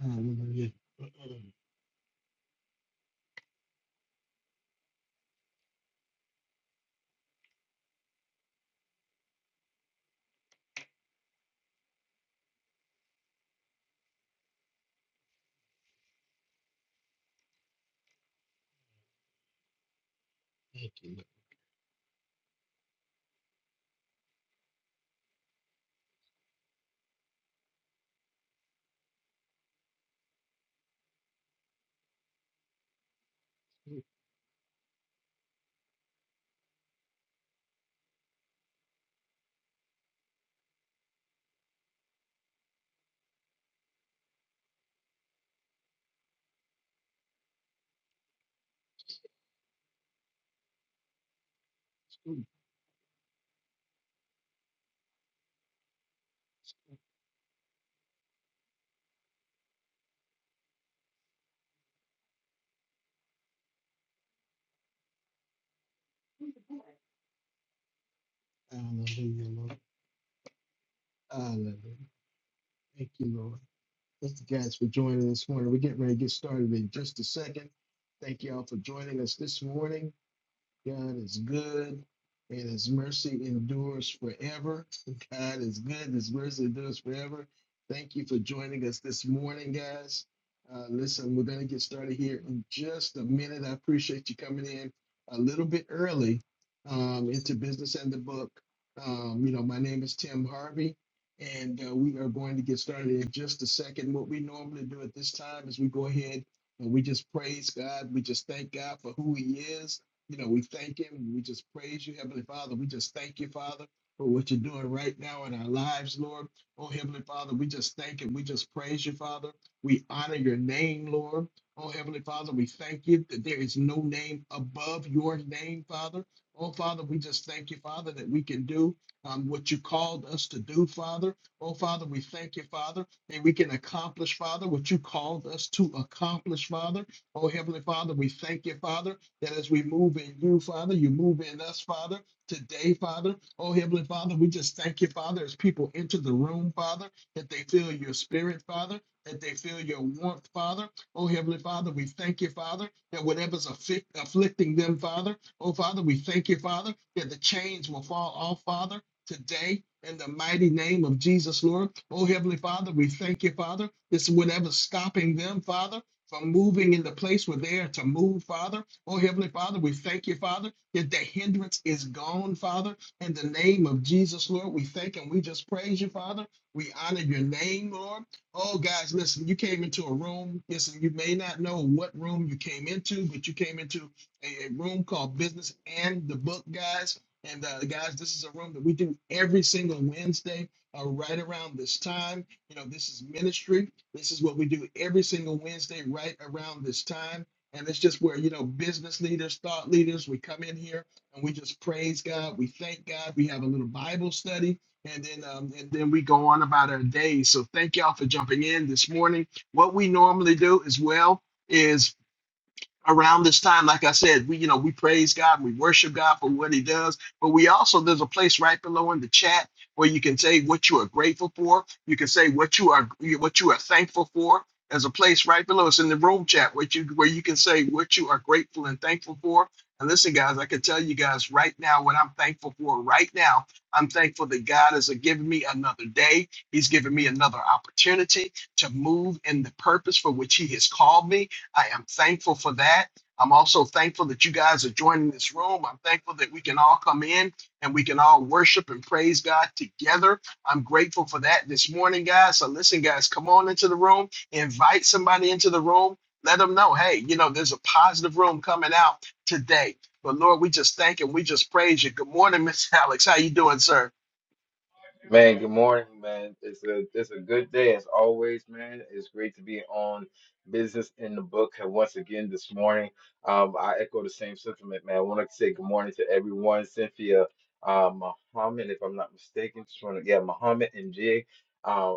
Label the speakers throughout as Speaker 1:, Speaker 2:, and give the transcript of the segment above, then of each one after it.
Speaker 1: Hallelujah. Thank you, Lord. Excuse me. Hallelujah, Lord. Hallelujah. Thank you, Lord. Thank you guys for joining this morning. We're getting ready to get started in just a second. Thank you all for joining us this morning. God is good, and his mercy endures forever. God is good, his mercy endures forever. Thank you for joining us this morning, guys. Uh, listen, we're going to get started here in just a minute. I appreciate you coming in a little bit early um, into Business and the Book. Um, you know, my name is Tim Harvey, and uh, we are going to get started in just a second. What we normally do at this time is we go ahead and we just praise God. We just thank God for who He is you know, we thank him we just praise you, Heavenly Father. We just thank you, Father, for what you're doing right now in our lives, Lord. Oh, Heavenly Father, we just thank and we just praise you, Father. We honor your name, Lord. Oh, Heavenly Father, we thank you that there is no name above your name, Father. Oh, Father, we just thank you, Father, that we can do um, what you called us to do, Father. Oh, Father, we thank you, Father, that we can accomplish, Father, what you called us to accomplish, Father. Oh, Heavenly Father, we thank you, Father that as we move in you, Father, you move in us, Father, today, Father. Oh, Heavenly Father, we just thank you, Father, as people enter the room, Father, that they feel your spirit, Father, that they feel your warmth, Father. Oh, Heavenly Father, we thank you, Father, that whatever's afflict, afflicting them, Father, oh, Father, we thank you, Father, that the chains will fall off, Father, today. In the mighty name of Jesus, Lord. Oh, Heavenly Father, we thank you, Father. This whatever's stopping them, Father, from moving in the place where they are to move, Father. Oh, Heavenly Father, we thank you, Father, that the hindrance is gone, Father. In the name of Jesus, Lord, we thank and we just praise you, Father. We honor your name, Lord. Oh, guys, listen, you came into a room. Listen, you may not know what room you came into, but you came into a, a room called Business and the Book, guys. And uh, guys, this is a room that we do every single Wednesday uh, right around this time. You know, this is ministry. This is what we do every single Wednesday right around this time and it's just where, you know, business leaders, thought leaders, we come in here and we just praise God. We thank God. We have a little Bible study. And then um, and then we go on about our day. So thank y'all for jumping in this morning. What we normally do as well is around this time, like I said, we you know we praise God, we worship God for what He does, but we also there's a place right below in the chat where you can say what you are grateful for. You can say what you are what you are thankful for. There's a place right below. It's in the room chat where you where you can say what you are grateful and thankful for. And listen, guys, I can tell you guys right now what I'm thankful for. Right now, I'm thankful that God has given me another day. He's given me another opportunity to move in the purpose for which He has called me. I am thankful for that. I'm also thankful that you guys are joining this room. I'm thankful that we can all come in and we can all worship and praise God together. I'm grateful for that this morning, guys. So, listen, guys, come on into the room, invite somebody into the room, let them know, hey, you know, there's a positive room coming out today. But Lord, we just thank and we just praise you. Good morning, Miss Alex. How you doing, sir?
Speaker 2: Man, good morning, man. It's a it's a good day as always, man. It's great to be on Business in the Book and once again this morning. Um, I echo the same sentiment, man. I want to say good morning to everyone. Cynthia, uh, Muhammad, if I'm not mistaken, just want to yeah, Muhammad and Jig, uh,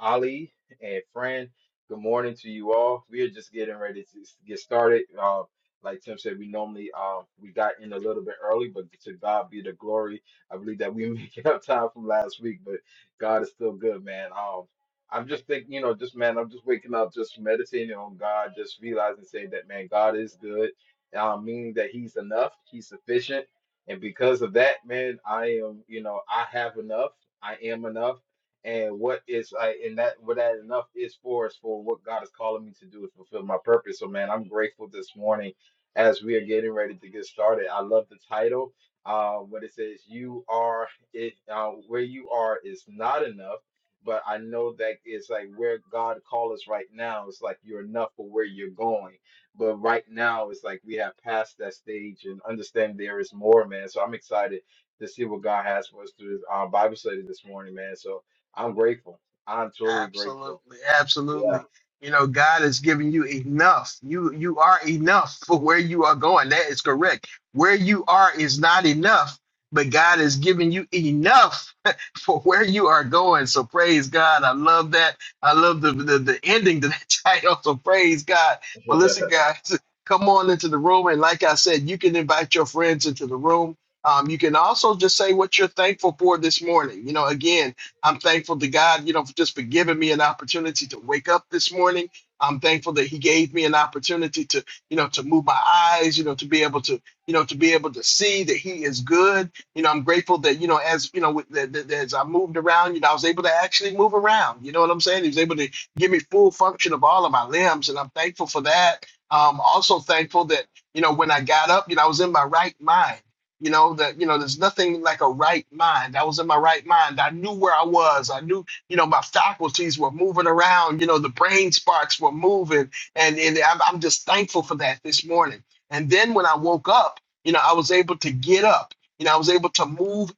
Speaker 2: Ali and Fran. Good morning to you all. We are just getting ready to s- get started. Uh, like Tim said, we normally uh, we got in a little bit early, but to God be the glory I believe that we making up time from last week, but God is still good, man. Um, I'm just thinking, you know, just man, I'm just waking up, just meditating on God, just realizing, saying that, man, God is good, um, meaning that He's enough, He's sufficient, and because of that, man, I am, you know, I have enough, I am enough, and what is I and that what that enough is for is for what God is calling me to do is fulfill my purpose. So, man, I'm grateful this morning as we are getting ready to get started. I love the title uh, what it says you are it uh, where you are is not enough but i know that it's like where god call us right now it's like you're enough for where you're going but right now it's like we have passed that stage and understand there is more man so i'm excited to see what god has for us through this uh, bible study this morning man so i'm grateful i'm totally grateful
Speaker 1: Absolutely, absolutely.
Speaker 2: yeah
Speaker 1: You know, God has given you enough. You you are enough for where you are going. That is correct. Where you are is not enough, but God has given you enough for where you are going. So praise God. I love that. I love the the, the ending to that title. So praise God. Well, listen, guys, come on into the room, and like I said, you can invite your friends into the room. Um, you can also just say what you're thankful for this morning. You know, again I'm thankful to God, you know, for just for giving me an opportunity to wake up this morning. I'm thankful that He gave me an opportunity to, you know, to move my eyes, you know, to be able to, you know, to be able to see that He is good. You know, I'm grateful that, you know, as you know, with- that, that, that as I moved around, you know, I was able to actually move around. You know what I'm saying? He was able to give me full function of all of my limbs, and I'm thankful for that. Um, also thankful that you know when I got up, you know, I was in my right mind. You know that you know there's nothing like a right mind. I was in my right mind. I knew where I was. I knew you know my faculties were moving around. You know the brain sparks were moving, and and I'm, I'm just thankful for that this morning. And then when I woke up, you know I was able to get up. You know I was able to move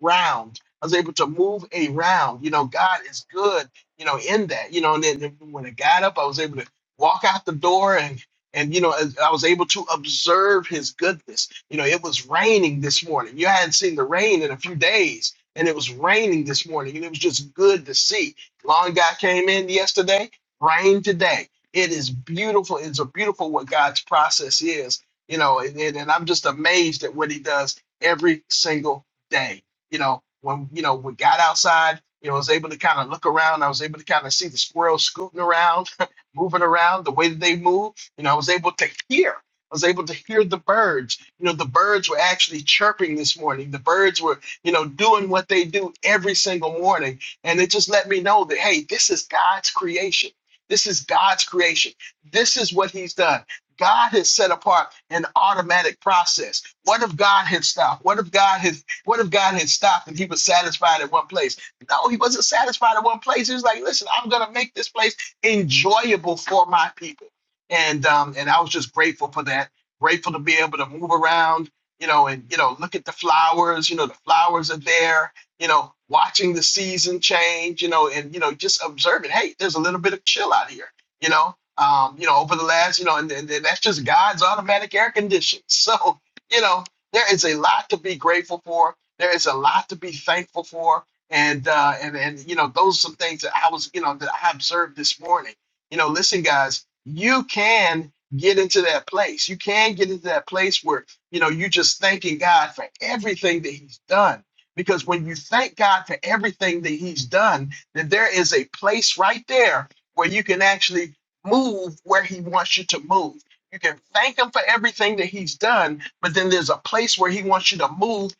Speaker 1: around. I was able to move around. You know God is good. You know in that. You know and then then when I got up, I was able to walk out the door and and you know I I was able to observe His goodness you know, it was raining this morning. You hadn't seen the rain in a few days, and it was raining this morning, and it was just good to see. Lawn guy came in yesterday, rain today. It is beautiful. It's a beautiful what God's process is, you know, and, and, and I'm just amazed at what he does every single day. You know, when you know, we got outside, you know, I was able to kind of look around, I was able to kind of see the squirrels scooting around, moving around the way that they move. You know, I was able to hear I was able to hear the birds. You know, the birds were actually chirping this morning. The birds were, you know, doing what they do every single morning. And it just let me know that, hey, this is God's creation. This is God's creation. This is what He's done. God has set apart an automatic process. What if God had stopped? What if God had what if God had stopped and he was satisfied at one place? No, he wasn't satisfied at one place. He was like, listen, I'm gonna make this place enjoyable for my people. And um, and I was just grateful for that grateful to be able to move around, you know, and you know, look at the flowers, you know, the flowers are there, you know, watching the season change, you know, and you know, just observing, hey, there's a little bit of chill out here, you know. Um, you know, over the last, you know, and, and that's just God's automatic air condition. So, you know, there is a lot to be grateful for. There is a lot to be thankful for. And uh and and you know, those are some things that I was, you know, that I observed this morning. You know, listen, guys, you can get into that place. You can get into that place where, you know, you just thanking God for everything that he's done. Because when you thank God for everything that he's done, then there is a place right there where you can actually move where he wants you to move. You can thank him for everything that he's done, but then there's a place where he wants you to move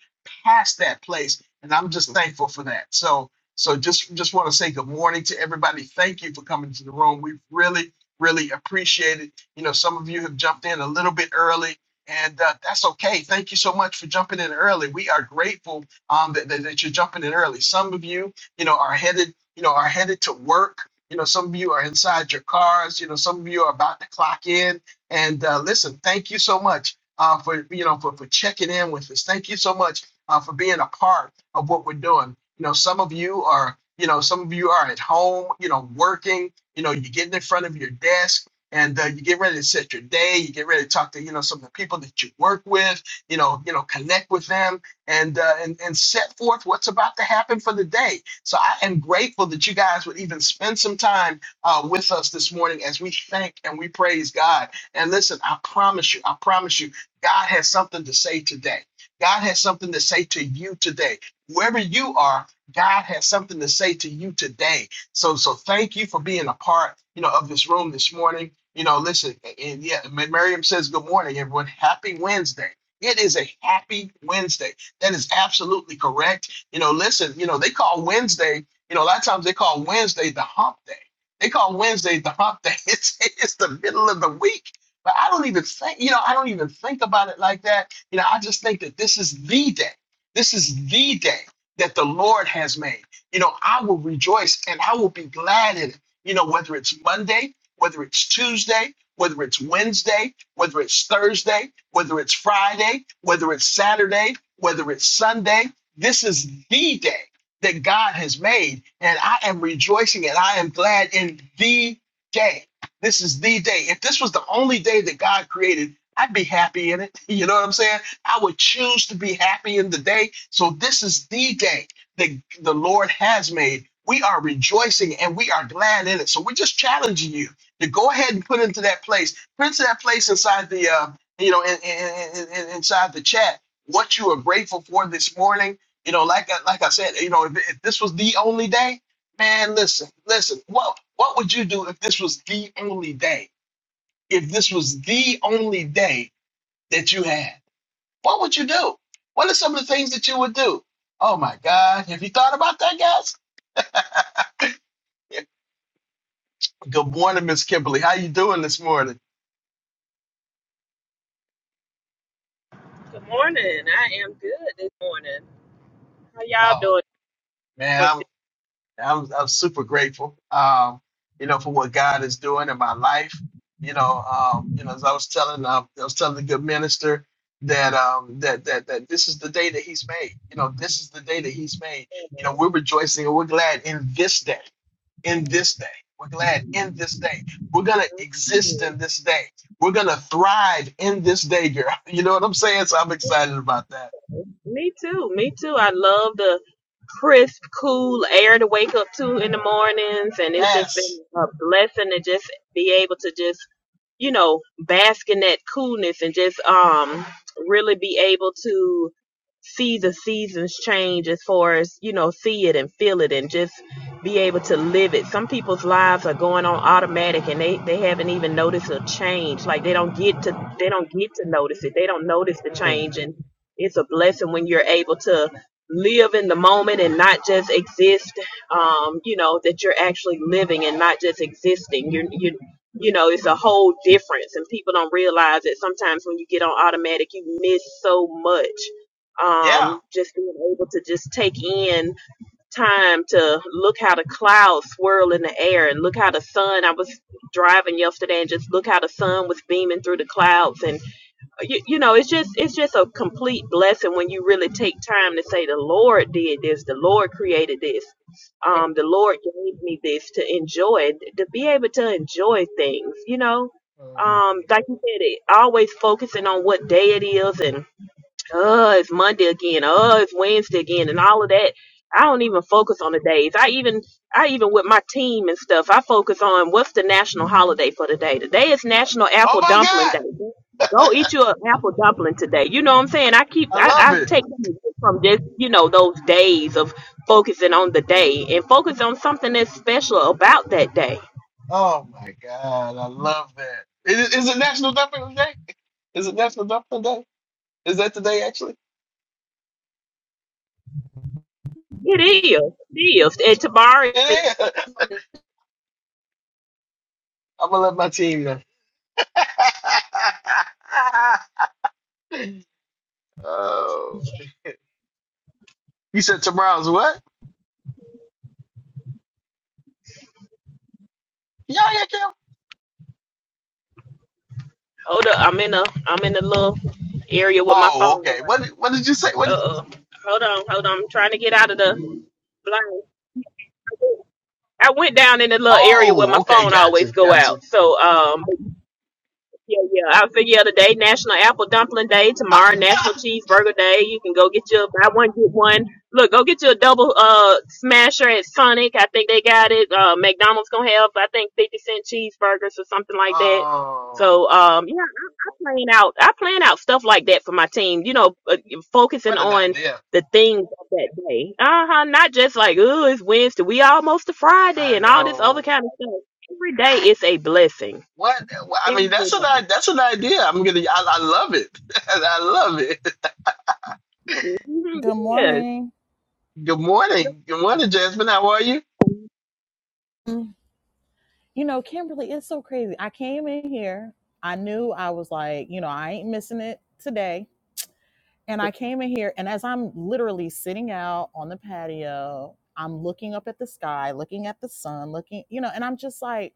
Speaker 1: past that place. And I'm just thankful for that. So so just just want to say good morning to everybody. Thank you for coming to the room. We really really appreciate it you know, some of you have jumped in a little bit early, and uh, that's okay. Thank you so much for jumping in early. We are grateful um, that, that, that you're jumping in early. Some of you, you know, are headed, you know, are headed to work. You know, some of you are inside your cars. You know, some of you are about to clock in. And uh, listen, thank you so much uh, for you know for, for checking in with us. Thank you so much uh, for being a part of what we're doing. You know, some of you are, you know, some of you are at home, you know, working. You know, you're getting in front of your desk and uh, you get ready to set your day. You get ready to talk to you know some of the people that you work with. You know, you know, connect with them and uh, and and set forth what's about to happen for the day. So I am grateful that you guys would even spend some time uh, with us this morning as we thank and we praise God. And listen, I promise you, I promise you, God has something to say today. God has something to say to you today. Whoever you are, God has something to say to you today. So, so thank you for being a part, you know, of this room this morning. You know, listen, and yeah, Ma- Miriam says, Good morning, everyone. Happy Wednesday. It is a happy Wednesday. That is absolutely correct. You know, listen, you know, they call Wednesday, you know, a lot of times they call Wednesday the hump day. They call Wednesday the hump day. It's, it's the middle of the week. But I don't even think, you know, I don't even think about it like that. You know, I just think that this is the day. This is the day that the Lord has made. You know, I will rejoice and I will be glad in it. You know, whether it's Monday, whether it's Tuesday, whether it's Wednesday, whether it's Thursday, whether it's Friday, whether it's Saturday, whether it's Sunday. This is the day that God has made, and I am rejoicing and I am glad in the day. This is the day. If this was the only day that God created, I'd be happy in it. You know what I'm saying? I would choose to be happy in the day. So this is the day that the Lord has made. We are rejoicing and we are glad in it. So we're just challenging you to go ahead and put into that place, put into that place inside the, uh, you know, in, in, in, inside the chat, what you are grateful for this morning. You know, like I, like I said, you know, if, if this was the only day, man, listen, listen, what what would you do if this was the only day? If this was the only day that you had, what would you do? What are some of the things that you would do? Oh my God, have you thought about that, guys? Good morning, Miss Kimberly. How you doing this morning?
Speaker 3: Good morning. I am good this morning. How y'all
Speaker 1: Oh
Speaker 3: doing?
Speaker 1: man,
Speaker 3: Doing
Speaker 1: I'm I'm super grateful. Um, you know, for what God is doing in my life. You know, um, you know, as I was telling um, I was telling the good minister that um that that that this is the day that he's made. You know, this is the day that he's made. You know, we're rejoicing and we're glad in this day. In this day. We're glad in this day. We're gonna exist
Speaker 3: good.
Speaker 1: in this day. We're gonna thrive in this day, girl. You know what I'm saying? So I'm excited about that.
Speaker 3: Me too. Me too. I love the crisp, cool air to wake up to in the mornings, and it's just been
Speaker 1: Yes.
Speaker 3: a blessing to just be able to just you know, bask in that coolness and just um really be able to see the seasons change as far as, you know, see it and feel it and just be able to live it. Some people's lives are going on automatic and they, they haven't even noticed a change. Like they don't get to they don't get to notice it. They don't notice the
Speaker 1: Mm.
Speaker 3: change and it's a blessing when you're able to live in the moment and not just exist um you know that you're actually living and not just existing You you you know it's a whole difference and people don't realize that sometimes when you get on automatic you miss so much
Speaker 1: Yeah.
Speaker 3: um just being able to just take in time to look how the clouds swirl in the air and look how the sun i was driving yesterday and just look how the sun was beaming through the clouds and you, you know it's just it's just a complete blessing when you really take time to say the lord did this the lord created this
Speaker 1: Mm.
Speaker 3: um the lord gave me this to enjoy to be able to enjoy things you know um like you said it always focusing on what day it is and oh, it's Monday again, oh, it's Wednesday again, and all of that. I don't even focus on the days. I even, I even with my team and stuff, I focus on what's the national holiday for the day. Today is National
Speaker 1: Oh
Speaker 3: Apple
Speaker 1: my
Speaker 3: Dumpling
Speaker 1: God.
Speaker 3: Day. Go eat you an apple dumpling today. You know what I'm saying? I keep,
Speaker 1: I
Speaker 3: I,
Speaker 1: love
Speaker 3: I
Speaker 1: it.
Speaker 3: take from this, you know, those days of focusing on the day and focus on something that's special about that day.
Speaker 1: Oh my God, I love that. Is, is it National Dumpling Day? Is it National Dumpling Day? Is that today actually?
Speaker 3: It is, it is. And tomorrow, is-
Speaker 1: It is. I'm gonna let my team know. oh, you said tomorrow's what? Yeah, yeah, Kim.
Speaker 3: oh, the, I'm in a, I'm in a little area with my
Speaker 1: Oh,
Speaker 3: phone.
Speaker 1: okay. What did- What did you say? What? Did,
Speaker 3: Uh, hold on, hold on. I'm trying to get out of the blind. I went down in the little area where
Speaker 1: oh,
Speaker 3: my
Speaker 1: okay.
Speaker 3: phone always
Speaker 1: Gotcha,
Speaker 3: go
Speaker 1: gotcha.
Speaker 3: out. So um, yeah, yeah. I figure out today National Apple Dumpling Day, tomorrow National Cheeseburger Day. You can go get your buy one get one. Look, go get you a double uh smasher at Sonic. I think they got it. Uh, McDonald's gonna have I think fifty cent cheeseburgers or something like that.
Speaker 1: oh,
Speaker 3: So um yeah, I, I plan out I plan out stuff like that for my team. You know, uh, focusing
Speaker 1: what an
Speaker 3: on
Speaker 1: idea.
Speaker 3: the things of that day. Uh huh. Not just like oh it's Wednesday. We almost to Friday
Speaker 1: I
Speaker 3: and all this other
Speaker 1: know.
Speaker 3: kind of stuff. Every day is a blessing.
Speaker 1: What? Well, I
Speaker 3: Every
Speaker 1: mean, that's an
Speaker 3: day.
Speaker 1: i- that's an idea. I'm gonna. I, I love it. I love it.
Speaker 3: Mhm,
Speaker 4: Good
Speaker 3: Yeah.
Speaker 4: morning.
Speaker 1: Good
Speaker 3: Just
Speaker 1: morning. Good morning, Jasmine. How are you?
Speaker 4: Mm. You know, Kimberly, it's so crazy. I came in here, I knew I was like, you know, I ain't missing it today. And I came in here, and as I'm literally sitting out on the patio, I'm looking up at the sky, looking at the sun, looking, you know, and I'm just like,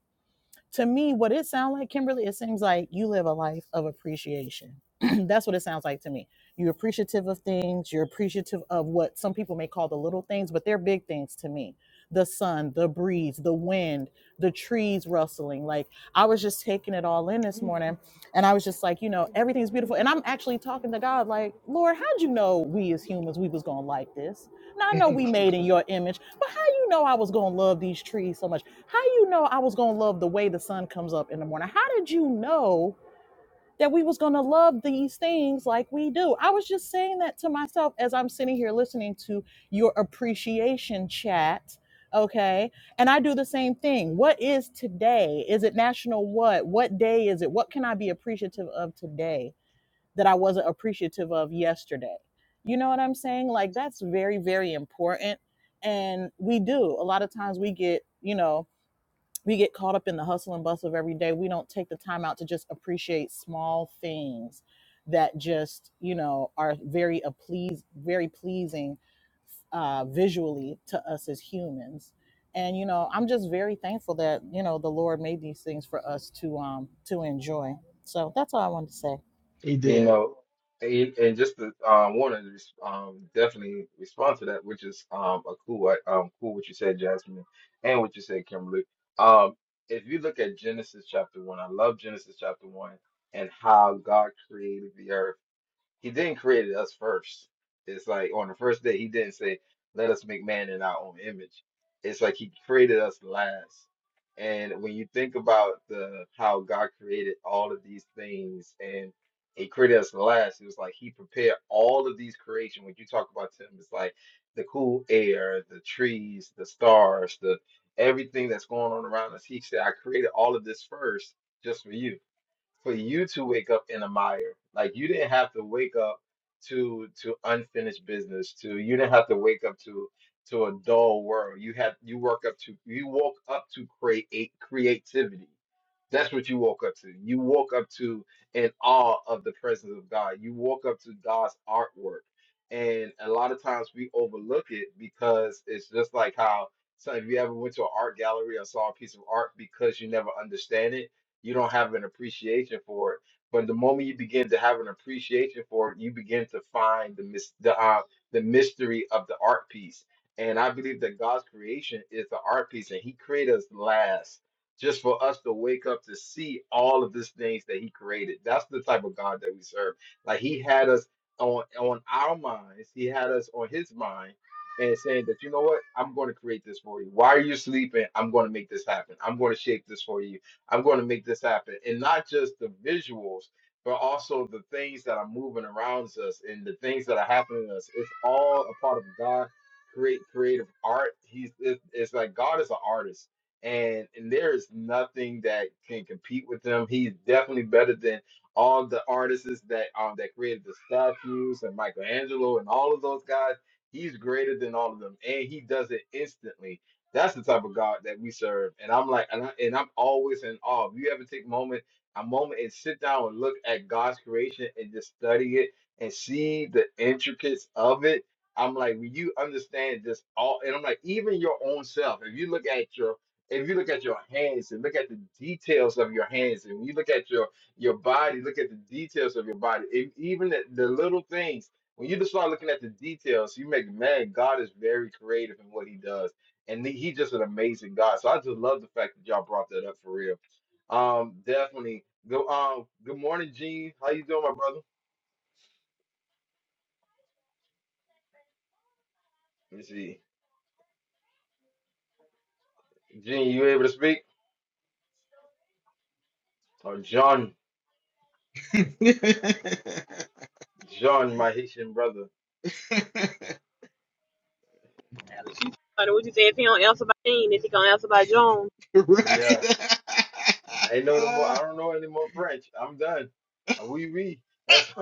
Speaker 4: to me, what it sounds like, Kimberly, it seems like you live a life of appreciation. That's what it sounds like to me. You're appreciative of things. You're appreciative of what some people may call the little things, but they're big things to me. The sun, the breeze, the wind, the trees rustling. Like I was just taking it all in this morning, and I was just like, you know, everything's beautiful. And I'm actually talking to God, like, Lord, how'd you know we as humans we was gonna like this? Now I know we made in your image, but how you know I was gonna love these trees so much? How you know I was gonna love the way the sun comes up in the morning? How did you know that we was gonna love these things like we do? I was just saying that to myself as I'm sitting here listening to your appreciation chat. Okay. And I do the same thing. What is today? Is it national what? What day is it? What can I be appreciative of today that I wasn't appreciative of yesterday? You know what I'm saying? Like that's very, very important. And we do. A lot of times we get, you know, we get caught up in the hustle and bustle of every day we don't take the time out to just appreciate small things that just you know are very a please very pleasing uh, visually to us as humans and you know i'm just very thankful that you know the lord made these things for us to um to enjoy so that's all i wanted to say
Speaker 1: He
Speaker 2: You
Speaker 1: did.
Speaker 2: know, and, and just to um, want to res- um, definitely respond to that, which is um, a cool, uh, um, cool what you said, Jasmine, and what you said, Kimberly. Um, if you look at Genesis chapter one, I love Genesis chapter one and how God created the earth. He then created us first. It's like on the first day, he didn't say, "Let us make man in our own image." It's like he created us last. And when you think about the how God created all of these things and he created us last, it was like he prepared all of these creation. When you talk about Him, it's like the cool air, the trees, the stars, the everything that's going on around us. He said, I created all of this first just for you for you to wake up in a mire. Like you didn't have to wake up to to unfinished business. To you didn't have to wake up to to a dull world. You had you woke up to you woke up to create creativity. That's what you woke up to. You woke up to an awe of the presence of God. You woke up to God's artwork. And a lot of times we overlook it because it's just like how so if you ever went to an art gallery or saw a piece of art because you never understand it, you don't have an appreciation for it. But the moment you begin to have an appreciation for it, you begin to find the mis- the uh, the mystery of the art piece. And I believe that God's creation is the art piece, and He created us last, just for us to wake up to see all of these things that He created. That's the type of God that we serve. Like He had us on on our minds, He had us on His mind, and saying that you know what, I'm going to create this for you. Why are you sleeping? I'm going to make this happen. I'm going to shape this for you I'm going to make this happen. And not just the visuals, but also the things that are moving around us and the things that are happening to us. It's all a part of God create creative art. He's it, it's like God is an artist. And, and there is nothing that can compete with him. He's definitely better than all the artists that um that created the statues and Michelangelo and all of those guys. He's greater than all of them, and he does it instantly that's the type of God that we serve. And I'm like, and, I, and I'm always in awe. If you ever take a moment, a moment and sit down and look at God's creation and just study it and see the intricacies of it. I'm like, when you understand just all, and I'm like, even your own self, if you look at your, if you look at your hands and look at the details of your hands, and you look at your your body, look at the details of your body, e- even the, the little things. When you just start looking at the details, you make man, God is very creative in what He does and he- he's just an amazing guy. So I just love the fact that y'all brought that up for real. Um, definitely. Go. Um, good morning, Gene. How you doing, my brother? Let me see. Gene, you able to speak? Oh, John,
Speaker 1: right.
Speaker 2: John, my Haitian brother.
Speaker 3: like What you say? If he don't answer by name, if he gonna answer by Jones,
Speaker 2: Yeah, I ain't know no more. I don't know any more French. I'm done. Uh, Oui, oui. That's.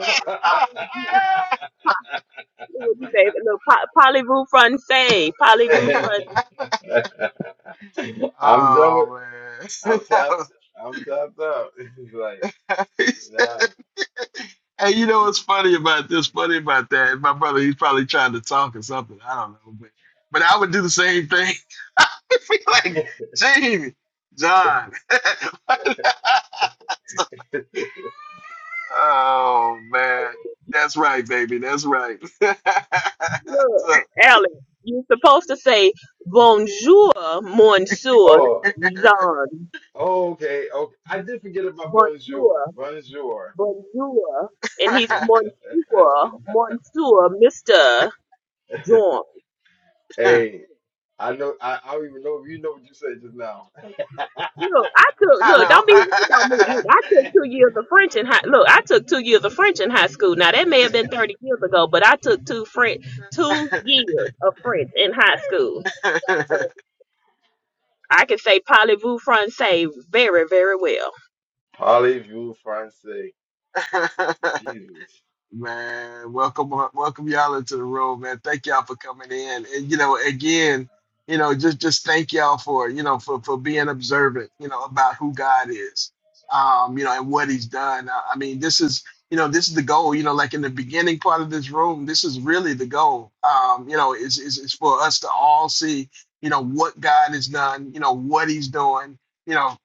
Speaker 3: what you say? Look, po- parlez-vous français? Parlez-vous français?
Speaker 2: I'm done with.
Speaker 1: oh man.
Speaker 2: I'm tapped. I'm tapped out. It's like,
Speaker 1: That was
Speaker 2: nah.
Speaker 1: And you know what's funny about this, funny about that? My brother, he's probably trying to talk or something. I don't know, but but I would do the same thing. I'd be like, Jamie, John. oh man. That's right, baby. That's right.
Speaker 3: Look,
Speaker 1: so,
Speaker 3: Alex, you supposed to say bonjour, monsieur
Speaker 2: Oh.
Speaker 3: Jean.
Speaker 2: Oh, okay, okay. I did forget about
Speaker 3: Bonjour,
Speaker 2: bonjour. Bonjour.
Speaker 3: bonjour, and he's monsieur, monsieur, Mister John.
Speaker 2: Hey, I know. I, I don't even know. if You know what you said just now.
Speaker 3: Look, I took look. Don't be hating on me.
Speaker 1: I
Speaker 3: Look, I took two years of French in high. Look, I took two years of French in high school. Now that may have been thirty years ago, but I took two French, two years of French in high school. So I can say parlez-vous français very, very well.
Speaker 2: Parlez-vous français?
Speaker 1: know.
Speaker 2: Jesus.
Speaker 1: Man, welcome, welcome y'all into the room, man. Thank y'all for coming in, and you know, again, you know, just just thank y'all for you know for for being observant, you know, about who God is, um, you know, and what He's done. I, I mean, this is you know, this is the goal. You know, like in the beginning part of this room, this is really the goal. Um, you know, is is is for us to all see, you know, what God has done, you know, what He's doing. You know,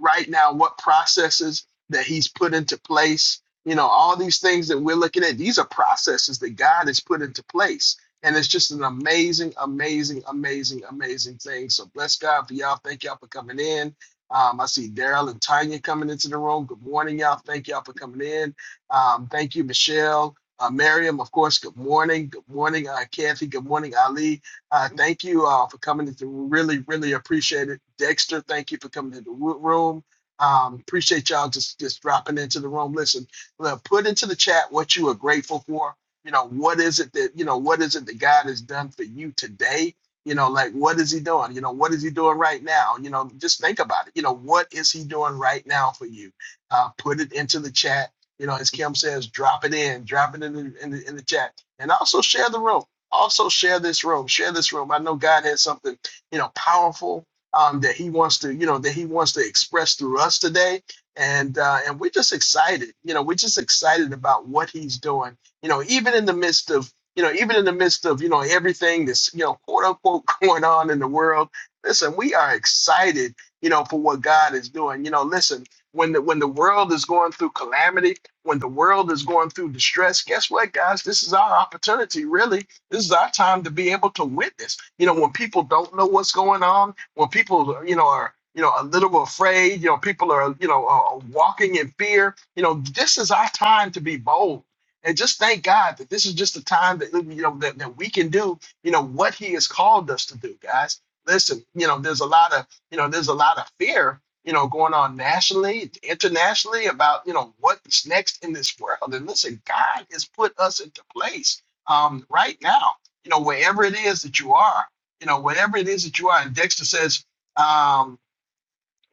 Speaker 1: right now, what processes that he's put into place. You know, all these things that we're looking at, these are processes that God has put into place. And it's just an amazing, amazing, amazing, amazing thing. So bless God for y'all. Thank y'all for coming in. Um, I see Daryl and Tanya coming into the room. Good morning, y'all. Thank y'all for coming in. Um, thank you, Michelle. Uh, Miriam, of course, good morning. Good morning, uh, Kathy. Good morning, Ali. Uh, thank you all for coming into the really, really appreciate it. Dexter, thank you for coming into the wo- room. Um, appreciate y'all just just dropping into the room. Listen, look, put into the chat what you are grateful for. You know, what is it that you know, what is it that God has done for you today? You know, like what is he doing? You know, what is he doing right now? You know, just think about it. You know, what is he doing right now for you? Uh, put it into the chat. You know, as Kim says, drop it in, drop it in the, in the, in the chat, and also share the room also share this room share this room i know god has something you know powerful um, that he wants to you know that he wants to express through us today and uh, and we're just excited you know we're just excited about what he's doing you know even in the midst of you know even in the midst of you know everything that's you know quote unquote going on in the world listen we are excited you know for what god is doing you know listen when the when the world is going through calamity when the world is going through distress guess what guys this is our opportunity really this is our time to be able to witness. You know, when people don't know what's going on, when people, you know, are you know a little afraid, you know, people are you know are walking in fear. You know, this is our time to be bold. And just thank God that this is just the time that you know that, that we can do, you know, what He has called us to do, guys. Listen, you know, there's a lot of you know, there's a lot of fear, you know, going on nationally, internationally about, you know, what's next in this world. And listen, God has put us into place um, right now, you know, wherever it is that you are, you know, whatever it is that you are. And Dexter says, um,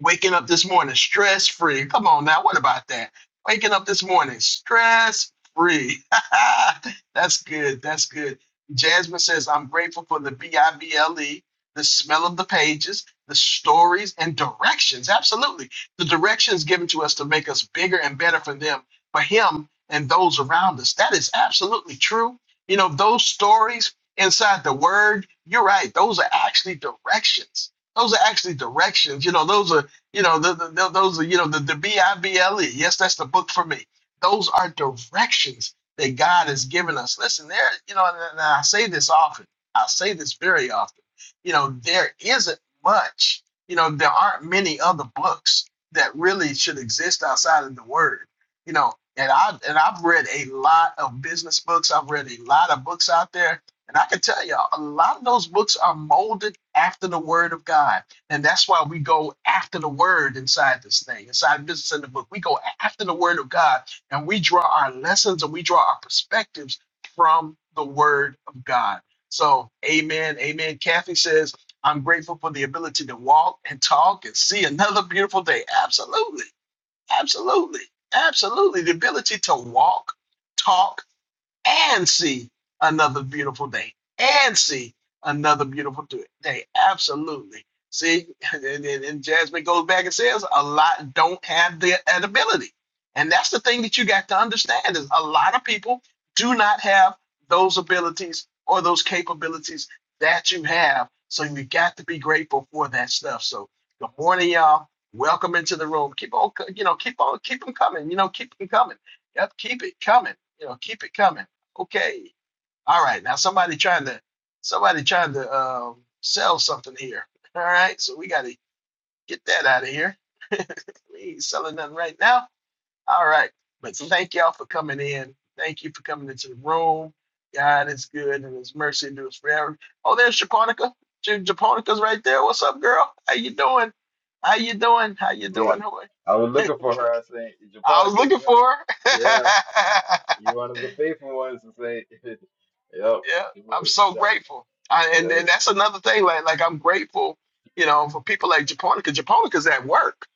Speaker 1: Waking up this morning stress free. Come on now, what about that? Waking up this morning stress free. That's good. That's good. Jasmine says, I'm grateful for the B I B L E, the smell of the pages, the stories and directions. Absolutely. The directions given to us to make us bigger and better for them, for him and those around us. That is absolutely true. You know, those stories inside the word, you're right. Those are actually directions those are actually directions. You know, those are you know, the, the, the- those are, you know, the, the B-I-B-L-E. Yes, that's the book for me. Those are directions that God has given us. Listen, there, you know, and, and I say this often. I say this very often. You know, there isn't much, you know, there aren't many other books that really should exist outside of the Word. You know, and I and I've read a lot of business books. I've read a lot of books out there, and I can tell y'all, a lot of those books are molded after the Word of God and that's why we go after the word inside this thing, inside business in the book. We go after the word of God and we draw our lessons and we draw our perspectives from the word of God. So, amen. Amen. Kathy says, I'm grateful for the ability to walk and talk and see another beautiful day. Absolutely. Absolutely. Absolutely. The ability to walk, talk, and see another beautiful day and see another beautiful do- day. Absolutely. See, and, and- and Jasmine goes back and says a lot don't have the ability. And that's the thing that you got to understand is a lot of people do not have those abilities or those capabilities that you have. So you got to be grateful for that stuff. So good morning, y'all. Welcome into the room. Keep on, co- you know, keep on, keep them coming. You know, keep them coming. Yep, keep it coming. You know, keep it coming. Okay. All right. Now somebody trying to somebody trying to um, sell something here. All right. So we got to get that out of here. we ain't selling nothing right now. All right. But thank y'all for coming in. Thank you for coming into the room. God is good and his mercy endures forever. Oh, there's Japonica. Ja- Japonica's right there. What's up, girl? How you doing? How you doing? How you
Speaker 2: Yeah,
Speaker 1: doing? How-
Speaker 2: I was looking for her. I was saying,
Speaker 1: I
Speaker 2: Japan
Speaker 1: was
Speaker 2: comes
Speaker 1: looking
Speaker 2: in.
Speaker 1: for
Speaker 2: Yeah,
Speaker 1: her.
Speaker 2: you're one of the faithful ones to say. Yep.
Speaker 1: Yeah, I'm
Speaker 2: Japani
Speaker 1: so
Speaker 2: comes
Speaker 1: grateful. I,
Speaker 2: in.
Speaker 1: and and
Speaker 2: Yeah.
Speaker 1: that's another thing. Like like I'm grateful, you know, for people like Japonica. Japonica's at work,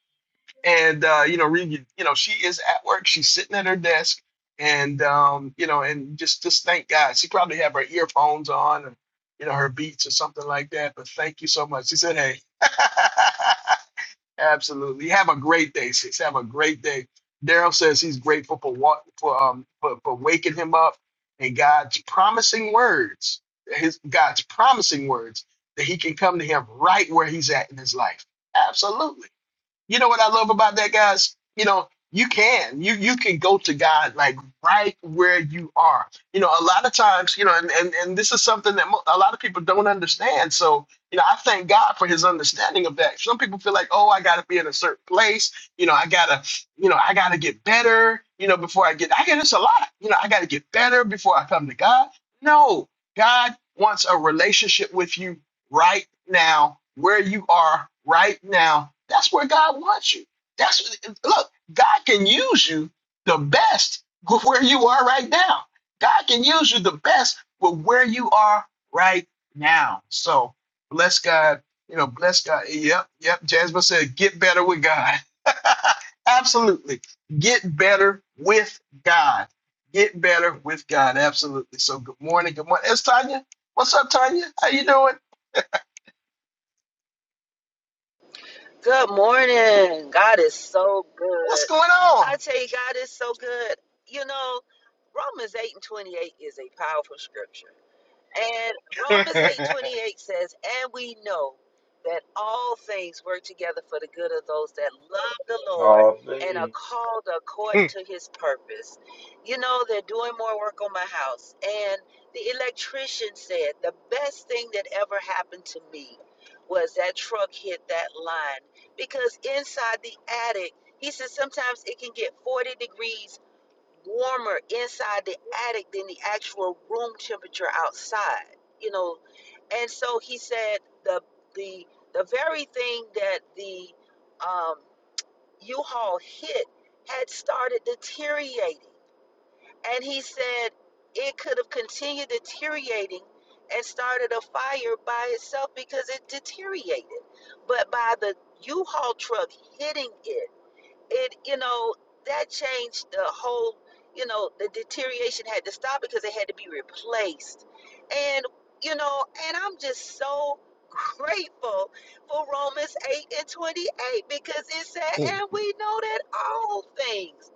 Speaker 1: and uh, you know, re, you know, she is at work. She's sitting at her desk, and um, you know, and just just thank God. She probably have her earphones on, and you know, her beats or something like that. But thank you so much. She said, "Hey." Absolutely. Have a great day, Six. Have a great day. Daryl says he's grateful for what for um for, for waking him up and God's promising words. His God's promising words that he can come to him right where he's at in his life. Absolutely. You know what I love about that, guys? You know, you can. You you can go to God like right where you are. You know, a lot of times, you know, and and, and this is something that mo- a lot of people don't understand. So, you know, I thank God for his understanding of that. Some people feel like, "Oh, I got to be in a certain place. You know, I got to, you know, I got to get better, you know, before I get I get this a lot. You know, I got to get better before I come to God." No. God wants a relationship with you right now, where you are right now, that's where God wants you. That's look, God can use you the best with where you are right now. God can use you the best with where you are right now. So bless God, you know, bless God. Yep, yep. Jasmine said, get better with God. Absolutely. Get better with God. Get better with God. Absolutely. So good morning. Good morning. It's Tanya. What's up, Tanya? How you doing?
Speaker 5: Good morning. God is so
Speaker 1: What's
Speaker 5: good.
Speaker 1: going
Speaker 5: I tell you, God is so good. You know, Romans 8 and 28 is a powerful scripture. And Romans eight twenty eight says, And we know that all things work together for the good of those that love the Lord
Speaker 2: Oh,
Speaker 5: and are
Speaker 2: man.
Speaker 5: called according to his purpose. You know, they're doing more work on my house. And the electrician said, The best thing that ever happened to me was that truck hit that line because inside the attic, he said sometimes it can get 40 degrees warmer inside the attic than the actual room temperature outside you know and so he said the the the very thing that the um, u-haul hit had started deteriorating and he said it could have continued deteriorating and started a fire by itself because it deteriorated but by the u-haul truck hitting it it you know that changed the whole you know the deterioration had to stop because it had to be replaced and you know and i'm just so grateful for romans 8 and 28 because it said
Speaker 1: on?
Speaker 5: and we know that all things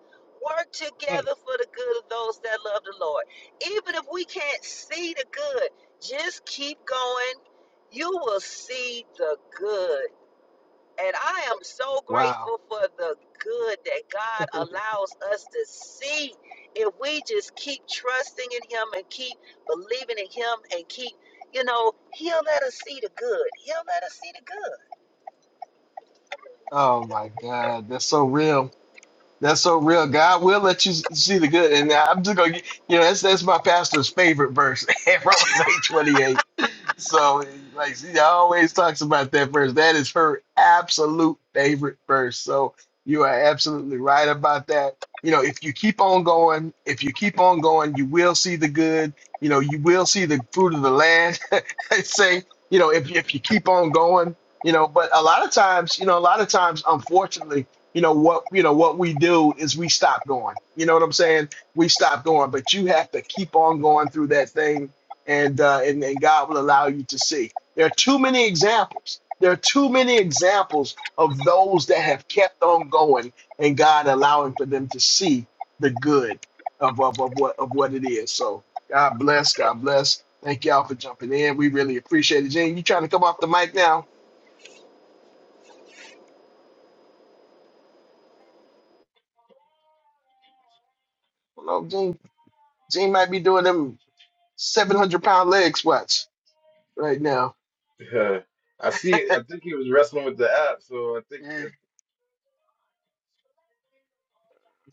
Speaker 5: work together for the good of those that love the lord even if we can't see the good just keep going you will see the good and I am so
Speaker 1: wow.
Speaker 5: grateful for the good that God allows us to see. If we just keep trusting in Him and keep believing in Him and keep, you know, He'll let us see the good. He'll let us see the good.
Speaker 1: Oh my God. That's so real. That's so real. God will let you s- see the good. And I'm just gonna get- you know, that's that's my pastor's favorite verse, Romans eight twenty eight. So like she always talks about that verse. That is her absolute favorite verse. So you are absolutely right about that. You know, if you keep on going, if you keep on going, you will see the good. You know, you will see the fruit of the land. I say, you know, if if you keep on going, you know, but a lot of times, you know, a lot of times, unfortunately, you know what, you know what we do is we stop going. You know what I'm saying? We stop going, but you have to keep on going through that thing and uh, and, and God will allow you to see. There are too many examples. There are too many examples of those that have kept on going and God allowing for them to see the good of, of, of what of what it is. So God bless, God bless. Thank y'all for jumping in. We really appreciate it. Gene, you trying to come off the mic now? Well, Gene, Gene might be doing them 700 pound leg squats right now.
Speaker 2: I see. I think he was wrestling with the app, so I think it-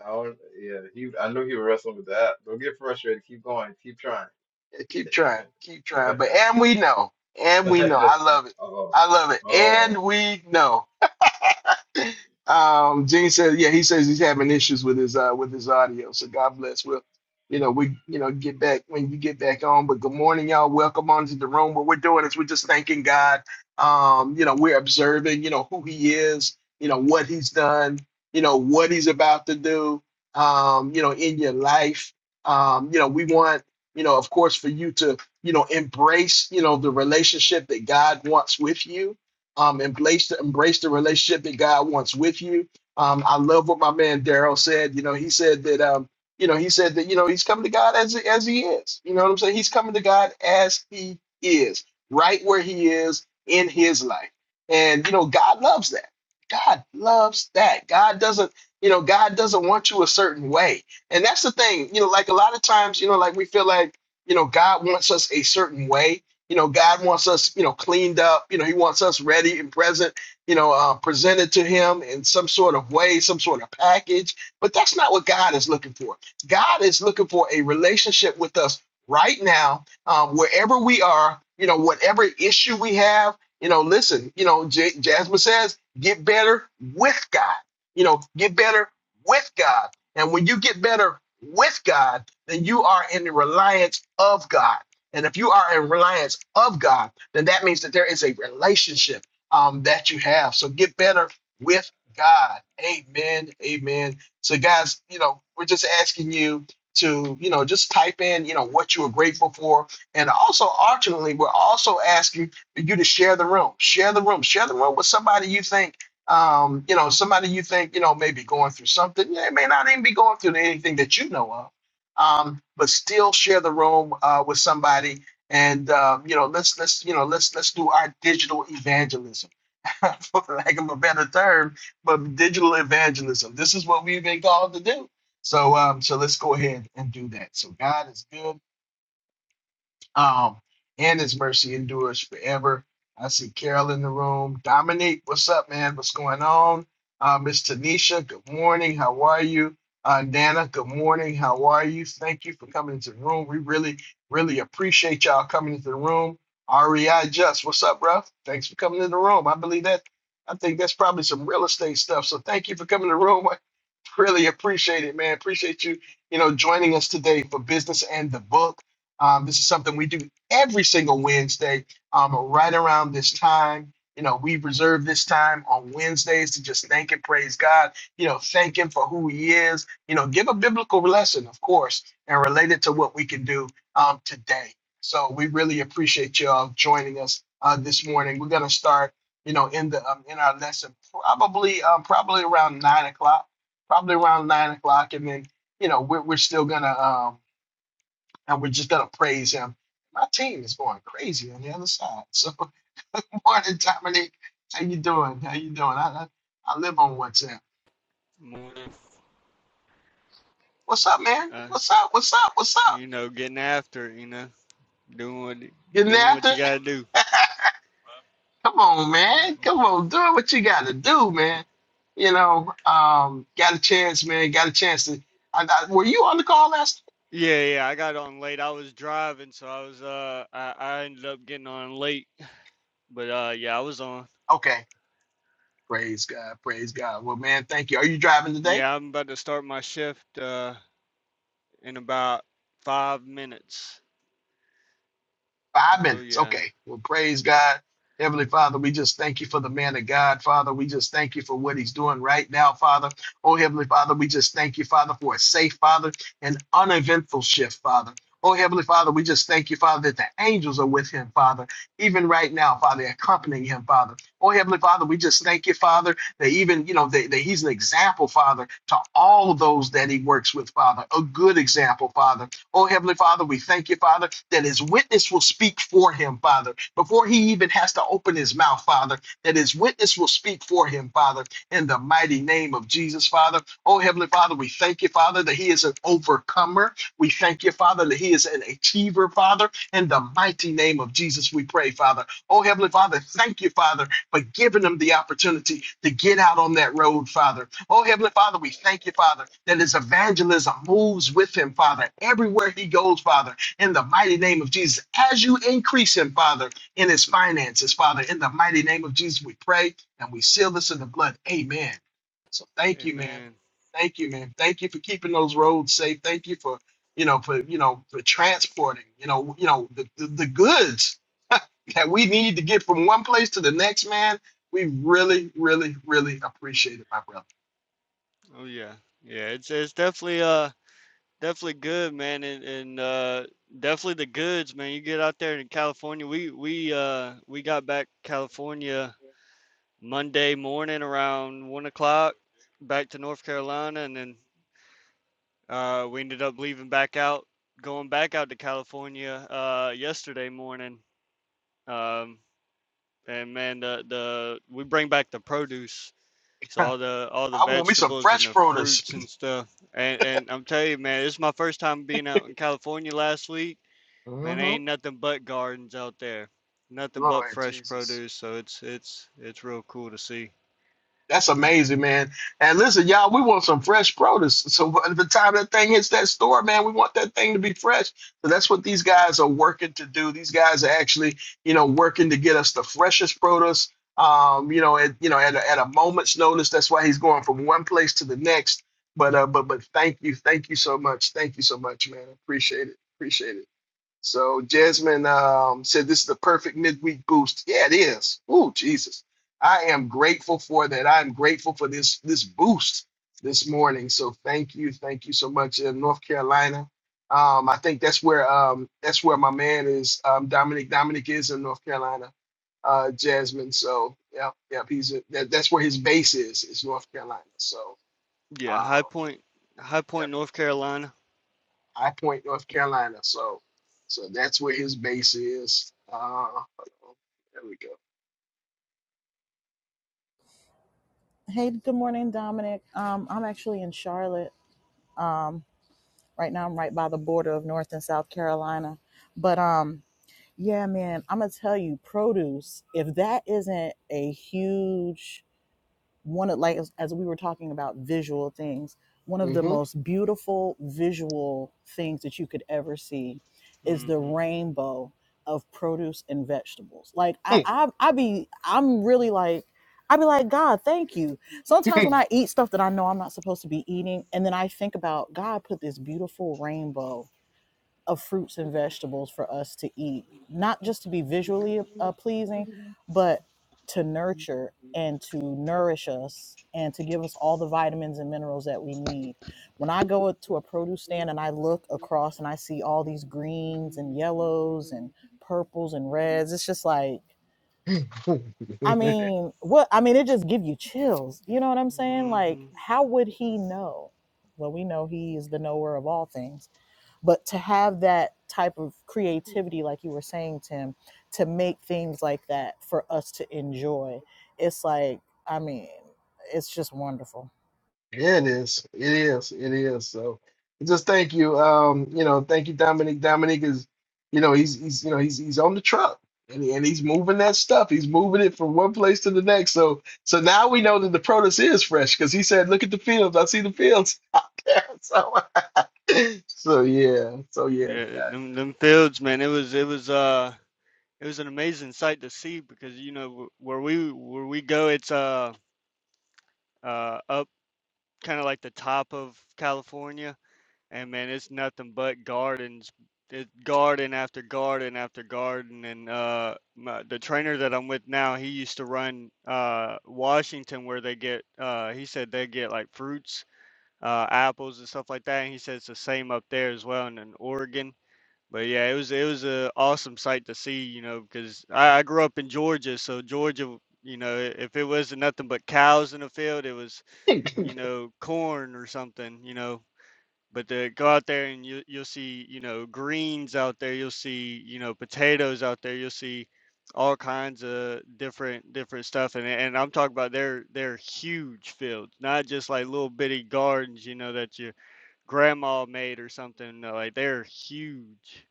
Speaker 2: I don't. Yeah, he. I knew he was wrestling with the app. Don't get frustrated. Keep going. Keep trying.
Speaker 1: Yeah, keep trying, keep trying. But and we know, and we know. I love it.
Speaker 2: oh,
Speaker 1: I love it.
Speaker 2: oh.
Speaker 1: And we know um, Gene says, yeah, he says he's having issues with his uh, with his audio. So God bless. We'll, you know, we you know get back when you get back on. But good morning, y'all. Welcome on to the room. What we're doing is we're just thanking God. Um, you know, we're observing. You know who He is. You know what He's done. You know what He's about to do. Um, you know in your life. Um, you know we want you know of course for you to you know embrace you know the relationship that God wants with you um, embrace the embrace the relationship that God wants with you. Um, I love what my man Daryl said. You know, he said that um, you know, he said that you know he's coming to God as as he is. You know what I'm saying? He's coming to God as he is, right where he is in his life. And you know, God loves that. God loves that. God doesn't, you know, God doesn't want you a certain way. And that's the thing, you know, like a lot of times, you know, like we feel like, you know, God wants us a certain way you know, God wants us, you know, cleaned up. You know, He wants us ready and present. You know, uh, presented to Him in some sort of way, some sort of package. But that's not what God is looking for. God is looking for a relationship with us right now, um, wherever we are. You know, whatever issue we have. You know, listen. You know, J- Jasmine says, get better with God. You know, get better with God. And when you get better with God, then you are in the reliance of God. And if you are in reliance of God, then that means that there is a relationship um, that you have. So get better with God. Amen. Amen. So, guys, you know, we're just asking you to, you know, just type in, you know, what you are grateful for. And also, ultimately, we're also asking for you to share the room, share the room, share the room with somebody you think. Um, you know, somebody you think, you know, may be going through something. They may not even be going through anything that you know of um, but still share the room uh, with somebody. And uh, you know, let's let's you know let's let's do our digital evangelism, for lack of a better term, but digital evangelism. This is what we've been called to do. So um, so let's go ahead and do that. So God is good. Um, and his mercy endures forever. I see Carol in the room. Dominique, what's up, man? What's going on? Uh, Miss Tanisha, good morning. How are you? Uh, Nana, good morning. How are you? Thank you for coming into the room. We really, really appreciate y'all coming into the room. REI Just, what's up, bro? Thanks for coming in the room. I believe that. I think that's probably some real estate stuff. So thank you for coming to the room. I really appreciate it, man. Appreciate you, you know, joining us today for business and the book. Um, this is something we do every single Wednesday um, right around this time. You know, we reserve this time on Wednesdays to just thank and praise God, you know, thank Him for who He is, you know, give a biblical lesson, of course, and relate it to what we can do um, today. So we really appreciate you all joining us uh, this morning. We're going to start, you know, in the um, in our lesson probably um, probably around nine o'clock, probably around nine o'clock, and then you know we're, we're still gonna um, and we're just gonna praise him. My team is going crazy on the other side. So morning, Dominic. How you doing? How you doing? I, I I live on WhatsApp.
Speaker 6: more than
Speaker 1: What's up, man?
Speaker 6: uh,
Speaker 1: What's up? What's up? What's up?
Speaker 6: you know, getting after it, you know, doing what
Speaker 1: Getting
Speaker 6: doing
Speaker 1: after
Speaker 6: what you
Speaker 1: it?
Speaker 6: gotta do.
Speaker 1: Come on, man. Come on, do what you gotta do, man. You know, um, got a chance, man. Got a chance to. I, I, were you on the call last?
Speaker 6: Yeah, yeah, I got on late. I was driving, so I was uh I, I ended up getting on late. But uh yeah, I was on.
Speaker 1: Okay. Praise God. Praise God. Well, man, thank you. Are you driving today?
Speaker 6: Yeah, I'm about to start my shift uh in about five minutes.
Speaker 1: Five
Speaker 6: Oh
Speaker 1: minutes.
Speaker 6: yeah.
Speaker 1: Okay. Well, praise God. Heavenly Father, we just thank you for the man of God, Father. We just thank you for what he's doing right now, Father. Oh, Heavenly Father, we just thank you, Father, for a safe, Father, and uneventful shift, Father. Oh, Heavenly Father, we just thank you, Father, that the angels are with him, Father, even right now, Father, accompanying him, Father. Oh, Heavenly Father, we just thank you, Father, that even, you know, that, that he's an example, Father, to all those that he works with, Father, a good example, Father. Oh, Heavenly Father, we thank you, Father, that his witness will speak for him, Father, before he even has to open his mouth, Father, that his witness will speak for him, Father, in the mighty name of Jesus, Father. Oh, Heavenly Father, we thank you, Father, that he is an overcomer. We thank you, Father, that he is an achiever, Father, in the mighty name of Jesus, we pray, Father. Oh, Heavenly Father, thank you, Father, but giving them the opportunity to get out on that road, Father. Oh, Heavenly Father, we thank you, Father, that his evangelism moves with him, Father, everywhere he goes, Father, in the mighty name of Jesus. As you increase him, Father, in his finances, Father, in the mighty name of Jesus, we pray and we seal this in the blood. Amen. So thank you, man.
Speaker 6: Amen.
Speaker 1: Thank you, man. Thank you for keeping those roads safe. Thank you for, you know, for, you know, for transporting, you know, you know, the, the, the goods. that we need to get from one place to the next, man, we really, really, really appreciate it, my brother.
Speaker 6: Oh yeah. Yeah, it's it's definitely uh Definitely good, man, and, and uh, definitely the goods, man. You get out there in California. We we uh we got back California Monday morning around one o'clock, back to North Carolina, and then uh, we ended up leaving back out, going back out to California uh, yesterday morning. Um, and man, the the we bring back the produce, so all the all the
Speaker 1: I want me some
Speaker 6: vegetables and
Speaker 1: fresh
Speaker 6: the
Speaker 1: produce.
Speaker 6: fruits and stuff. And and I'm telling you, man, this is my first time being out in California last week Man,
Speaker 1: hmm
Speaker 6: ain't nothing but gardens out there. Nothing but
Speaker 1: Lord
Speaker 6: fresh
Speaker 1: Jesus.
Speaker 6: produce, so it's it's it's real cool to see.
Speaker 1: That's
Speaker 6: Uh,
Speaker 1: amazing, man. And listen, y'all, we want some fresh produce. So by the time that thing hits that store, man, we want that thing to be fresh. So that's what these guys are working to do. These guys are actually, you know, working to get us the freshest produce. Um, you know, at you know, at a, at a moment's notice. That's why he's going from one place to the next. But uh, but but thank you, thank you so much, thank you so much, man. Appreciate it, appreciate it. So Jasmine um, said this is the perfect midweek boost. Yeah, it is. Ooh, Jesus. I am grateful for that. I'm grateful for this this boost this morning. So thank you. Thank you so much in North Carolina. Um, I think that's where um, that's where my man is, um, Dominic. Dominic is in North Carolina, uh, Jasmine. So yeah, yeah, he's a, that, that's where his base is, is North Carolina. So
Speaker 6: yeah, High
Speaker 1: um,
Speaker 6: Point, High Point, North Carolina.
Speaker 1: High Point, North Carolina. So, so that's where his base is. Uh, there we
Speaker 4: hey good morning dominic um i'm actually in charlotte Um, Right now, I'm right by the border of North and South Carolina. But um, yeah, man, I'm gonna tell you, produce. If that isn't a huge one of like as, we were talking about visual things one of the
Speaker 1: go.
Speaker 4: most beautiful visual things that you could ever see is
Speaker 6: hmm
Speaker 4: the rainbow of produce and vegetables like i i, I be i'm really like i be like god thank you sometimes when i eat stuff that i know i'm not supposed to be eating and then i think about god put this beautiful rainbow of fruits and vegetables for us to eat, not just to be visually uh, pleasing, but to nurture and to nourish us and to give us all the vitamins and minerals that we need. When I go to a produce stand and I look across and I see all these greens and yellows and purples and reds, it's just like, I
Speaker 1: Mm-hmm.
Speaker 4: mean, what? I mean, it just give you chills. You know what I'm saying?
Speaker 6: hmm
Speaker 4: Like, how would he know? Well, we know he is the knower of all things but to have that type of creativity like you were saying tim to make things like that for us to enjoy it's like i mean it's just wonderful
Speaker 1: Yeah, it is. It is. It is. So just thank you. Um, you know, thank you, Dominic. Dominic is, you know, he's he's you know, he's he's on the truck and, he- and he's moving that stuff. He's moving it from one place to the next. So so now we know that the produce is fresh because he said, Look at the fields, I see the fields out there. So so yeah, so yeah.
Speaker 6: Yeah, them them fields, man. It was it was uh it was an amazing sight to see because you know wh- where we where we go, it's uh uh up kind of like the top of California and man, it's nothing but gardens. It's garden after garden after garden, and uh, my, the trainer that I'm with now, he used to run uh Washington, where they get uh, he said they get like fruits, uh, apples and stuff like that. And he said it's the same up there as well, and in Oregon. But yeah, it was it was a awesome sight to see, you know, because I, I grew up in Georgia, so Georgia, you know, if it wasn't nothing but cows in the field, it was you
Speaker 1: God.
Speaker 6: know corn or something, you know, but to go out there and you you'll see you know greens out there you'll see you know potatoes out there you'll see all kinds of different different stuff and and I'm talking about they're they're huge fields not just like little bitty gardens you know that your grandma made or something no, like they're huge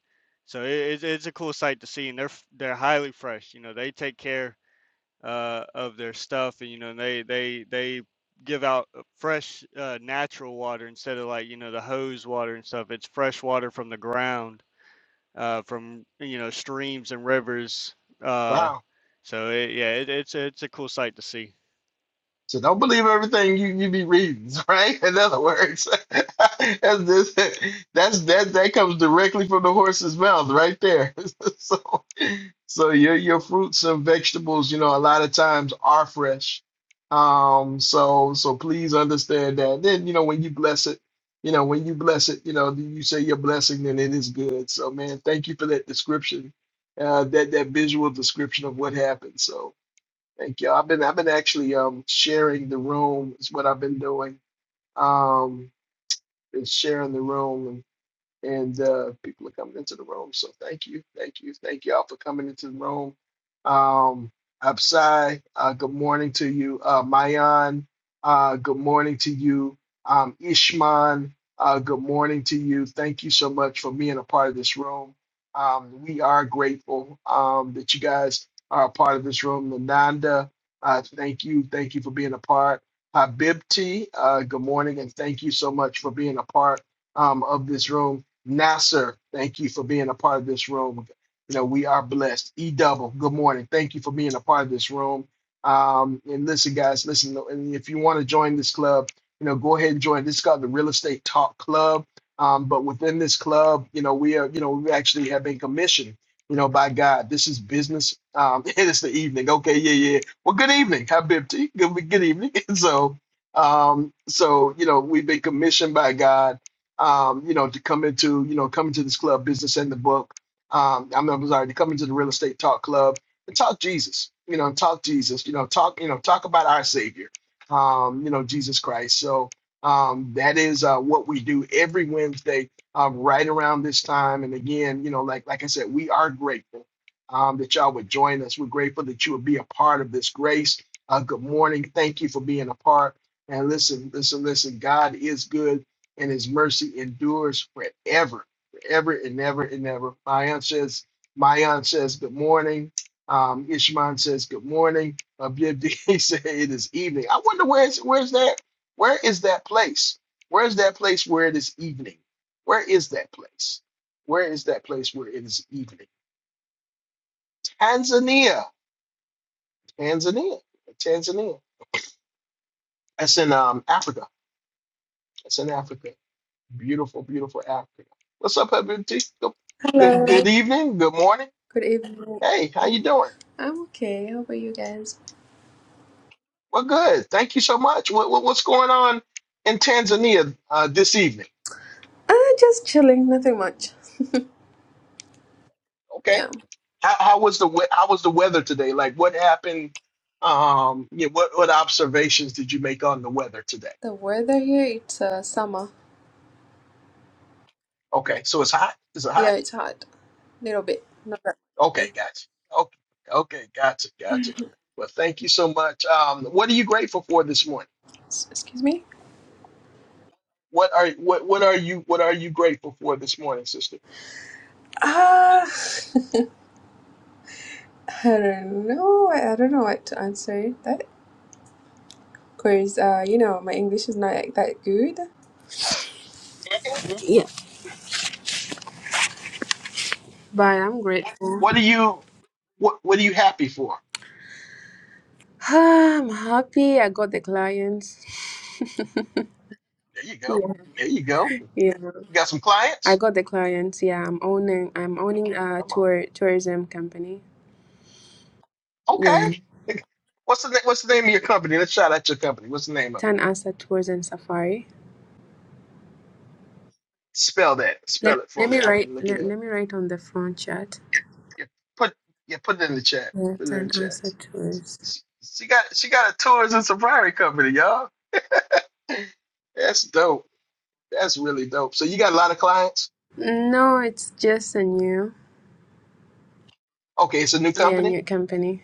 Speaker 6: so it, it's it's a cool sight to see and they're f- they're highly fresh you know they take care uh, of their stuff, and you know they they they give out uh, fresh uh, natural water instead of like you know the hose water and stuff. It's fresh water from the ground, uh, from you know streams and rivers. Uh,
Speaker 1: Wow.
Speaker 6: so it, yeah, it, it's it's a cool sight to see.
Speaker 1: So don't believe everything you, you be reading, right? In other words, that's, this, that's that that comes directly from the horse's mouth, right there. so, so your your fruits and vegetables, you know, a lot of times are fresh. Um, so so please understand that. Then you know when you bless it, you know when you bless it, you know you say your blessing, then it is good. So man, thank you for that description, uh, that that visual description of what happened. So. Thank you. I've been I've been actually um sharing the room is what I've been doing. Um, been sharing the room and uh, people are coming into the room. So thank you, thank you, thank y'all for coming into the room. Um, Absai, uh, good morning to you. Uh, Mayan, uh, good morning to you. Um, Ishman, uh, good morning to you. Thank you so much for being a part of this room. Um, we are grateful um, that you guys are a part of this room. Nananda, uh, thank you, thank you for being a part. Habibti, uh, good morning, and thank you so much for being a part um, of this room. Nasser, thank you for being a part of this room. You know, we are blessed. E double, good morning. Thank you for being a part of this room. Um, and listen, guys, listen, and if you want to join this club, you know, go ahead and join. This is called the Real Estate Talk Club. Um, but within this club, you know, we are, you know, we actually have been commissioned, you know, by God. This is business. Um, it's the evening. Okay, yeah, yeah. Well, good evening. Hi, Bibty. Good, good evening. so, um, so you know, we've been commissioned by God um, you know, to come into, you know, come into this club, business and the book. Um, I'm, I'm sorry, to come into the real estate talk club and talk Jesus, you know, talk Jesus, you know, talk, you know, talk about our Savior, um, you know, Jesus Christ. So um, that is uh, what we do every Wednesday, um, right around this time. And again, you know, like like I said, we are grateful um, that y'all would join us. We're grateful that you would be a part of this grace. Uh, good morning. Thank you for being a part. And listen, listen, listen. God is good and his mercy endures forever, forever and ever and ever. Mayan says, Mayan says, good morning. Um, Ishman says, good morning. Abibdi said, it is evening. I wonder where's where's that? Where is that place? Where is that place where it is evening? Where is that place? Where is that place where it is evening? Tanzania, Tanzania, Tanzania. That's in um, Africa. That's in Africa. Beautiful, beautiful Africa. What's up, everybody? Good, good
Speaker 7: Hello.
Speaker 1: good
Speaker 7: Good
Speaker 1: evening. Good morning.
Speaker 7: evening.
Speaker 1: Hey, how you doing?
Speaker 7: I'm okay. How about you guys?
Speaker 1: Well, good. Thank you so much. What, what what's going on in Tanzania uh, this evening?
Speaker 7: Uh, just chilling. Nothing much.
Speaker 1: Okay.
Speaker 7: Yeah.
Speaker 1: How, how was the we- how was the weather today? Like, what happened? Um, yeah, what what observations did you make on the weather today?
Speaker 7: The weather here, it's uh, summer.
Speaker 1: Okay, so it's hot. Is it hot?
Speaker 7: Yeah, it's hot. Little bit. Not that. Yeah.
Speaker 1: Okay, gotcha. Okay, okay, gotcha, gotcha. Well, thank you so much. Um, what are you grateful for this morning?
Speaker 7: S- Excuse me.
Speaker 1: What are what what are you what are you grateful for this morning, sister?
Speaker 7: Ah, I don't know. I I don't know what to answer that. Cause uh, you know, my English is not like that good.
Speaker 1: Mhm.
Speaker 7: Yeah, but I'm
Speaker 1: What
Speaker 7: grateful.
Speaker 1: are you what what are you happy for?
Speaker 7: I'm happy. I got the clients.
Speaker 1: There you go.
Speaker 7: yeah.
Speaker 1: There you go.
Speaker 7: Yeah.
Speaker 1: You got some
Speaker 7: I
Speaker 1: clients?
Speaker 7: got the clients. Yeah, I'm owning I'm owning a
Speaker 1: Come on.
Speaker 7: tour tourism company.
Speaker 1: Okay.
Speaker 7: Yeah,
Speaker 1: What's the na- what's the name of your company? Let's shout out your company. What's the name of it?
Speaker 7: Tan Asa Tours and Safari.
Speaker 1: Spell that.
Speaker 7: Let
Speaker 1: Spell it for
Speaker 7: let me
Speaker 1: me. I
Speaker 7: write
Speaker 1: can look it
Speaker 7: let,
Speaker 1: up.
Speaker 7: let me write on the front chat.
Speaker 1: Yeah, put yeah, put it in the chat.
Speaker 7: Yeah,
Speaker 1: Put it in the
Speaker 7: Tan
Speaker 1: chat.
Speaker 7: Asa Tours.
Speaker 1: She, she got she got a tours and safari company, y'all. That's dope. That's really dope. So you got a lot of clients?
Speaker 7: No, it's just a new
Speaker 1: Okay, it's a new
Speaker 7: yeah
Speaker 1: company.
Speaker 7: new company.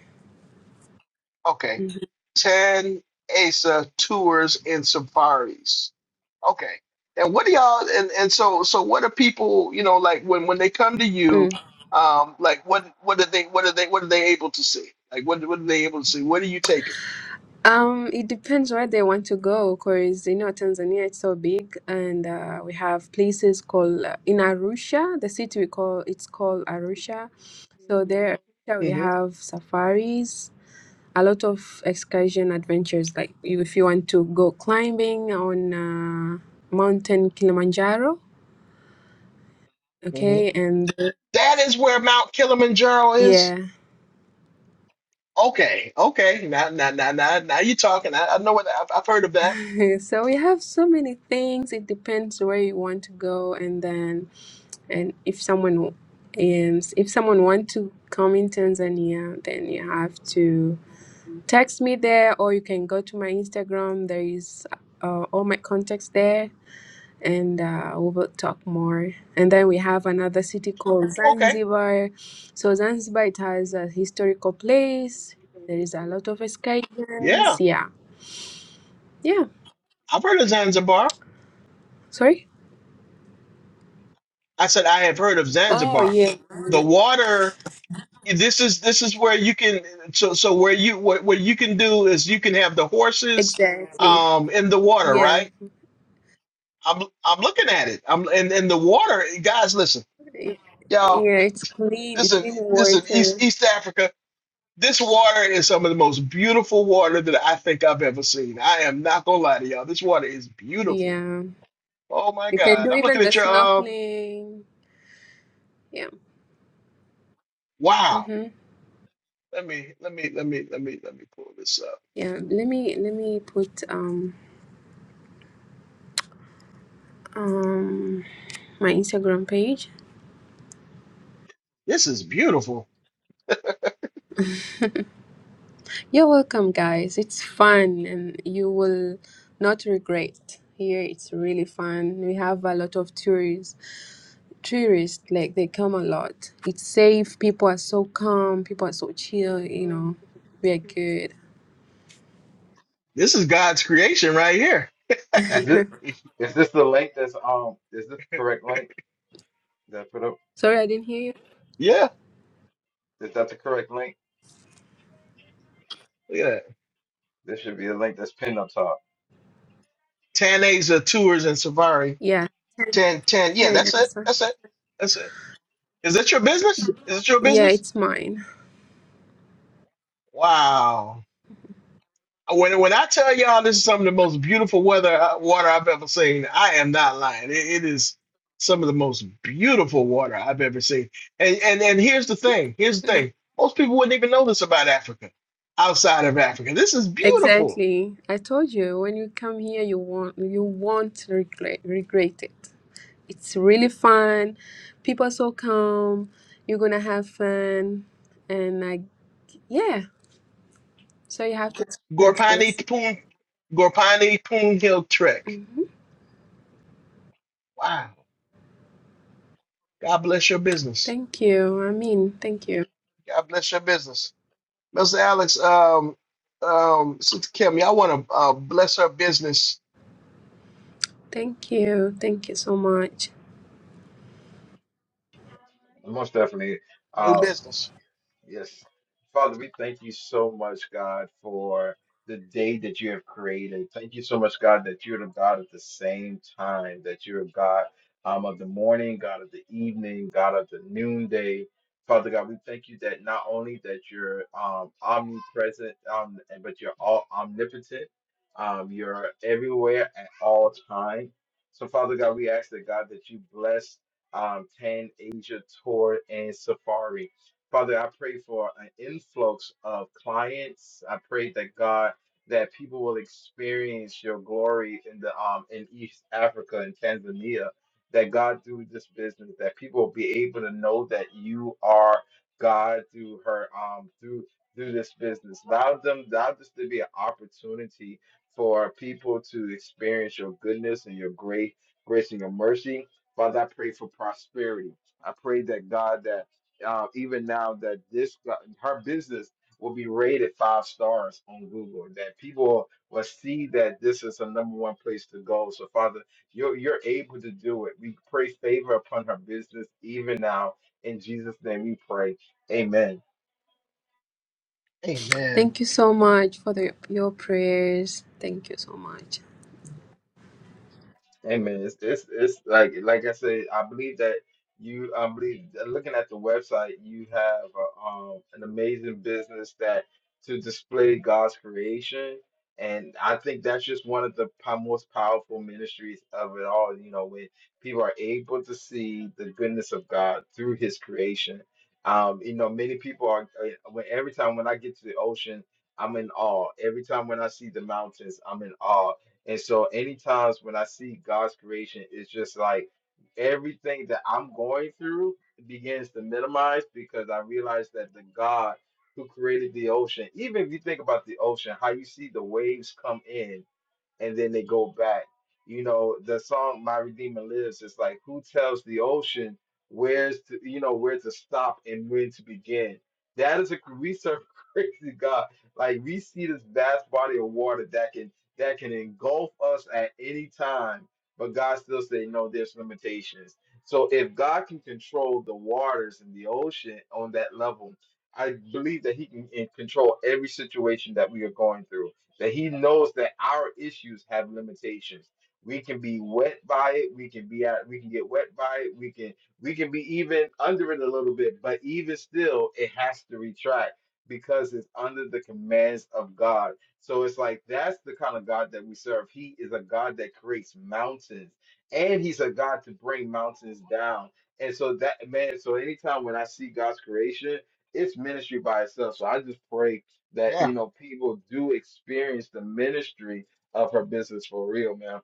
Speaker 1: Okay.
Speaker 7: Mhm.
Speaker 1: 10 ASA tours and safaris. Okay. And what do y'all and, and so so what are people, you know, like when when they come to you,
Speaker 7: Mm.
Speaker 1: um, like what what are they what are they what are they able to see? Like what what are they able to see? What are you taking?
Speaker 7: Um, it depends where they want to go, cause you know Tanzania it's so big, and uh, we have places called uh, in Arusha, the city we call it's called Arusha. So there, Arusha we
Speaker 1: Mm-hmm.
Speaker 7: have safaris, a lot of excursion adventures like you- if you want to go climbing on uh, mountain kilimanjaro
Speaker 1: Mm-hmm.
Speaker 7: okay and
Speaker 1: That is where Mount Kilimanjaro is.
Speaker 7: yeah
Speaker 1: Okay, okay. Now now now now now you're talking. I, I know what I've, I've heard of that.
Speaker 7: so we have so many things it depends where you want to go and then and if someone is if someone want to come in tanzania then you have to text me there or you can go to my instagram there is uh, all my contacts there and uh, we will talk more. And then we have another city called
Speaker 1: Okay.
Speaker 7: Zanzibar. So Zanzibar, it has a historical place. There is a lot of
Speaker 1: Yeah,
Speaker 7: excursions. Yeah, yeah.
Speaker 1: I've heard of Zanzibar.
Speaker 7: Sorry.
Speaker 1: I said I have heard of
Speaker 7: Oh
Speaker 1: Zanzibar.
Speaker 7: yeah,
Speaker 1: The water this is this is where you can so so where you what, what you can do is you can have the horses
Speaker 7: exactly.
Speaker 1: um in the water
Speaker 7: Yeah,
Speaker 1: right i'm i'm looking at it i'm and and the water guys listen
Speaker 7: It-
Speaker 1: y'all
Speaker 7: yeah. It's clean,
Speaker 1: this
Speaker 7: it's clean
Speaker 1: is this is east
Speaker 7: water.
Speaker 1: east africa this water is some of the most beautiful water that i think i've ever seen i am not gonna lie to y'all this water is beautiful
Speaker 7: Yeah,
Speaker 1: oh my
Speaker 7: you can
Speaker 1: god
Speaker 7: do
Speaker 1: i'm looking
Speaker 7: even the
Speaker 1: at your um
Speaker 7: snorkeling. Yeah.
Speaker 1: wow
Speaker 7: Mm-hmm.
Speaker 1: let me let me let me let me let me pull this up
Speaker 7: Yeah. Let me let me put um um my Instagram page.
Speaker 1: this is beautiful
Speaker 7: You're welcome, guys. It's fun and you will not regret. Here it's really fun. We have a lot of tourists. Tourists, like, they come a lot. It's safe. People are so calm. People are so chill. You know, we are good.
Speaker 1: This is God's creation right here.
Speaker 2: Is it? Is this the link that's um? Is this the correct link that I put up?
Speaker 7: Sorry, I didn't hear you.
Speaker 1: yeah,
Speaker 2: Is that the correct link?
Speaker 1: look at that.
Speaker 2: This should be the link that's pinned up top.
Speaker 1: Tan Tours and Safari.
Speaker 7: Yeah. 10,
Speaker 1: Tan Tan. Yeah,
Speaker 7: 10
Speaker 1: that's it.
Speaker 7: answer.
Speaker 1: That's it. That's it. Is that your business? Is it your
Speaker 7: Yeah,
Speaker 1: business?
Speaker 7: it's mine.
Speaker 1: Wow. When when I tell y'all this is some of the most beautiful weather uh, water I've ever seen, I am not lying. it it is some of the most beautiful water I've ever seen. And and and here's the thing. Here's the
Speaker 7: Mm.
Speaker 1: thing. Most people wouldn't even know this about Africa. Outside of Africa, this is beautiful.
Speaker 7: Exactly. I told you when you come here, you want you won't regret regret it. It's really fun. People so calm. You're gonna have fun, and like yeah. So you have to experience
Speaker 1: Gorpani
Speaker 7: this.
Speaker 1: Poon Gorpani Poon Hill Trek.
Speaker 7: hmm
Speaker 1: Wow. God bless your business.
Speaker 7: Thank you. I mean, thank you.
Speaker 1: God bless your business. Mr. Alex, um, um, Sister Kim, y'all want to uh, bless her business,
Speaker 7: Thank you. Thank you so much.
Speaker 2: Most definitely.
Speaker 1: new
Speaker 2: uh,
Speaker 1: business.
Speaker 2: Yes. Father, we thank you so much, God, for the day that you have created. Thank you so much, God, that you're the God at the same time, that you're a God um, of the morning, God of the evening, God of the noonday. Father God, we thank you that not only that you're um, omnipresent, um, and- but you're all omnipotent. Um, you're everywhere at all time. So, Father God, we ask that God that you bless um, Tan Asia Tour and Safari. Father, I pray for an influx of clients. I pray that God, that people will experience your glory in the um in East Africa and Tanzania. That God through this business, that people will be able to know that you are God through her um through through this business. Allow them, allow this to be an opportunity for people to experience your goodness and your grace, grace and your mercy. Father, I pray for prosperity. I pray that God that uh, even now that this uh, her business will be rated five stars on Google, that people will see that this is a number one place to go. So, Father, you're you're able to do it. We pray favor upon her business even now. In Jesus' name, we pray. Amen.
Speaker 1: Amen.
Speaker 7: Thank you so much for the, your prayers. Thank you so much.
Speaker 2: Hey man, it's, it's it's like like I said, I believe that you I believe that looking at the website, you have uh, um an amazing business that to display God's creation, and I think that's just one of the po- most powerful ministries of it all. You know, when people are able to see the goodness of God through His creation. Um, you know, many people are. uh, When every time when I get to the ocean, I'm in awe. Every time when I see the mountains, I'm in awe and so, any times when I see God's creation, it's just like everything that I'm going through begins to minimize because I realize that the God who created the ocean, even if you think about the ocean, how you see the waves come in and then they go back. You know, the song "My Redeemer Lives" is like, who tells the ocean where's to, you know where to stop and when to begin? That is a we serve crazy God. Like we see this vast body of water that can that can engulf us at any time, but God still said, no, there's limitations. So if God can control the waters and the ocean on that level, I believe that He can in- control every situation that we are going through that he knows that our issues have limitations. We can be wet by it. We can be at, we can get wet by it. We can we can be even under it a little bit, but even still, it has to retract because it's under the commands of God. So it's like that's the kind of God that we serve. He is a God that creates mountains, and He's a God to bring mountains down. And so that man, so anytime when I see God's creation, it's ministry by itself. So I just pray that
Speaker 1: Yeah,
Speaker 2: you know people do experience the ministry of her business for real, man.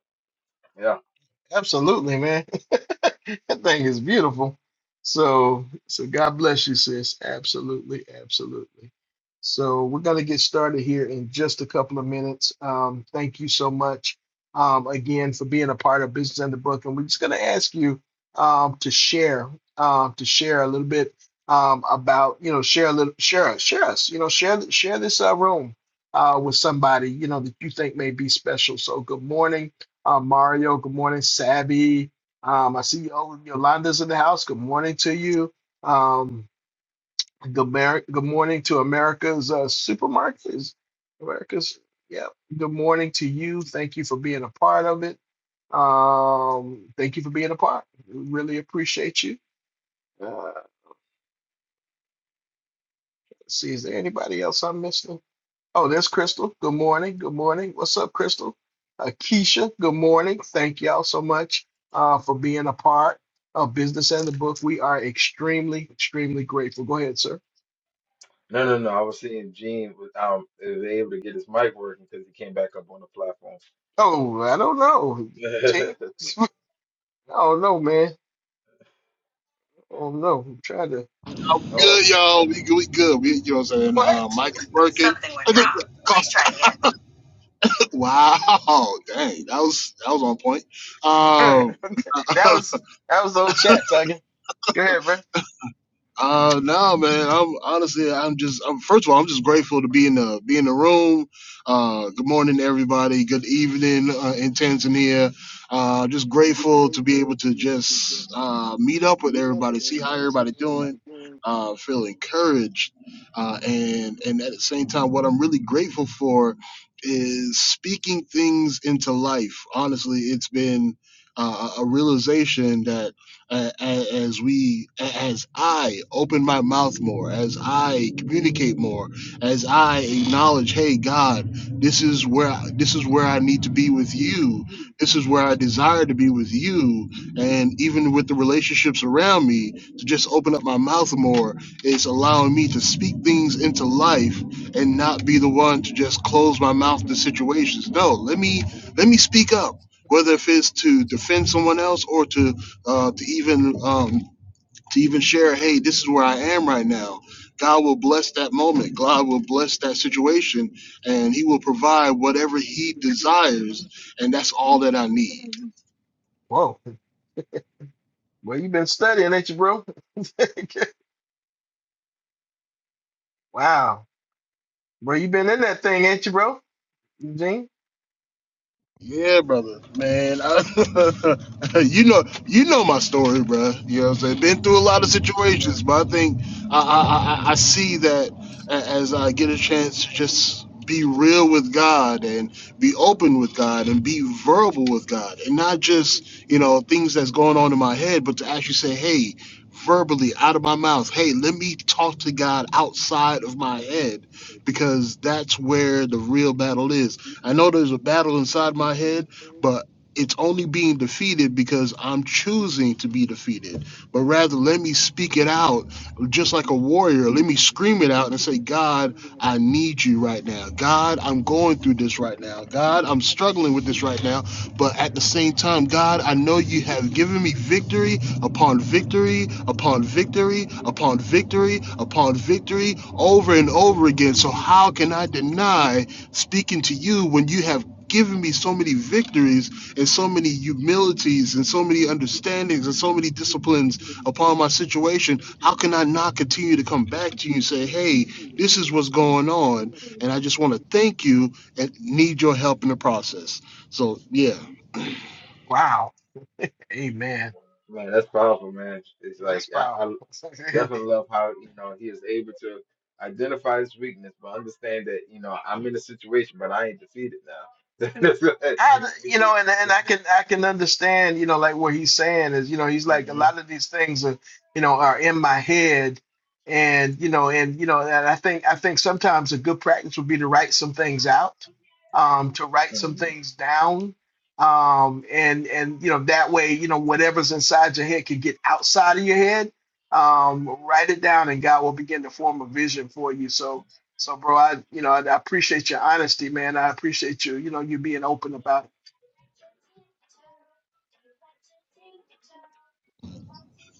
Speaker 2: Yeah.
Speaker 1: absolutely, man. That thing is beautiful. So, so God bless you, sis. Absolutely, absolutely. So we're gonna get started here in just a couple of minutes. Um, thank you so much um, again for being a part of Business Under Book, and we're just gonna ask you um, to share, um, to share a little bit um, about, you know, share a little, share, share us, you know, share, share this uh, room uh, with somebody, you know, that you think may be special. So good morning, uh, Mario. Good morning, Savvy. Um, I see oh, Yolanda's in the house. Good morning to you. Um, good, mer- good morning to America's uh, supermarkets. America's, yeah. Good morning to you. Thank you for being a part of it. Um, thank you for being a part. Really appreciate you. Uh, let's see, is there anybody else I'm missing? Oh, there's Crystal. Good morning. Good morning. What's up, Crystal? Uh, Keisha, good morning. Thank y'all so much uh, for being a part of Business and the Book. We are extremely, extremely grateful. Go ahead, sir.
Speaker 2: No, no, no. I was seeing Gene was um was able to get his mic working because he came back up on the platform.
Speaker 1: Oh, I don't know. Gee, I don't know, man. Oh, no. I'm trying to.
Speaker 8: I'm
Speaker 2: oh
Speaker 8: Good, y'all. We, we good. We, you know what I'm saying?
Speaker 1: What?
Speaker 8: Uh, Michael Birkin.
Speaker 1: Something went
Speaker 8: I think,
Speaker 1: wrong. Please try again.
Speaker 8: wow. Dang. That was, that was on point. Um,
Speaker 1: Okay. That was that was old chat, Tuggy. Go ahead,
Speaker 8: Uh no man, I'm honestly I'm just I'm, first of all I'm just grateful to be in the be in the room. Uh good morning everybody. Good evening uh, in Tanzania. Uh just grateful to be able to just uh meet up with everybody, see how everybody doing.
Speaker 1: bro.
Speaker 8: Uh feel encouraged. Uh and and at the same time what I'm really grateful for is speaking things into life. Honestly, it's been uh, a a realization that uh, as we as i open my mouth more as i communicate more as i acknowledge hey god this is where this is where i need to be with you this is where i desire to be with you and even with the relationships around me to just open up my mouth more is allowing me to speak things into life and not be the one to just close my mouth to situations no let me let me speak up whether if it's to defend someone else or to uh, to even um, to even share, hey, this is where I am right now. God will bless that moment. God will bless that situation, and He will provide whatever He desires, and that's all that I need.
Speaker 1: Whoa, Well, you been studying, ain't you, bro? wow, bro, you been in that thing, ain't you, bro? Eugene.
Speaker 8: Yeah, brother, man. I, you know, you know my story, bruh. You know, what I'm saying been through a lot of
Speaker 1: Thanks, God.
Speaker 8: situations, but I think I I, I, I see that a- as I get a chance to just be real with God and be open with God and be verbal with God and not just you know things that's going on in my head, but to actually say, hey, verbally out of my mouth, hey, let me talk to God outside of my head because that's where the real battle is I know there's a battle inside my head, but it's only being defeated because I'm choosing to be defeated. But rather, let me speak it out just like a warrior. Let me scream it out and say, God, I need you right now. God, I'm going through this right now. God, I'm struggling with this right now. But at the same time, God, I know you have given me victory upon victory upon victory upon victory upon victory over and over again. So how can I deny speaking to you when you have given me so many victories and so many humilities and so many understandings and so many disciplines upon my situation. How can I not continue to come back to you and say, hey, this is what's going on? And I just want to thank you and need your help in the process. So, yeah,
Speaker 1: Wow. Amen.
Speaker 2: man, that's powerful, man. It's like
Speaker 1: That's
Speaker 2: I, I
Speaker 1: powerful.
Speaker 2: definitely love how you know he is able to identify his weakness, but understand that you know I'm in a situation, but I ain't defeated now. Which
Speaker 1: I, you
Speaker 2: is,
Speaker 1: know, and and I can I can understand, you know, like what he's saying is, you know, he's like a lot
Speaker 2: Mhm.
Speaker 1: of these things are, you know, are in my head, and you know, and you know, and I think I think sometimes a good practice would be to write some things out, um, to write some things down, um, and and you know that way, you know, whatever's inside your head can get outside of your head. Um, write it down, and God will begin to form a vision for you. So, so, bro, I you know I, I appreciate your honesty, man. I appreciate you, you know, you being open about it.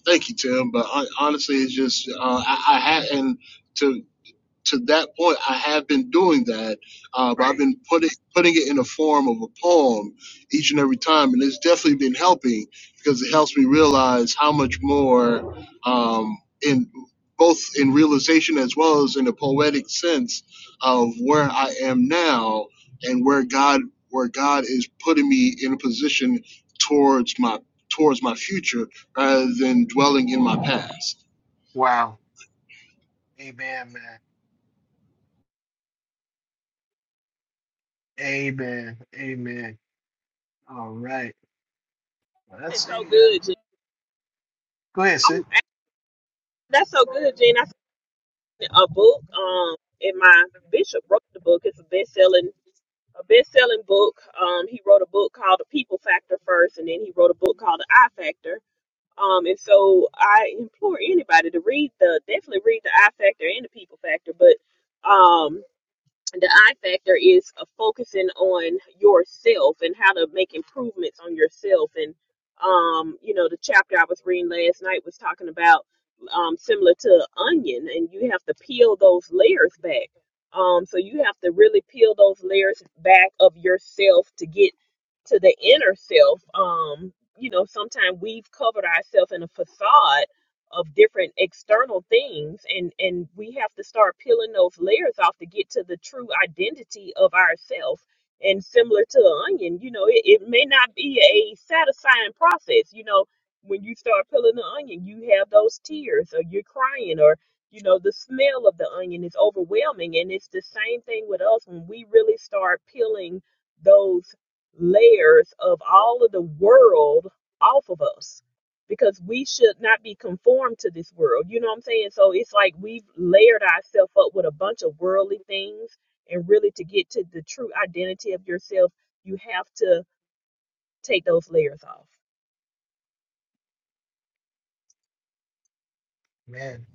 Speaker 8: thank you, Tim. But I, honestly, it's just, uh, I, I had, and to, to that point, I have been doing that. Uh, but I've
Speaker 1: Pray.
Speaker 8: been putting putting it in a form of a poem each and every time, and it's definitely been helping because it helps me realize how much more um, in both in realization as well as in a poetic sense of where I am now and where God where God is putting me in a position towards my towards my future rather than dwelling in my past.
Speaker 1: Wow. Amen, man. Amen. Amen. All right. Well, let's
Speaker 3: That's so
Speaker 1: see. Uh,
Speaker 3: good, Jean.
Speaker 1: go ahead, sis.
Speaker 3: I'm, that's so good, Jean. I seen a book. Um, and my bishop wrote the book. It's a best-selling, a best-selling book. Um, he wrote a book called The People Factor first, and then he wrote a book called The I Factor Um, and so I implore anybody to read the definitely read the I Factor and the People Factor, but um, the I factor is uh, focusing on yourself and how to make improvements on yourself. And, um, you know, the chapter I was reading last night was talking about um, similar to onion, and you have to peel those layers back. Um, so you have to really peel those layers back of yourself to get to the inner self. Um, you know, sometimes we've covered ourselves in a facade of different external things and and we have to start peeling those layers off to get to the true identity of ourself and similar to an onion you know it, it may not be a satisfying process you know when you start peeling the onion you have those tears or you're crying or you know the smell of the onion is overwhelming and it's the same thing with us when we really start peeling those layers of all of the world off of us because we should not be conformed to this world. You know what I'm saying? So it's like we've layered ourselves up with a bunch of worldly things. And really, to get to the true identity of yourself, you have to take those layers off.
Speaker 1: Man.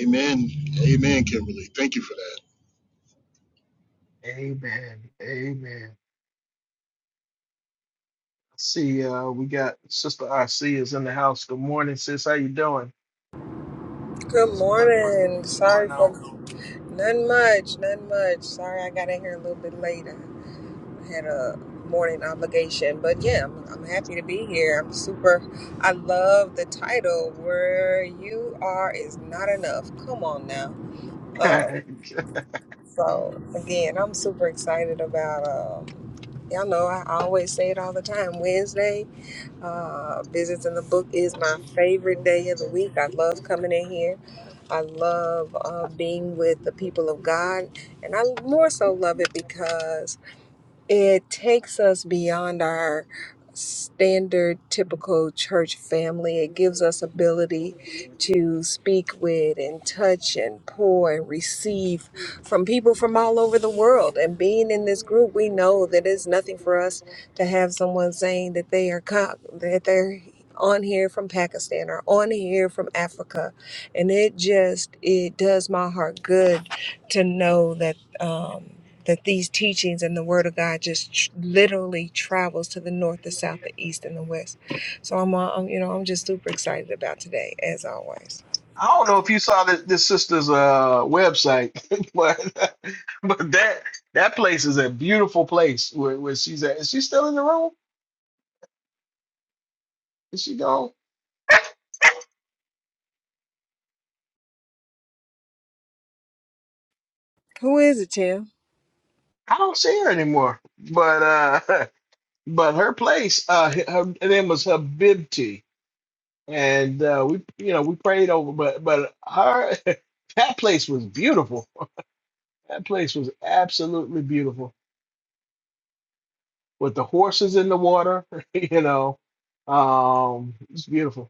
Speaker 8: Amen. Amen, Kimberly. Thank you for
Speaker 1: Amen. Amen. Let's see. Uh, we got Sister RC is in the house. Good morning, sis. How you doing?
Speaker 9: Good
Speaker 1: What's going?
Speaker 9: morning.
Speaker 1: What's
Speaker 9: Sorry
Speaker 1: going
Speaker 9: for
Speaker 1: on?
Speaker 9: none much, none much. Sorry I got in here a little bit later. I had a morning obligation, but yeah, I'm, I'm happy to be here. I'm super. I love the title. Where you are is not enough. Come on now. Uh, so again, I'm super excited about. Um, y'all know I always say it all the time. Wednesday. Uh, business in the book is my favorite day of the week. I love coming in here. I love uh, being with the people of God, and I more so love it because it takes us beyond our standard typical church family it gives us ability to speak with and touch and pour and receive from people from all over the world and being in this group we know that it's nothing for us to have someone saying that they are co- that they're on here from Pakistan or on here from Africa and it just it does my heart good to know that um, that these teachings and the word of God just tr- literally travels to the north, the south, the east, and the west. So I'm, uh, I'm, you know, I'm just super excited about today, as always.
Speaker 1: I don't know if you saw this, this sister's uh website, but but that that place is a beautiful place where, where she's at. Is she still in the room? Is she gone?
Speaker 9: Who is it, Tim?
Speaker 1: I don't see her anymore. But uh but her place, uh her, her name was Habibti. And uh we you know we prayed over but but her that place was beautiful. That place was absolutely beautiful with the horses in the water, you know. Um, it's beautiful.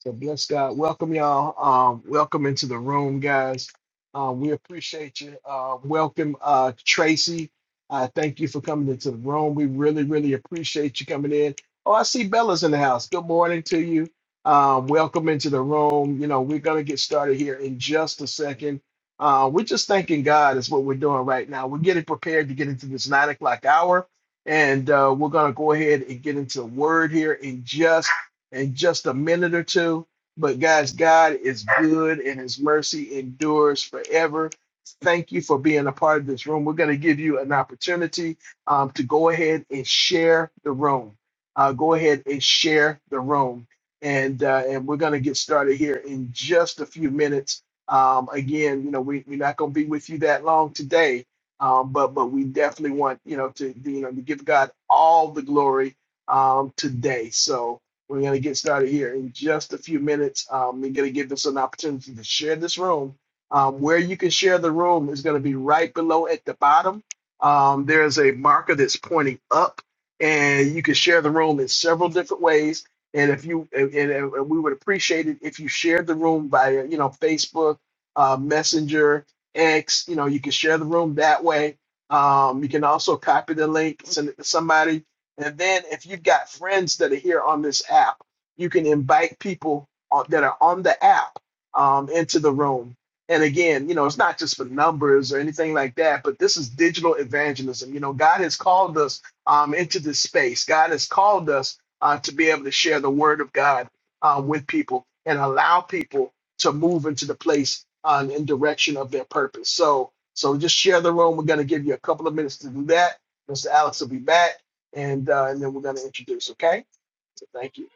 Speaker 1: So bless God. Welcome y'all. Um, welcome into the room, guys. Uh, we appreciate you. Uh, welcome, uh, Tracy. Uh, thank you for coming into the room. We really, really appreciate you coming in. Oh, I see Bella's in the house. Good morning to you. Um, welcome into the room. You know, we're gonna get started here in just a second. Uh, we're just thanking God is what we're doing right now. We're getting prepared to get into this nine o'clock hour, and uh, we're gonna go ahead and get into the word here in just in just a minute or two. But guys, God is good and his mercy endures forever. Thank you for being a part of this room. We're going to give you an opportunity um, to go ahead and share the room. Uh, go ahead and share the room. And, uh, and we're going to get started here in just a few minutes. Um, again, you know, we, we're not going to be with you that long today, um, but but we definitely want you know to you know to give God all the glory um, today. So we're going to get started here in just a few minutes. Um, we're going to give this an opportunity to share this room. Um, where you can share the room is going to be right below at the bottom. Um, there's a marker that's pointing up, and you can share the room in several different ways. And if you and, and- and we would appreciate it if you shared the room via you know Facebook, uh, Messenger, X. You know you can share the room that way. Um, you can also copy the link, send it to somebody and then if you've got friends that are here on this app, you can invite people on, that are on the app um, into the room. And again, you know, it's not just for numbers or anything like that, but this is digital evangelism. You know, God has called us um, into this space. God has called us uh, to be able to share the word of God uh, with people and allow people to move into the place uh, in direction of their purpose. So, so just share the room. We're going to give you a couple of minutes to do that. Mr. Alex will be back and uh, and then we're going to introduce. Okay. So thank you.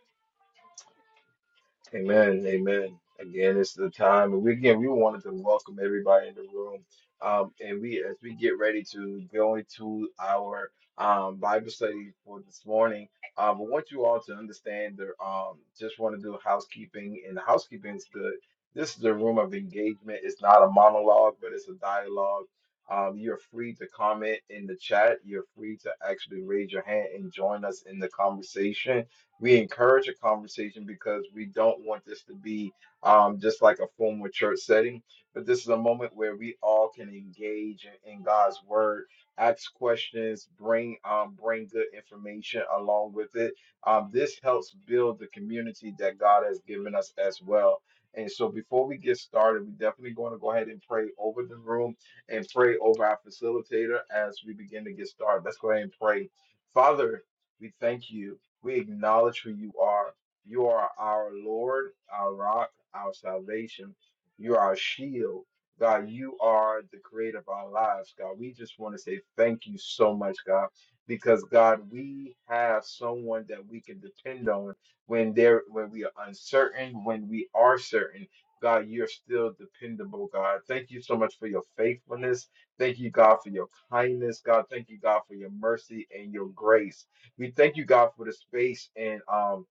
Speaker 2: Amen. Amen. Again, it's the time. And we again we wanted to welcome everybody in the room. Um, and we as we get ready to go into our um Bible study for this morning. Um, I want you all to understand that um just want to do housekeeping, and the housekeeping is good. This is a room of engagement. It's not a monologue, but it's a dialogue. Um, you're free to comment in the chat. You're free to actually raise your hand and join us in the conversation we encourage a conversation because we don't want this to be um, just like a formal church setting, but this is a moment where we all can engage in, in God's word, ask questions, bring um, bring good information along with it. Um, this helps build the community that God has given us as well. And so, before we get started, we're definitely going to go ahead and pray over the room and pray over our facilitator as we begin to get started. Let's go ahead and pray. Father, we thank you. We acknowledge who you are. You are our Lord, our rock, our salvation. You are our shield. God, you are the creator of our lives, God. We just want to say thank you so much, God, because God, we have someone that we can depend on when there when we are uncertain, when we are certain. God, you're still dependable, God. Thank you so much for your faithfulness. Thank you, God, for your kindness, God. Thank you, God, for your mercy and your grace. We thank you, God, for the space and um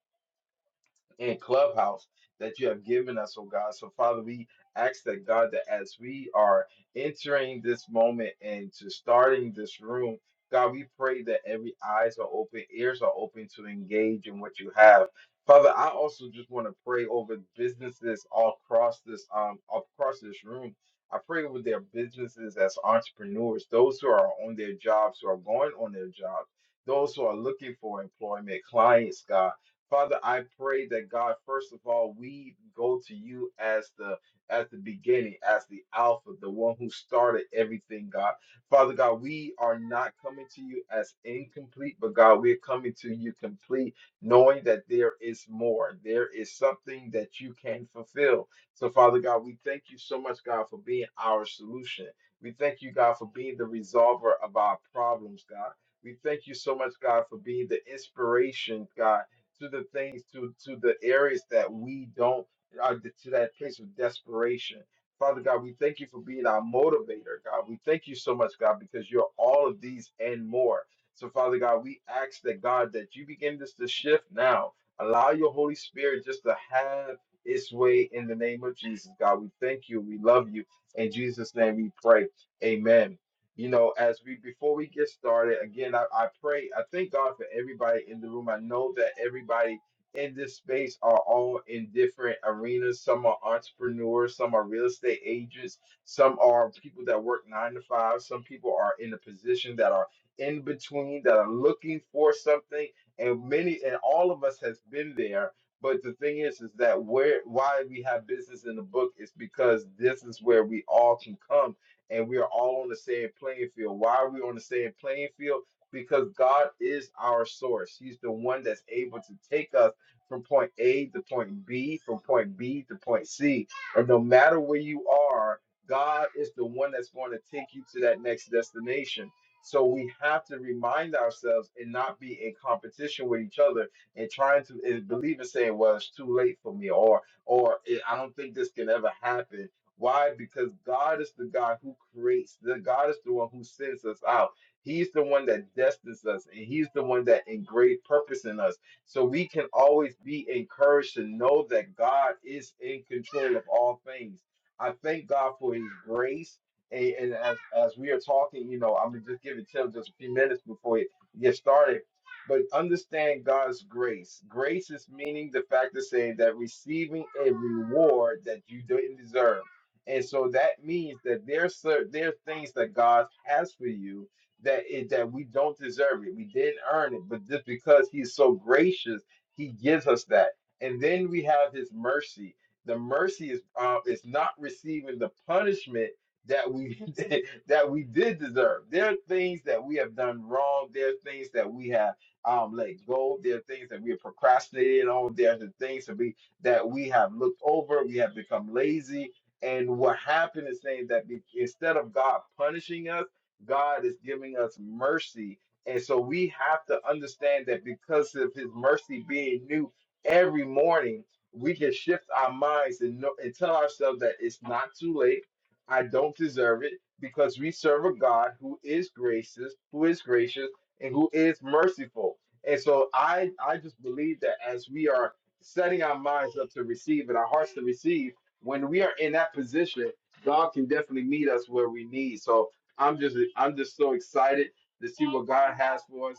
Speaker 2: and clubhouse that you have given us, oh God. So, Father, we ask that God that as we are entering this moment and to starting this room, God, we pray that every eyes are open, ears are open to engage in what you have. Father, I also just want to pray over businesses all across this um across this room. I pray over their businesses as entrepreneurs, those who are on their jobs, who are going on their jobs, those who are looking for employment, clients, God. Father, I pray that God, first of all, we go to you as the as the beginning, as the Alpha, the one who started everything, God. Father God, we are not coming to you as incomplete, but God, we're coming to you complete, knowing that there is more. There is something that you can fulfill. So, Father God, we thank you so much, God, for being our solution. We thank you, God, for being the resolver of our problems, God. We thank you so much, God, for being the inspiration, God to the things to to the areas that we don't uh, to that place of desperation. Father God, we thank you for being our motivator, God. We thank you so much, God, because you're all of these and more. So, Father God, we ask that God that you begin this to shift now. Allow your Holy Spirit just to have its way in the name of Jesus, God. We thank you. We love you. In Jesus' name we pray. Amen you know, as we before we get started, again, I, I pray, I thank God for everybody in the room. I know that everybody in this space are all in different arenas. Some are entrepreneurs, some are real estate agents, some are people that work nine to five, some people are in a position that are in between that are looking for something. And many and all of us has been there. But the thing is, is that where why we have business in the book is because this is where we all can come and we are all on the same playing field. Why are we on the same playing field? Because God is our source. He's the one that's able to take us from point A to point B, from point B to point C. Or no matter where you are, God is the one that's going to take you to that next destination. So we have to remind ourselves and not be in competition with each other and trying to and believe and saying, well, it's too late for me or or I don't think this can ever happen why? Because God is the God who creates. The God is the one who sends us out. He's the one that destines us, and He's the one that engraved purpose in us. So we can always be encouraged to know that God is in control of all things. I thank God for His grace. And, and as, as we are talking, you know, I'm gonna just giving Tim just a few minutes before you get started. But understand God's grace. Grace is meaning the fact of saying that receiving a reward that you didn't deserve. And so that means that there's cer- there are things that God has for you that it, that we don't deserve it. We didn't earn it, but just because He's so gracious, He gives us that. And then we have His mercy. The mercy is uh, is not receiving the punishment that we that we did deserve. There are things that we have done wrong. There are things that we have um, let go. There are things that we have procrastinated on. There are the things that we that we have looked over. We have become lazy and what happened is saying that be- instead of God punishing us, God is giving us mercy. And so we have to understand that because of his mercy being new every morning, we can shift our minds and, know, and tell ourselves that it's not too late. I don't deserve it because we serve a God who is gracious, who is gracious, and who is merciful. And so I, I just believe that as we are setting our minds up to receive and our hearts to receive, when we are in that position, God can definitely meet us where we need. So I'm just I'm just so excited to see what God has for us.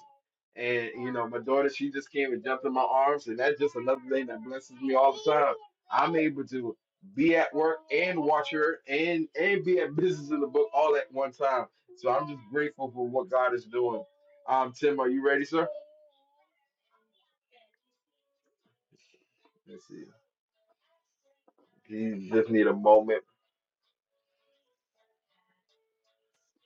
Speaker 2: And you know, my daughter, she just came and jumped in my arms, and that's just another thing that blesses me all the time. I'm able to be at work and watch her and and be at business in the book all at one time. So I'm just grateful for what God is doing. Um, Tim, are you ready, sir? Let's see. You just need a moment.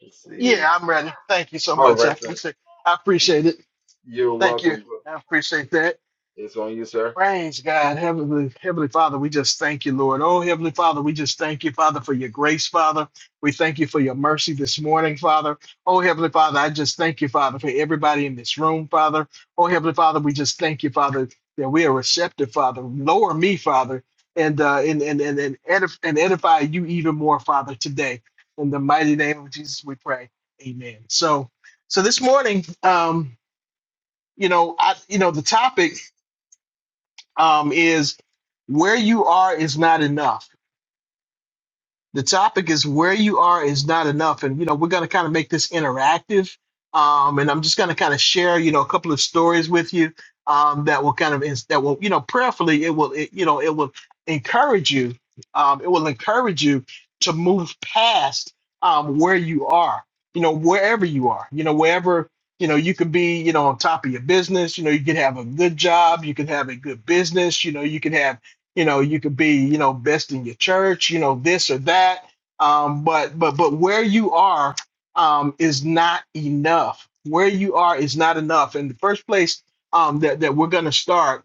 Speaker 2: Let's see here.
Speaker 1: Yeah, I'm ready. Thank you so
Speaker 2: All
Speaker 1: much. I
Speaker 2: right, sir.
Speaker 1: appreciate. I appreciate it.
Speaker 2: You're
Speaker 1: Thank you.
Speaker 2: welcome.
Speaker 1: I appreciate that.
Speaker 2: It's on you, sir.
Speaker 1: Praise God, Heavenly Heavenly Father, we just thank you, Lord. Oh, Heavenly Father, we just thank you, Father, for your grace, Father. We thank you for your mercy this morning, Father. Oh, Heavenly Father, I just thank you, Father, for everybody in this room, Father. Oh, Heavenly Father, we just thank you, Father, that we are receptive, Father. Lower me, Father, and uh, and and and and, edif- and edify you even more, Father, today. In the mighty name of Jesus, we pray. Amen. So, so this morning, um, you know, I, you know, the topic um, is where you are is not enough. The topic is where you are is not enough, and you know we're going to kind of make this interactive. Um, and I'm just going to kind of share, you know, a couple of stories with you um, that will kind of ins- that will, you know, prayerfully it will, it, you know, it will encourage you. Um, it will encourage you to move past um, where you are, you know, wherever you are, you know, wherever, you know, you could be, you know, on top of your business. You know, you could have a good job, you could have a good business, you know, you could have you know you could be you know best in your church you know this or that um but but but where you are um is not enough where you are is not enough and the first place um that that we're going to start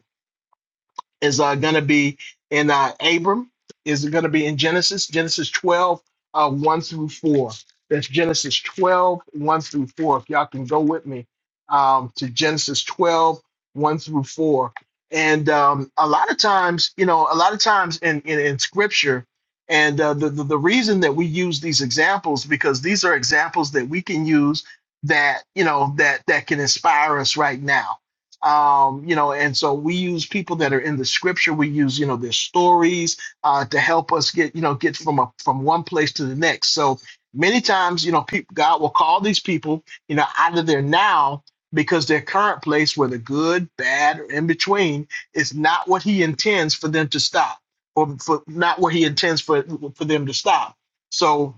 Speaker 1: is uh, going to be in uh, Abram, is going to be in Genesis, Genesis 12, uh, 1 through 4. That's Genesis twelve, one through 4. If y'all can go with me um, to Genesis twelve, one through 4. And um, a lot of times, you know, a lot of times in, in, in scripture, and uh, the, the, the reason that we use these examples, because these are examples that we can use that, you know, that, that can inspire us right now um, you know, and so we use people that are in the scripture. We use, you know, their stories uh, to help us get, you know, get from a from one place to the next. So many times, you know, people, God will call these people, you know, out of their now because their current place, whether good, bad, or in between, is not what He intends for them to stop, or for not what He intends for for them to stop. So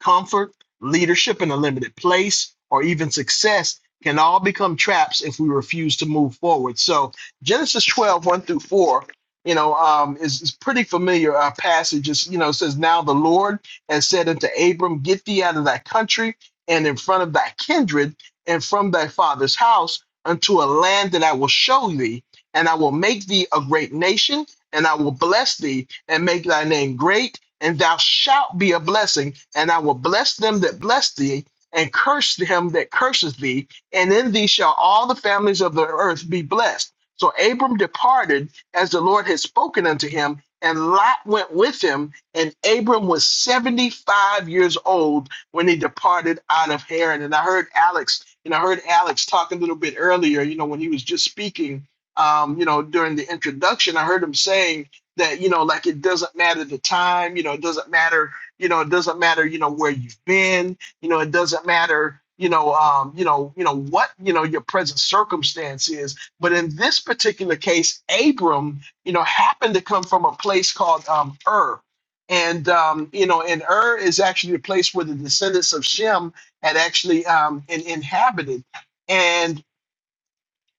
Speaker 1: Comfort, leadership in a limited place, or even success can all become traps if we refuse to move forward. So Genesis twelve one through 4, you know, um, is, is pretty familiar uh, passage. It's, you know, it says, Now the Lord has said unto Abram, Get thee out of thy country and in front of thy kindred and from thy father's house unto a land that I will show thee, and I will make thee a great nation and I will bless thee and make thy name great, and thou shalt be a blessing. And I will bless them that bless thee, and curse him that curses thee. And in thee shall all the families of the earth be blessed. So Abram departed as the Lord had spoken unto him, and Lot went with him. And Abram was 75 years old when he departed out of Haran. And I heard Alex, and I heard Alex talk a little bit earlier, you know, when he was just speaking um, you know, during the introduction, I heard him saying that, you know, like it doesn't matter the time, you know, it doesn't matter, you know, it doesn't matter, you know, where you've been, you know, it doesn't matter, you know, um, you know, you know what, you know, your present circumstance is. But in this particular case, Abram, you know, happened to come from a place called um, Ur. And um, you know, and Ur is actually a place where the descendants of Shem had actually um, in, inhabited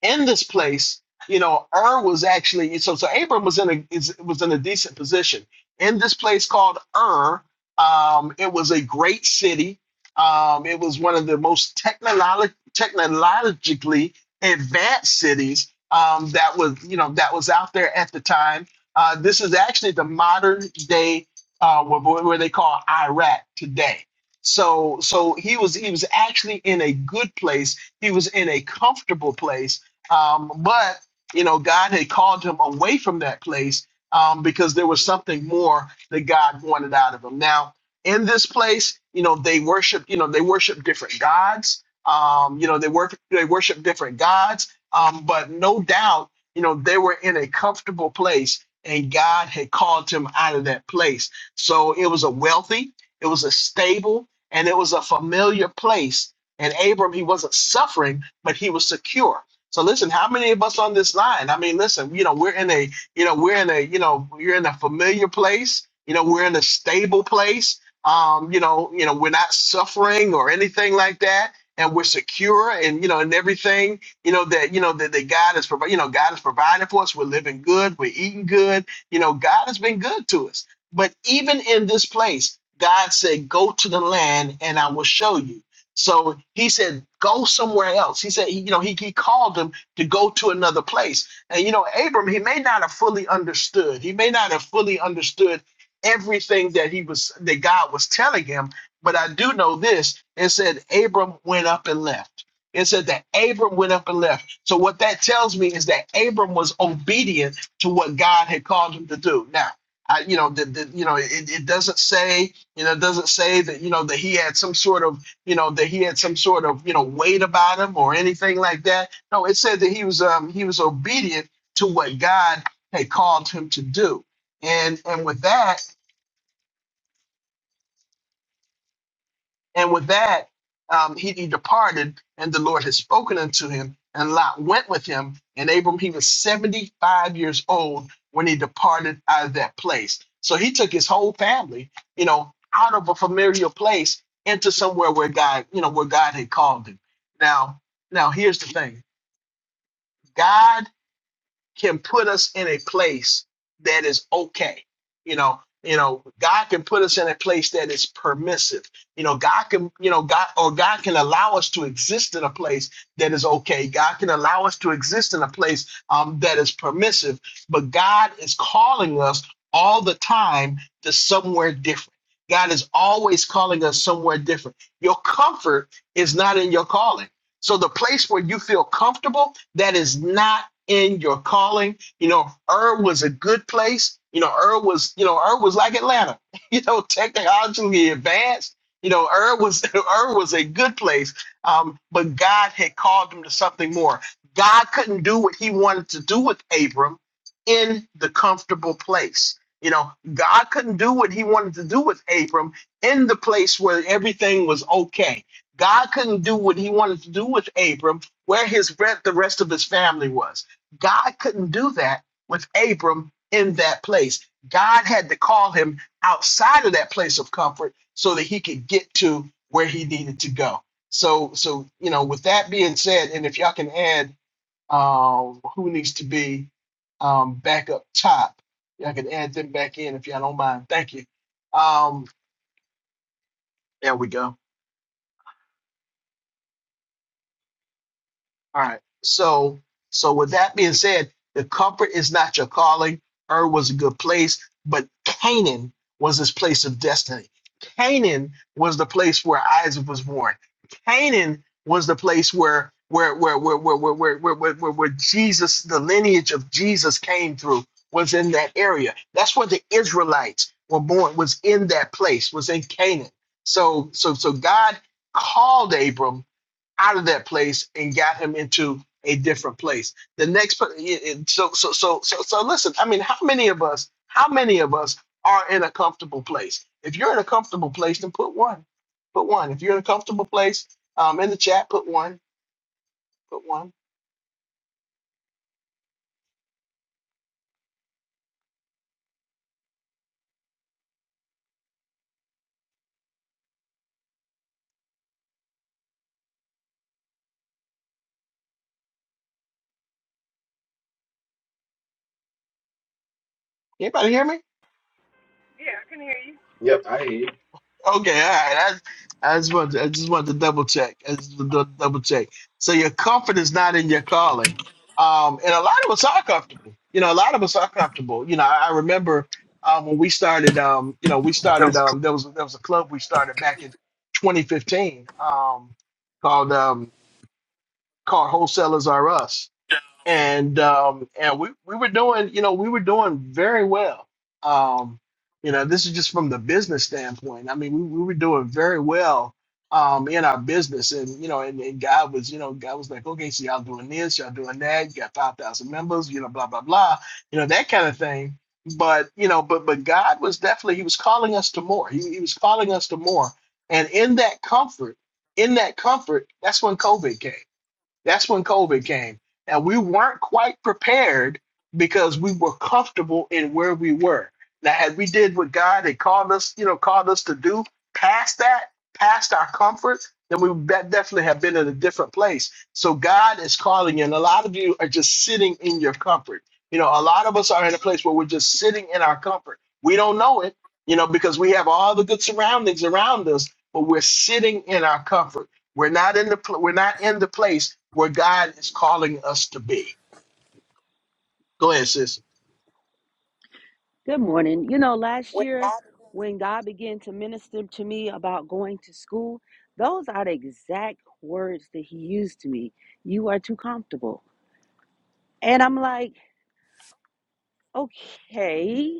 Speaker 1: in this place, you know, Ur was actually so so Abram was in a is, was in a decent position in this place called Ur. Um, it was a great city. Um, it was one of the most technolog- technologically advanced cities um, that was you know that was out there at the time. Uh, this is actually the modern day uh, where, where they call Iraq today. So so he was he was actually in a good place. He was in a comfortable place um, but you know, God had called him away from that place um, because there was something more that God wanted out of him. Now, in this place, you know, they worship. You know, they worship different gods. Um, you know, they work. They worship different gods. Um, but no doubt, you know, they were in a comfortable place, and God had called him out of that place. So it was a wealthy, it was a stable, and it was a familiar place. And Abram, he wasn't suffering, but he was secure so listen, how many of us on this line? I mean, listen, you know, we're in a, you know, we're in a, you know, you're in a familiar place. You know, we're in a stable place. Um, you know, you know, we're not suffering or anything like that, and we're secure, and you know, and everything, you know, that you know that, that God is providing. You know, God is providing for us. We're living good. We're eating good. You know, God has been good to us. But even in this place, God said, "Go to the land, and I will show you." So he said, go somewhere else. He said, you know, he, he called him to go to another place. And, you know, Abram, he may not have fully understood. He may not have fully understood everything that he was, that God was telling him. But I do know this. It said, Abram went up and left. It said that Abram went up and left. So what that tells me is that Abram was obedient to what God had called him to do. Now, I, you know, the, the, you know, it, it doesn't say, you know, it doesn't say that, you know, that he had some sort of you know, that he had some sort of, you know, weight about him or anything like that. No, it said that he was um he was obedient to what God had called him to do. And and with that, And with that, um, he, he departed, and the Lord had spoken unto him. And Lot went with him. And Abram, he was 75 years old when he departed out of that place. So he took his whole family, you know, out of a familiar place into somewhere where God, you know, where God had called him. Now, now here's the thing. God can put us in a place that is okay. You know, you know, God can put us in a place that is permissive. You know, God can, you know, God or God can allow us to exist in a place that is okay. God can allow us to exist in a place um, that is permissive. But God is calling us all the time to somewhere different. God is always calling us somewhere different. Your comfort is not in your calling so the place where you feel comfortable, that is not in your calling. You know, Ur was a good place. You know, Ur was, you know, Ur was like Atlanta. You know, technologically advanced. You know, Ur was Ur was a good place. Um, but God had called him to something more. God couldn't do what he wanted to do with Abram in the comfortable place. You know, God couldn't do what he wanted to do with Abram in the place where everything was okay God couldn't do what he wanted to do with Abram, where his re- the rest of his family was. God couldn't do that with Abram in that place. God had to call him outside of that place of comfort so that he could get to where he needed to go. So, so you know, with that being said, and if y'all can add uh, who needs to be um, back up top, y'all can add them back in if y'all don't mind. Thank you. Um, there we go. All right. So, so with that being said, the comfort is not your calling. Ur was a good place, but Canaan was his place of destiny. Canaan was the place where Isaac was born. Canaan was the place where where where where where where where where, where, where where Jesus, the lineage of Jesus came through, was in that area. That's where the Israelites were born, was in that place, was in Canaan. So so so God called Abram out of that place and got him into a different place. The next, per- it- it- so so so so so. Listen, I mean, how many of us? How many of us are in a comfortable place? If you're in a comfortable place, then put one, put one. If you're in a comfortable place, um, in the chat, put one, put one. Anybody hear me?
Speaker 2: Yep, I hear you.
Speaker 1: Okay, all right. I, I just want to, I just want to double check. I just want to double check. So your comfort is not in your calling. Um, and a lot of us are comfortable. You know, a lot of us are comfortable. You know, I, I remember um, when we started. Um, you know, we started. Um, there was there was a club we started back in 2015 um, called um, called Wholesalers Are Us and um, and we we were doing you know we were doing very well. Um, you know, this is just from the business standpoint. I mean, we, we were doing very well um, in our business, and you know, and, and God was you know God was like, okay, so y'all doing this, y'all doing that, you got five thousand members, you know, blah blah blah, you know that kind of thing. But you know, but but God was definitely He was calling us to more. He, he was calling us to more, and in that comfort, in that comfort, that's when COVID came that's when COVID came. And we weren't quite prepared because we were comfortable in where we were. Now, had we did what God had called us, you know, called us to do past that, past our comfort, then we would de- definitely have been in a different place. So God is calling you, and a lot of you are just sitting in your comfort. You know, a lot of us are in a place where we're just sitting in our comfort. We don't know it, you know, because we have all the good surroundings around us, but we're sitting in our comfort. We're not in the pl- we're not in the place where God is calling us to be. Go ahead, sis.
Speaker 5: Good morning. You know, last
Speaker 9: When
Speaker 5: year
Speaker 9: God-
Speaker 5: when God began to minister to me about going to school, those are the exact words that He used to me. You are too comfortable. And I'm like, okay.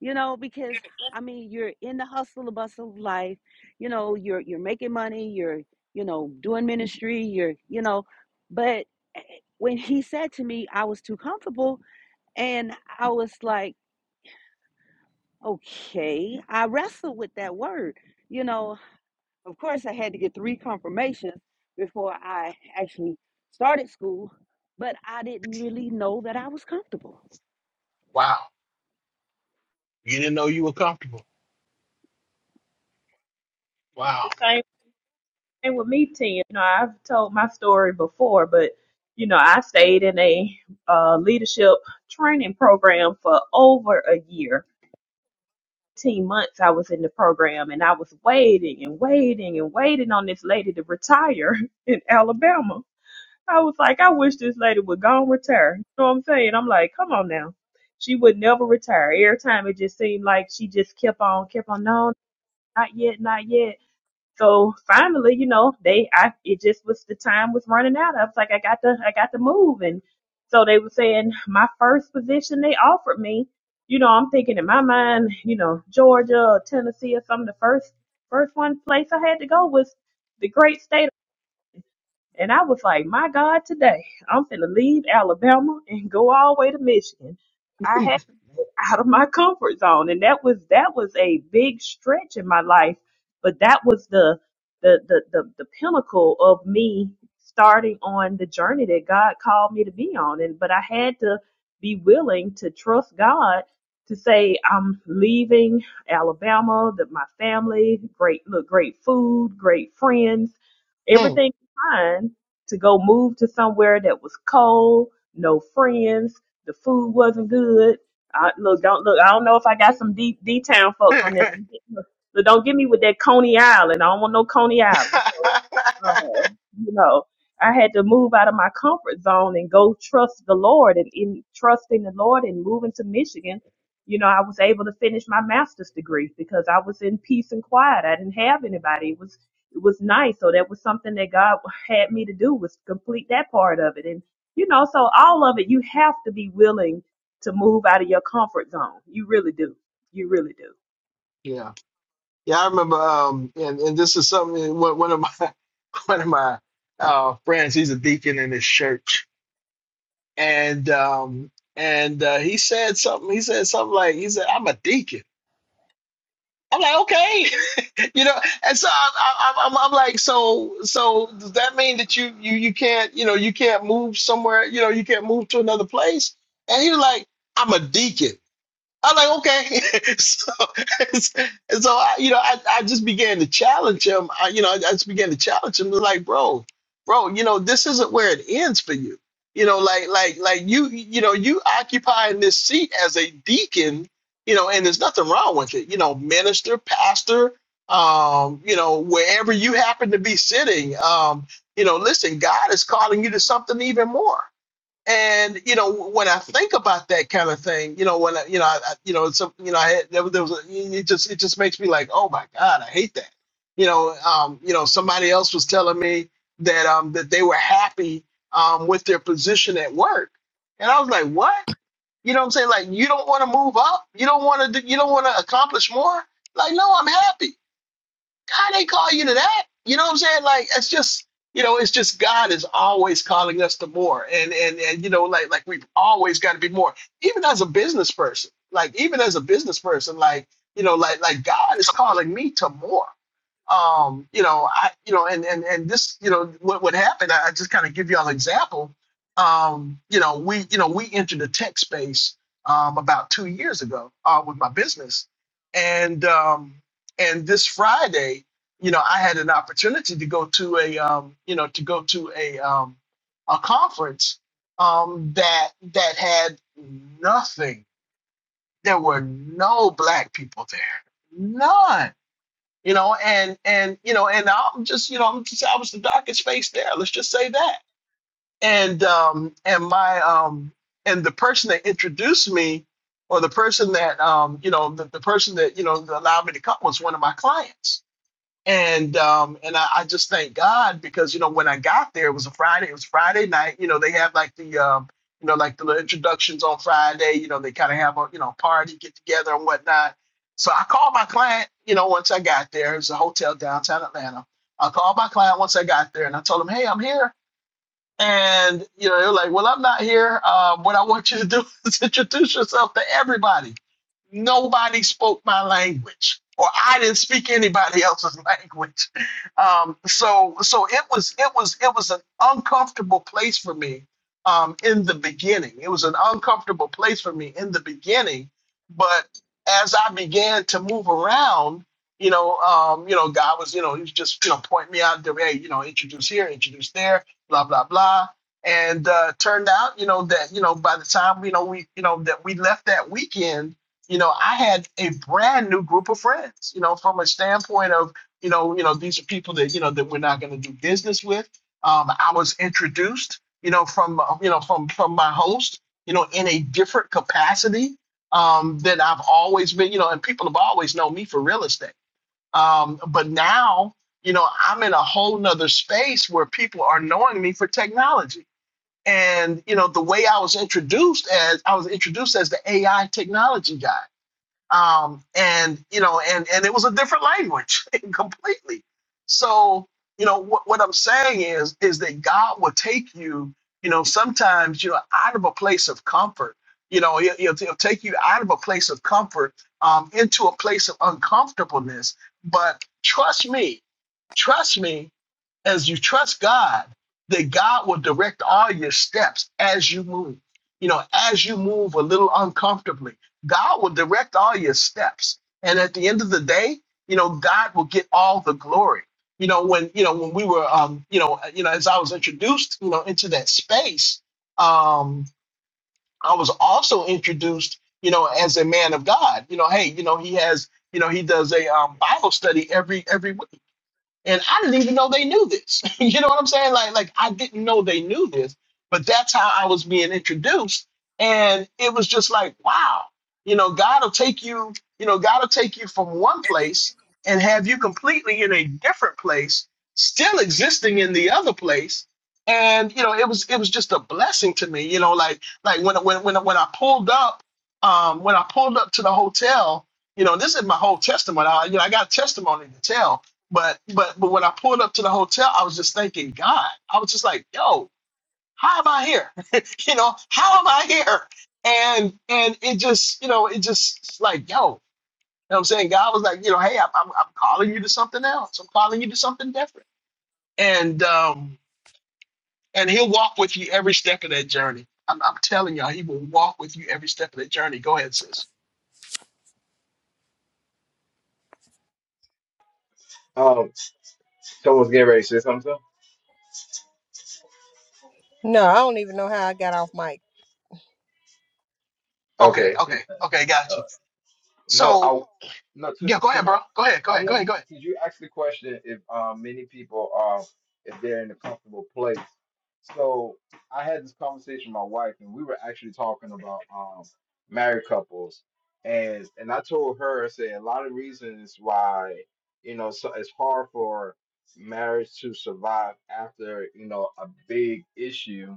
Speaker 5: you know because i mean you're in the hustle and bustle of life you know you're you're making money you're you know doing ministry you're you know but eh, eh, when he said to me i was too comfortable and i was like okay i wrestled with that word you know of course i had to get three confirmations before i actually started school but i didn't really know that i was comfortable
Speaker 1: Wow, you didn't know you were comfortable.
Speaker 3: That's
Speaker 1: Wow.
Speaker 3: the same thing with me, Tim. You know, I've told my story before, but you know, I stayed in a uh, leadership training program for over a year 18 months I was in the program and I was waiting and waiting and waiting on this lady to retire in Alabama. I was like, I wish this lady would go and retire. You know what I'm saying? I'm like, come on now. She would never retire. Every time it just seemed like she just kept on, kept on, no, not yet, not yet. So finally, you know, they I it just was the time was running out. I was like, I got to I got to move. And so they were saying my first position they offered me, you know, I'm thinking in my mind, you know, Georgia or Tennessee or something, the first first one place I had to go was the great state. And I was like, My God, today I'm finna leave Alabama and go all the way to Michigan. I out of my comfort zone and that was that was a big stretch in my life but that was the the the the, the pinnacle of me starting on the journey that God called me to be on and but I had to be willing to trust God to say I'm leaving Alabama that my family great look great food great friends
Speaker 1: Hmm.
Speaker 3: everything fine to go move to somewhere that was cold no friends the food wasn't good I, look, don't look. I don't know if I got some D D town folks on there. Don't get, look, look, don't get me with that Coney Island. I don't want no Coney Island. So, uh, you know, I had to move out of my comfort zone and go trust the Lord and in trusting the Lord and moving to Michigan. You know, I was able to finish my master's degree because I was in peace and quiet. I didn't have anybody. It was it was nice. So that was something that God had me to do was complete that part of it. And you know, so all of it, you have to be willing to move out of your comfort zone. You really do. You really do.
Speaker 1: yeah, yeah. I remember, um, and and this is something eh, one one of my one of my uh, friends. He's a deacon in his church, and um, and uh, he said something. He said something like, he said, "I'm a deacon." I'm like, okay. you know and so I, I, I'm, I'm like so so does that mean that you you you can't you know you can't move somewhere you know you can't move to another place and he was like i'm a deacon I'm like, okay. so, and so I, you know, I, I just began to challenge him. I, you know, I, I just began to challenge him. Like, bro, bro, you know, this isn't where it ends for you. You know, like, like, like you, you know, you occupying this seat as a deacon. You know, and there's nothing wrong with it. You know, minister, pastor, um, you know, wherever you happen to be sitting. Um, you know, listen, God is calling you to something even more. And you know, when I think about that kind of thing, you know, when I, you know, I, I- you know, so you know, I had, there, was- there was, a, it just, it just makes me like, oh my God, I hate that. You know, um, you know, somebody else was telling me that um that they were happy um with their position at work, and I was like, what? You know what I'm saying? Like, you don't want to move up, you don't want to, do, you don't want to accomplish more. Like, no, I'm happy God ain't call you to that. You know what I'm saying? Like it's just you know, it's just God is always calling us to more. And and and you know, like like we've always got to be more. Even as a business person, like even as a business person, like you know, like like God is calling me to more um, you know, I, you know, and and and this, you know, what what happened? I I just kind of give y'all an example. Um, you know, we, you know, we entered the tech space um, about two years ago uh, with my business, and um, and this Friday, you know, I had an opportunity to go to a, um, you know, to go to a um, a conference um, that that had nothing. There were no black people there, none you know, and and you know, and I'm just, you know, I'm just, I was the darkest face there. Let's just say that. And um, and my um, and the person that introduced me, or the person that um, you know, the, the person that you know allowed me to come was one of my clients and um and I, I just thank God because you know when I got there it was a Friday it was Friday night you know they have like the um you know like the little introductions on Friday you know they kind of have a you know party get together and whatnot so I called my client you know once I got there it was a hotel downtown Atlanta I called my client once I got there and I told him hey I'm here and you know, they are like, "Well, I'm not here. Um, what I want you to do is introduce yourself to everybody." Nobody spoke my language, or I didn't speak anybody else's language. Um, so, so it was, it was, it was an uncomfortable place for me um, in the beginning. It was an uncomfortable place for me in the beginning, but as I began to move around, you know, um, you know, God was, you know, he was just, you know, pointing me out. to, Hey, you know, introduce here, introduce there blah blah blah. And uh, turned out, you know, that you know by the time you know we you know that we left that weekend, you know, I had a brand new group of friends. You know, from a standpoint of you know you know these are people that you know that we're not going to do business with. Um, I was introduced, you know, from uh, you know from from my host, you know, in a different capacity um, than I've always been. You know, and people have always known me for real estate um, but now, you know, I'm in a whole nother space where people are knowing me for technology. And, you know, the way I was introduced as I was introduced as the AI technology guy um, and you know, and and it was a different language completely. So you know what what I'm saying is is that God will take you, you know, sometimes you know out of a place of comfort. You know, he'll, he'll he'll take you out of a place of comfort um, into a place of uncomfortableness. But trust me, trust me as you trust God, that God will direct all your steps as you move. You know, as you move a little uncomfortably, God will direct all your steps. And at the end of the day, you know, God will get all the glory. You know, when you know when we were, um, you know, uh, you know, as I was introduced, you know, into that space, um, I was also introduced, you know, as a man of God. You know, hey, you know, he has, you know, he does a um, Bible study every every week and I didn't even know they knew this. you know what I'm saying? Like, like I didn't know they knew this, but that's how I was being introduced, and it was just like, wow, you know, God will take you, you know, God will take you from one place and have you completely in a different place, still existing in the other place. And you know, it was it was just a blessing to me. You know, like like when when when when I pulled up, um, when I pulled up to the hotel, you know, this is my whole testimony. I, you know, I got a testimony to tell but but but when I pulled up to the hotel, I was just thanking God. I was just like, yo, how am I here? you know, how am I here? And and it just, you know, it just it's like, yo, you know what I'm saying? God was like, you know, hey, I'm, I'm, I'm calling you to something else. I'm calling you to something different. And um and he'll walk with you every step of that journey. I'm, I'm telling y'all, he will walk with you every step of that journey. Go ahead, sis.
Speaker 2: Um, someone's getting ready to say something. sir?
Speaker 9: No, I don't even know how I got off mic.
Speaker 1: Okay,
Speaker 2: Okay.
Speaker 1: okay, okay, gotcha.
Speaker 2: Uh, no,
Speaker 1: So
Speaker 2: I no Ti-
Speaker 1: yeah, go
Speaker 2: Tim.
Speaker 1: ahead,
Speaker 2: I,
Speaker 1: bro. Go ahead, go
Speaker 2: I
Speaker 1: ahead, go
Speaker 2: want
Speaker 1: ahead, go
Speaker 2: to. Did you ask the question if um many people are if they're in a comfortable place? So I had this conversation with my wife, and we were actually talking about um married couples, and and I told her I said a lot of reasons why you know so it's hard for marriage to survive after you know a big issue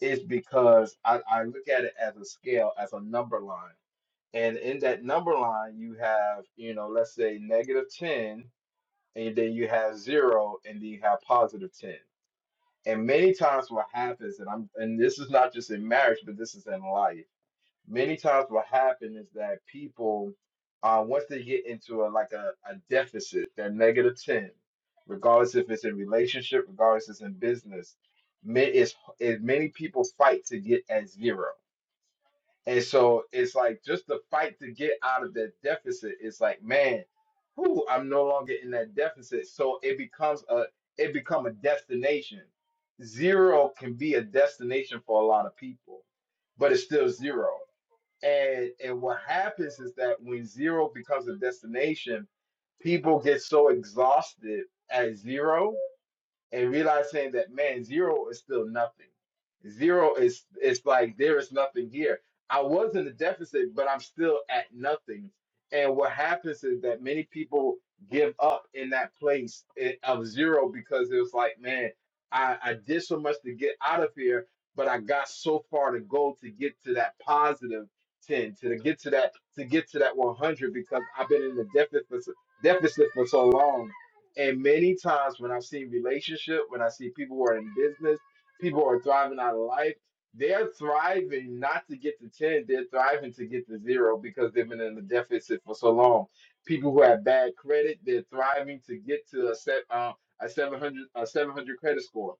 Speaker 2: is because I, I look at it as a scale, as a number line. And in that number line, you have, you know, let's say negative 10, and then you have zero, and then you have positive 10. And many times what happens, and I'm and this is not just in marriage, but this is in life many times what happens is that people uh, once they get into a like a, a deficit they're negative 10 regardless if it's in relationship regardless if it's in business ma- it's, it, many people fight to get at zero and so it's like just the fight to get out of that deficit it's like man whew, i'm no longer in that deficit so it becomes a it become a destination zero can be a destination for a lot of people but it's still zero and and what happens is that when zero becomes a destination, people get so exhausted at zero and realizing that man zero is still nothing zero is it's like there is nothing here i was in the deficit but i'm still at nothing and what happens is that many people give up in that place i- of zero because it was like man i i did so much to get out of here but i got so far to go to get to that positive 10 to get to that to get to that 100 because i've been in the deficit deficit for so long and many times when I see relationship, when I see people who are in business, people who are thriving out of life, they're thriving not to get to 10, they're thriving to get to zero because they've been in the deficit for so long. People who have bad credit, they're thriving to get to a set uh, a 700 a 700 credit score.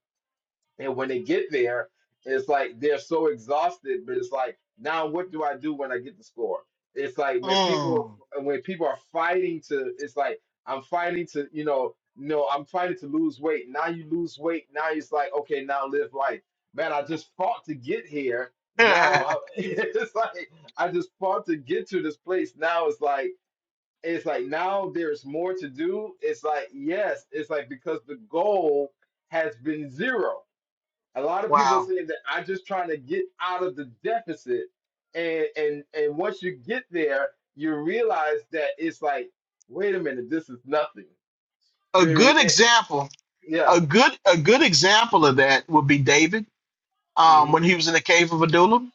Speaker 2: And when they get there, it's like they're so exhausted, but it's like, now what do I do when I get the score? It's like when people
Speaker 1: ahead.
Speaker 2: when people are fighting to it's like I'm fighting to, you know, no, I'm fighting to lose weight. Now you lose weight. Now it's like, okay, now live life. Man, I just fought to get here. Now I,
Speaker 1: Mm.
Speaker 2: it's like I just fought to get to this place. Now it's like it's like now there's more to do. It's like yes, it's like because the goal has been zero a lot of people are
Speaker 1: wow.
Speaker 2: saying that I'm just trying to get out of the deficit, and and and once you get there, you realize that it's like, wait a minute, this is nothing.
Speaker 1: a
Speaker 2: There-
Speaker 1: good
Speaker 2: it-
Speaker 1: example,
Speaker 2: yeah.
Speaker 1: a good a good example of that would be David um,
Speaker 2: hmm
Speaker 1: when he was in the cave of Adullam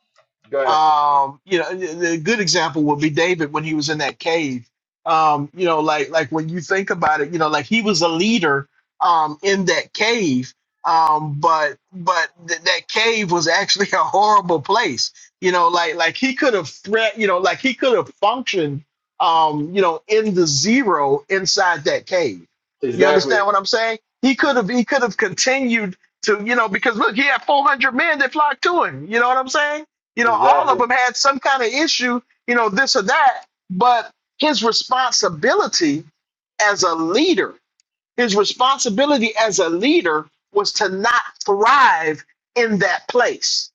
Speaker 2: Go ahead.
Speaker 1: um you know a good example would be david when he was in that cave um you know like like when you think about it you know like he was a leader um in that cave um but but th- that cave was actually a horrible place you know like like he could have threat you know like he could have functioned um you know in the zero inside that cave you
Speaker 2: Exactly.
Speaker 1: understand what i'm saying he could have he could have continued to you know because look he had 400 men that flocked to him you know what i'm saying you know, all of
Speaker 2: Exactly.
Speaker 1: them had some kind of issue, you know, this or that. But his responsibility as a leader, his responsibility as a leader was to not thrive in that place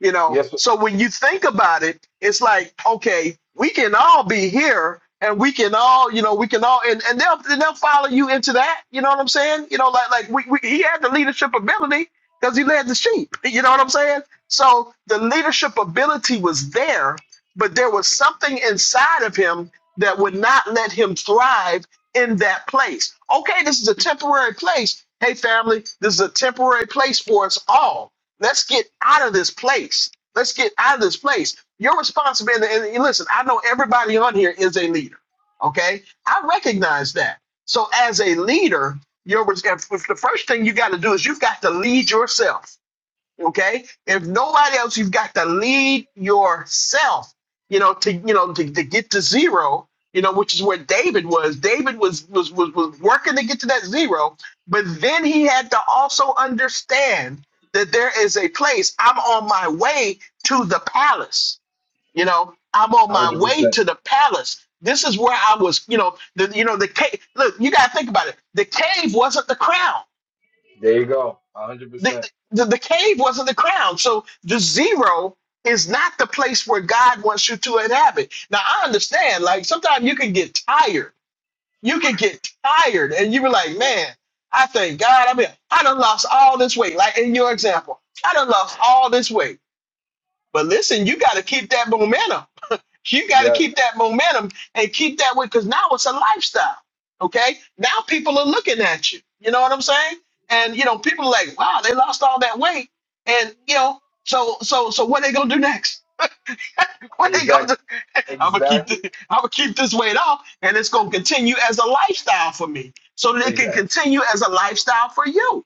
Speaker 1: you know,
Speaker 2: Yes.
Speaker 1: so when you think about it, it's like, okay, we can all be here and we can all, you know, we can all, and, and they'll, and they'll follow you into that. You know what I'm saying? You know, like, like we, we, he had the leadership ability because he led the sheep. You know what I'm saying? So the leadership ability was there, but there was something inside of him that would not let him thrive in that place. Okay, this is a temporary place. Hey, family, this is a temporary place for us all Let's get out of this place. Let's get out of this place. Your responsibility, and and listen, I know everybody on here is a leader. Okay. I recognize that. So as a leader, your res- the first thing you got to do is you've got to lead yourself okay if nobody else you've got to lead yourself you know to you know to, to get to zero you know which is where david was david was, was was was working to get to that zero but then he had to also understand that there is a place i'm on my way to the palace you know i'm on
Speaker 2: One hundred
Speaker 1: my way
Speaker 2: percent.
Speaker 1: to the palace this is where i was you know the you know the cave look you got to think about it the cave wasn't the crown
Speaker 2: There you go. One hundred
Speaker 1: the,
Speaker 2: percent.
Speaker 1: the, the cave wasn't the crown. So the zero is not the place where God wants you to inhabit. Now I understand, like sometimes you can get tired. You can get tired and you be like, man, I thank God. I mean, I done lost all this weight. Like in your example, I done lost all this weight. But listen, you got to keep that momentum. You got to
Speaker 2: Yeah.
Speaker 1: keep that momentum and keep that way because now it's a lifestyle. Okay. Now people are looking at you. You know what I'm saying? And you know, people are like, wow, they lost all that weight. And you know, so so so what they gonna do next? what they gonna
Speaker 2: Exactly.
Speaker 1: do? I'm gonna keep
Speaker 2: Exactly.
Speaker 1: this, I'm gonna keep this weight off, and it's gonna continue as a lifestyle for me, so that it can
Speaker 2: Exactly.
Speaker 1: continue as a lifestyle for you.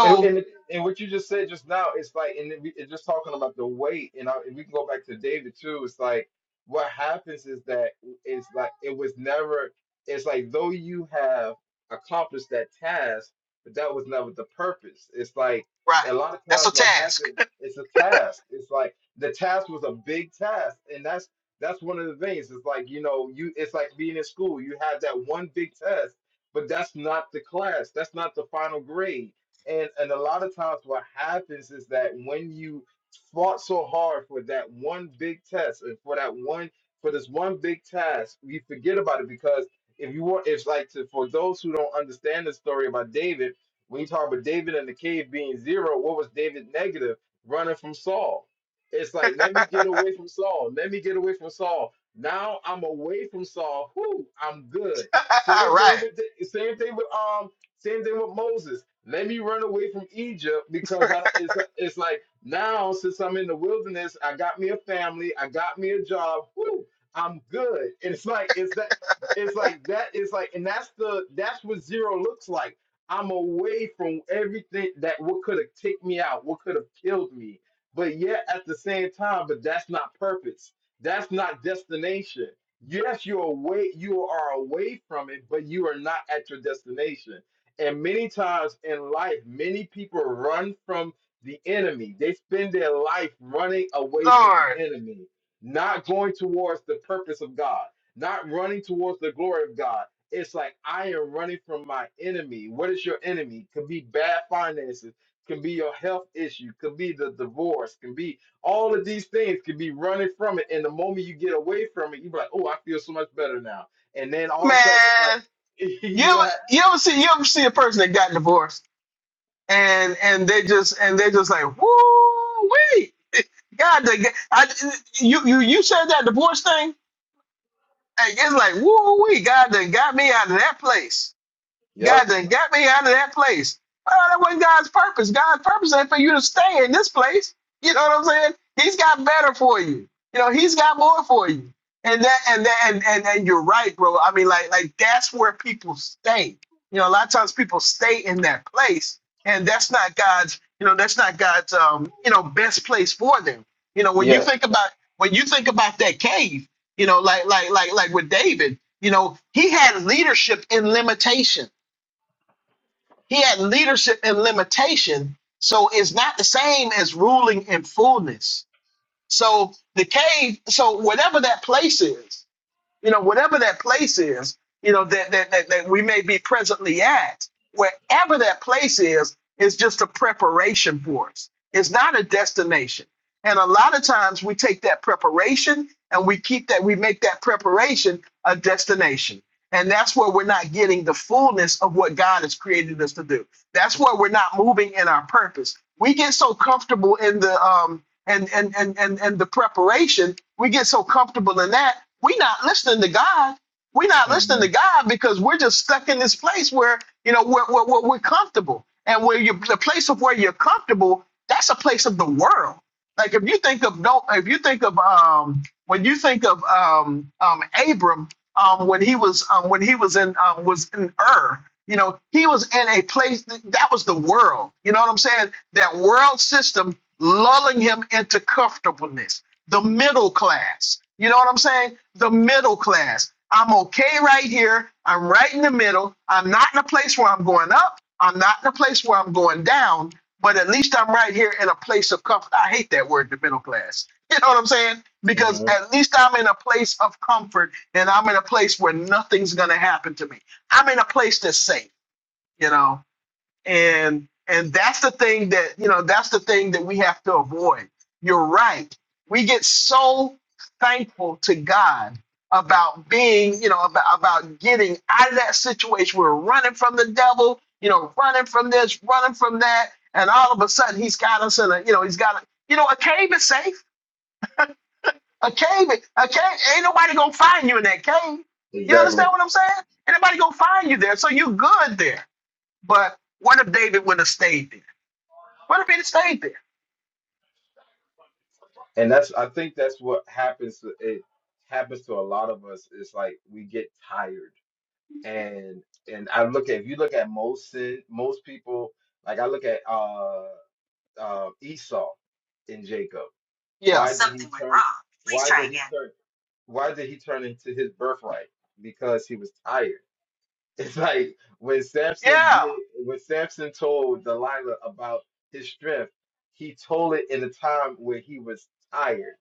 Speaker 2: And, and and what you just said just now, it's like, and it, it's just talking about the weight, and, I, and we can go back to David too. It's like what happens is that it's like it was never. It's like though you have accomplished that task, but that was never the purpose. It's like
Speaker 1: right,
Speaker 2: a lot of
Speaker 1: that's
Speaker 2: times
Speaker 1: a
Speaker 2: what
Speaker 1: task.
Speaker 2: happens, it's a task. It's like the task was a big task, and that's that's one of the things. It's like you know, you it's like being in school. You have that one big test, but that's not the class. That's not the final grade and and a lot of times what happens is that when you fought so hard for that one big test and for that one for this one big task, we forget about it because if you want it's like to, for those who don't understand the story about David, when you talk about David in the cave being zero, what was David negative? Running from Saul. It's like, let me get away from Saul. Let me get away from Saul. Now I'm away from Saul. Whoo, I'm good.
Speaker 1: All
Speaker 2: Same thing
Speaker 1: right,
Speaker 2: with the, same thing with um same thing with Moses. Let me run away from Egypt because I it's it's like now since I'm in the wilderness, I got me a family, I got me a job. Whoo, I'm good. And it's like it's that it's like that it's like and that's the that's what zero looks like. I'm away from everything that what could have taken me out, what could have killed me. But yet at the same time, but that's not purpose. That's not destination yes, you're away, you are away from it, but you are not at your destination. And many times in life, many people run from the enemy. They spend their life running away from the
Speaker 1: Lord,
Speaker 2: enemy, not going towards the purpose of God, not running towards the glory of God. It's like I am running from my enemy. What is your enemy? Could be bad finances, could be your health issue, could be the divorce, can be all of these things could be running from it. And the moment you get away from it, you're like, oh, I feel so much better now. And then all of a sudden it's
Speaker 1: man.
Speaker 2: like
Speaker 1: You
Speaker 2: you
Speaker 1: ever
Speaker 2: don't have
Speaker 1: you ever see you ever see a person that got divorced and and they just and they just like woo wait God done got- I, you you you said that divorce thing and it's like woo wee God done got me out of that place
Speaker 2: Yep
Speaker 1: God done got me out of that place. Oh, that wasn't God's purpose. God's purpose ain't for you to stay in this place. You know what I'm saying? He's got better for you. You know, he's got more for you. And that and that and and, and you're right, bro. I mean, like like that's where people stay. You know, a lot of times people stay in that place, and that's not God's, you know, that's not God's um, you know, best place for them. You know, when you
Speaker 2: Yes.
Speaker 1: think about when you think about that cave, you know, like like like like with David, you know, he had leadership in limitation he had leadership and limitation. So it's not the same as ruling in fullness. So the cave, so whatever that place is, you know, whatever that place is, you know, that that that, that we may be presently at, wherever that place is, is just a preparation for us. It's not a destination. And a lot of times we take that preparation and we keep that we make that preparation a destination. And that's where we're not getting the fullness of what God has created us to do. That's where we're not moving in our purpose. We get so comfortable in the um, and and and and, and the preparation we get so comfortable in that we're not listening to god we're not listening
Speaker 2: hmm
Speaker 1: to god because we're just stuck in this place where you know we're, we're, we're, we're comfortable and where you the place of where you're comfortable that's a place of the world like if you think of don't if you think of um when you think of um um abram um, when he was um, when he was in um, was in Ur. You know, he was in a place that, that was the world. You know what I'm saying? That world system lulling him into comfortableness, the middle class. You know what I'm saying? The middle class. I'm okay right here. I'm right in the middle. I'm not in a place where I'm going up. I'm not in a place where I'm going down, but at least I'm right here in a place of comfort. I hate that word, the middle class. You know what I'm saying? Because
Speaker 2: hmm
Speaker 1: at least I'm in a place of comfort and I'm in a place where nothing's going to happen to me. I'm in a place that's safe, you know? and and that's the thing that you know that's the thing that we have to avoid you're right we get so thankful to god about being you know about, about getting out of that situation we're running from the devil you know running from this running from that and all of a sudden he's got us in a you know he's got a you know a cave is safe a cave a cave ain't nobody gonna find you in that cave you
Speaker 2: Exactly.
Speaker 1: understand what i'm saying ain't nobody gonna find you there so you're good there but what if david would have stayed there what if it stayed there?
Speaker 2: And that's I think that's what happens to it happens to a lot of us. It's like we get tired. And and I look at if you look at most sin, most people like I look at uh uh Esau and Jacob.
Speaker 1: Yeah.
Speaker 2: Why did he
Speaker 1: Something went
Speaker 2: turn
Speaker 1: wrong. Please
Speaker 2: why
Speaker 1: try
Speaker 2: did he
Speaker 1: again.
Speaker 2: turn why did he turn into his birthright? Because he was tired. It's like when Samson
Speaker 1: Yeah.
Speaker 2: did, when Samson told Delilah about his strength, he told it in a time where he was tired.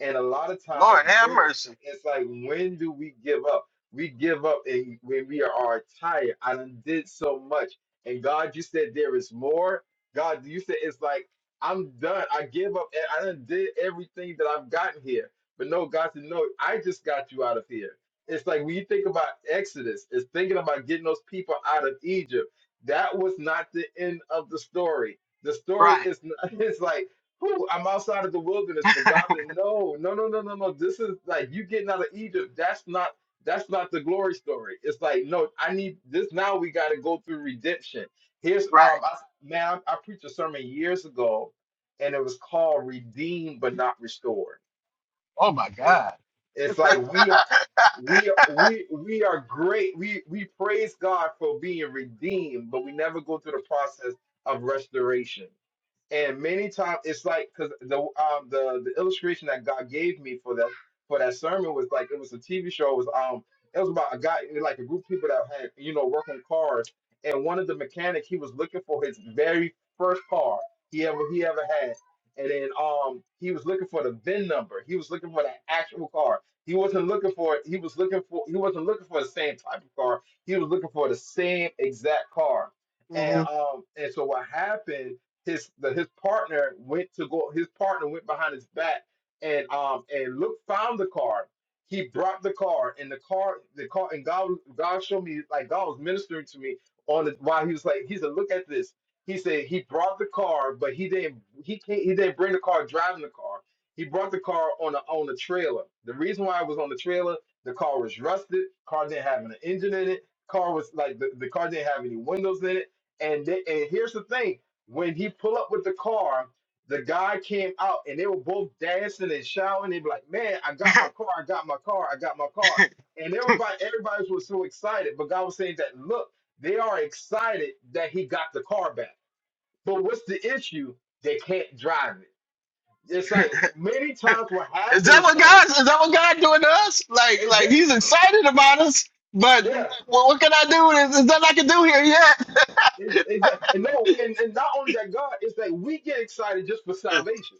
Speaker 2: And a lot of times,
Speaker 1: Lord have
Speaker 2: where
Speaker 1: mercy.
Speaker 2: it's like, when do we give up? We give up and when we are tired. I done did so much, and God, you said there is more. God, you said it's like I'm done. I give up. and I done did everything that I've gotten here. But no, God said, no, I just got you out of here. It's like when you think about Exodus, it's thinking about getting those people out of Egypt. That was not the end of the story. The story
Speaker 1: Right.
Speaker 2: is not, it's like, whoo, I'm outside of the wilderness, but God said, no, no, no, no, no, no. This is like you getting out of Egypt. That's not that's not the glory story. It's like, no, I need this now. We got to go through redemption. Here's
Speaker 1: Right.
Speaker 2: um, I, man, I, I preached a sermon years ago, and it was called "Redeemed but Not Restored."
Speaker 1: Oh my
Speaker 2: It,
Speaker 1: God.
Speaker 2: it's like we we are we we are great. We we praise God for being redeemed, but we never go through the process of restoration. And many times it's like because the um the the illustration that God gave me for that for that sermon was like it was a TV show. It was um it was about a guy like a group of people that had you know work on cars, and one of the mechanics he was looking for his very first car he ever he ever had, and then um he was looking for the VIN number. He was looking for that actual car. He wasn't looking for he was looking for he wasn't looking for the same type of car. He was looking for the same exact car. And
Speaker 1: hmm
Speaker 2: um and so what happened his that his partner went to go his partner went behind his back and um and look found the car he brought the car and the car the car and god god showed me like god was ministering to me on the while he was like he said look at this he said he brought the car but he didn't he can't he didn't bring the car driving the car he brought the car on a on a trailer the reason why it was on the trailer the car was rusted car didn't have an engine in it car was like the, the car didn't have any windows in it and they, and here's the thing when he pull up with the car, the guy came out and they were both dancing and shouting. They be like, "Man, I got my car! I got my car! I got my car!" And everybody, everybody was so excited. But God was saying that, look, they are excited that he got the car back. But what's the issue? They can't drive it. It's like many times what
Speaker 1: Is
Speaker 2: happened
Speaker 1: that
Speaker 2: is
Speaker 1: what
Speaker 2: that
Speaker 1: God? Is that what God doing to us? Like,
Speaker 2: is
Speaker 1: like
Speaker 2: that
Speaker 1: He's excited about us, but what,
Speaker 2: yeah.
Speaker 1: what can I do? Is, is that I can do here
Speaker 2: Exactly. And no, and, and not only that God, it's that we get excited just for
Speaker 1: yet?
Speaker 2: salvation.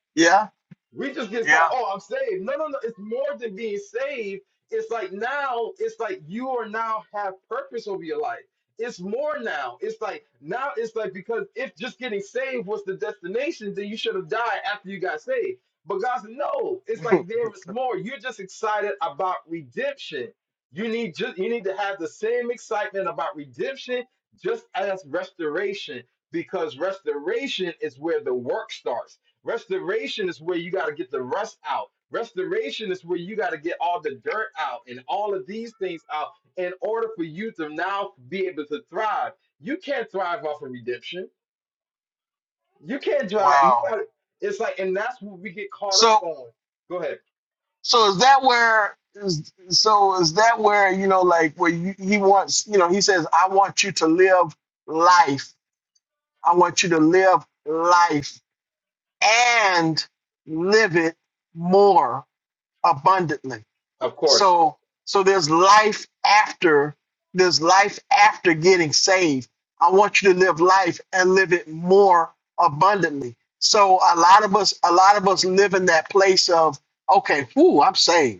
Speaker 1: yeah.
Speaker 2: We just get started.
Speaker 1: Yeah.
Speaker 2: Oh, I'm saved. No, no, no. It's more than being saved. It's like now, it's like you are now have purpose over your life. It's more now. It's like now it's like because if just getting saved was the destination, then you should have died after you got saved. But God said, no, it's like there is more. You're just excited about redemption. You need just you need to have the same excitement about redemption just as restoration, because restoration is where the work starts. Restoration is where you got to get the rust out. Restoration is where you got to get all the dirt out and all of these things out in order for you to now be able to thrive. You can't thrive off of redemption. You can't drive. You
Speaker 1: Wow.
Speaker 2: got to It's like, and that's what we get caught up
Speaker 1: So,
Speaker 2: on. Go ahead.
Speaker 1: so is that where? Is, so is that where you know, like, where you, He wants? You know, He says, "I want you to live life. I want you to live life." and live it more abundantly.
Speaker 2: Of course.
Speaker 1: So so there's life after there's life after getting saved. I want you to live life and live it more abundantly. So a lot of us a lot of us live in that place of okay, whoo, I'm saved.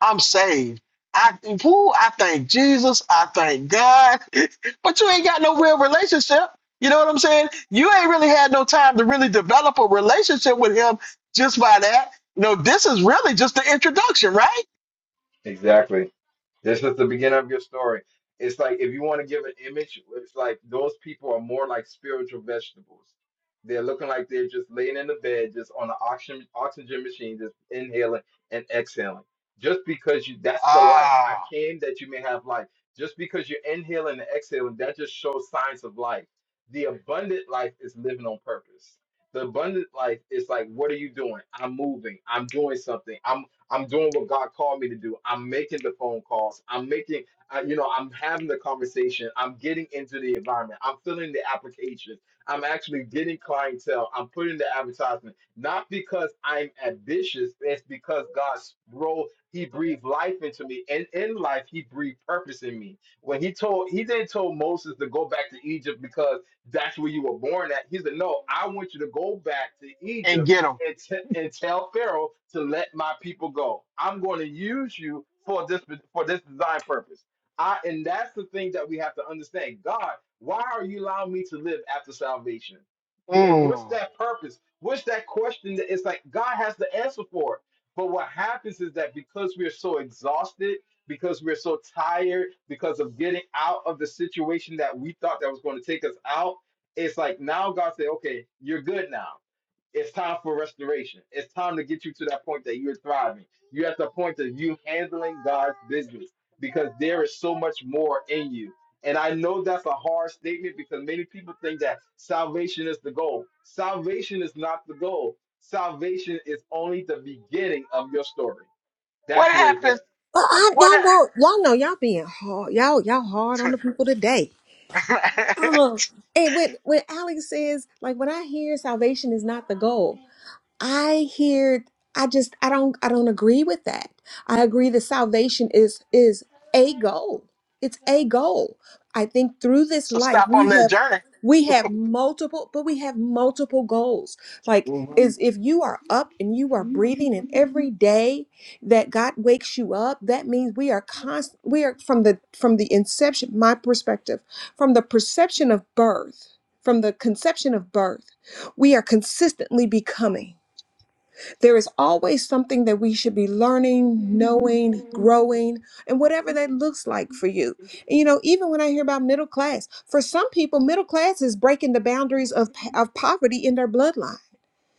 Speaker 1: I'm saved. I woo, I thank Jesus. I thank God. but you ain't got no real relationship. You know what I'm saying? You ain't really had no time to really develop a relationship with him just by that. No, this is really just the introduction, right?
Speaker 2: Exactly. This is the beginning of your story. It's like if you want to give an image, it's like those people are more like spiritual vegetables. They're looking like they're just laying in the bed, just on the oxygen oxygen machine, just inhaling and exhaling. Just because you that's the life. I
Speaker 1: Ah,
Speaker 2: came that you may have life. Just because you're inhaling and exhaling, that just shows signs of life. The abundant life is living on purpose. The abundant life is like, what are you doing? I'm moving. I'm doing something. I'm. I'm doing what God called me to do. I'm making the phone calls. I'm making, uh, you know, I'm having the conversation. I'm getting into the environment. I'm filling the applications. I'm actually getting clientele. I'm putting the advertisement, not because I'm ambitious. It's because God's role, He breathed life into me. And in life, He breathed purpose in me. When He told, He didn't tell Moses to go back to Egypt because that's where you were born at. He said, No, I want you to go back to Egypt
Speaker 1: and get him.
Speaker 2: and, t- and tell Pharaoh to let my people go. I'm going to use you for this for this design purpose. I and that's the thing that we have to understand. God, why are you allowing me to live after salvation? And what's
Speaker 1: Mm.
Speaker 2: that purpose? What's that question that it's like God has the answer for it. But what happens is that because we are so exhausted, because we're so tired, because of getting out of the situation that we thought that was going to take us out, it's like now God said, okay, you're good now it's time for restoration. It's time to get you to that point that you're thriving. You're at the point of you handling God's business because there is so much more in you. And I know that's a hard statement because many people think that salvation is the goal. Salvation is not the goal. Salvation is only the beginning of your story.
Speaker 1: What
Speaker 2: That's where it's at.
Speaker 1: happens?
Speaker 9: Well, I,
Speaker 1: What?
Speaker 9: y'all know, y'all know, y'all being hard, y'all, y'all hard on the people today.
Speaker 1: ha-
Speaker 9: And when when Alex says, like, when I hear salvation is not the goal, I hear I just I don't I don't agree with that. I agree that salvation is is a goal. It's a goal. I think through this
Speaker 1: so
Speaker 9: life
Speaker 1: stop
Speaker 9: we
Speaker 1: on that
Speaker 9: have
Speaker 1: journey.
Speaker 9: we have multiple but we have multiple goals. Like
Speaker 1: Mhm.
Speaker 9: is if you are up and you are breathing and every day that God wakes you up, that means we are constant we are from the from the inception my perspective from the perception of birth, from the conception of birth, we are consistently becoming. There is always something that we should be learning, knowing, growing, and whatever that looks like for you. And, you know, even when I hear about middle class, for some people, middle class is breaking the boundaries of, of poverty in their bloodline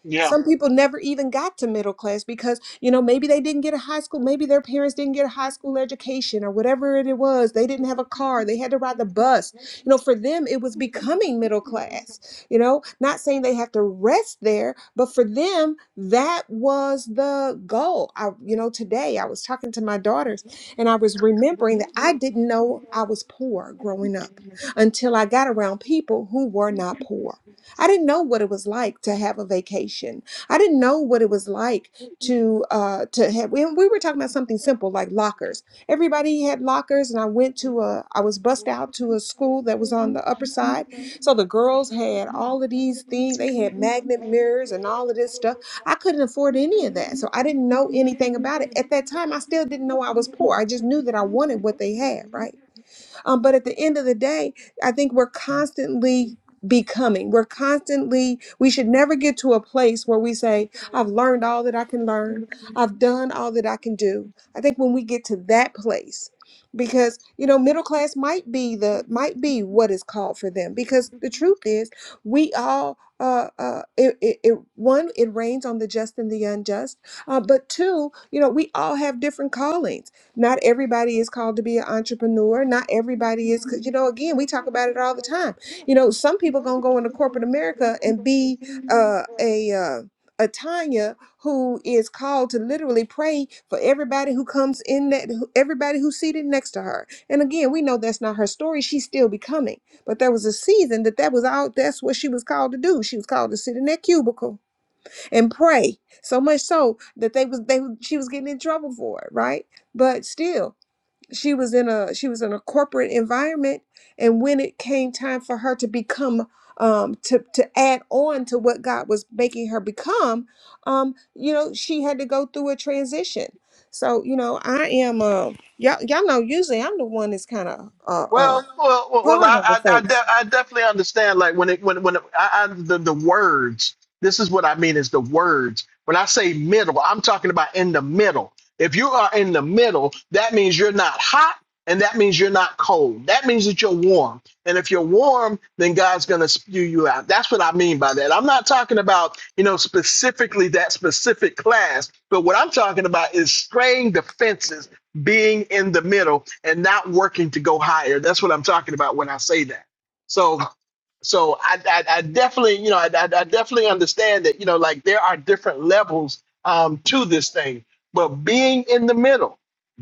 Speaker 1: Yeah.
Speaker 9: some people never even got to middle class because, you know, maybe they didn't get a high school, maybe their parents didn't get a high school education or whatever it was. They didn't have a car, they had to ride the bus. You know, for them, it was becoming middle class, you know, not saying they have to rest there, but for them, that was the goal. I, you know, today I was talking to my daughters and I was remembering that I didn't know I was poor growing up until I got around people who were not poor I didn't know what it was like to have a vacation. I didn't know what it was like to uh, to have. We, we were talking about something simple like lockers. Everybody had lockers, and I went to a. I was bussed out to a school that was on the upper side, so the girls had all of these things. They had magnet mirrors and all of this stuff. I couldn't afford any of that, so I didn't know anything about it at that time. I still didn't know I was poor. I just knew that I wanted what they had, right? Um, but at the end of the day, I think we're constantly becoming. We're constantly, we should never get to a place where we say, I've learned all that I can learn, I've done all that I can do. I think when we get to that place, because you know middle class might be the might be what is called for them because the truth is we all uh uh it, it, it one it rains on the just and the unjust uh, but two you know we all have different callings not everybody is called to be an entrepreneur. Not everybody is, 'cause, you know, again, we talk about it all the time. You know, some people gonna go into corporate America and be uh, a uh, a Tanya who is called to literally pray for everybody who comes in that who- everybody who's seated next to her. And again, we know that's not her story. She's still becoming. But there was a season that that was out. That's what she was called to do. She was called to sit in that cubicle and pray so much so that they was they she was getting in trouble for it right but still she was in a she was in a corporate environment and when it came time for her to become um to to add on to what god was making her become um you know she had to go through a transition so you know i am um y'all y'all know usually i'm the one that's kind of uh uh
Speaker 1: Well, well, well, well,
Speaker 9: hard
Speaker 1: I,
Speaker 9: on the
Speaker 1: I, I,
Speaker 9: folks
Speaker 1: de- I definitely understand. Like when it, when, when it, I, I, the, the words. This is what I mean is the words. When I say middle, I'm talking about in the middle. If you are in the middle, that means you're not hot, and that means you're not cold. That means that you're warm. And if you're warm, then God's going to spew you out. That's what I mean by that. I'm not talking about you know specifically that specific class, but what I'm talking about is straying defenses being in the middle and not working to go higher. That's what I'm talking about when I say that. So so I, I, I definitely, you know, I, I, I definitely understand that, you know, like there are different levels um, to this thing, but being in the middle,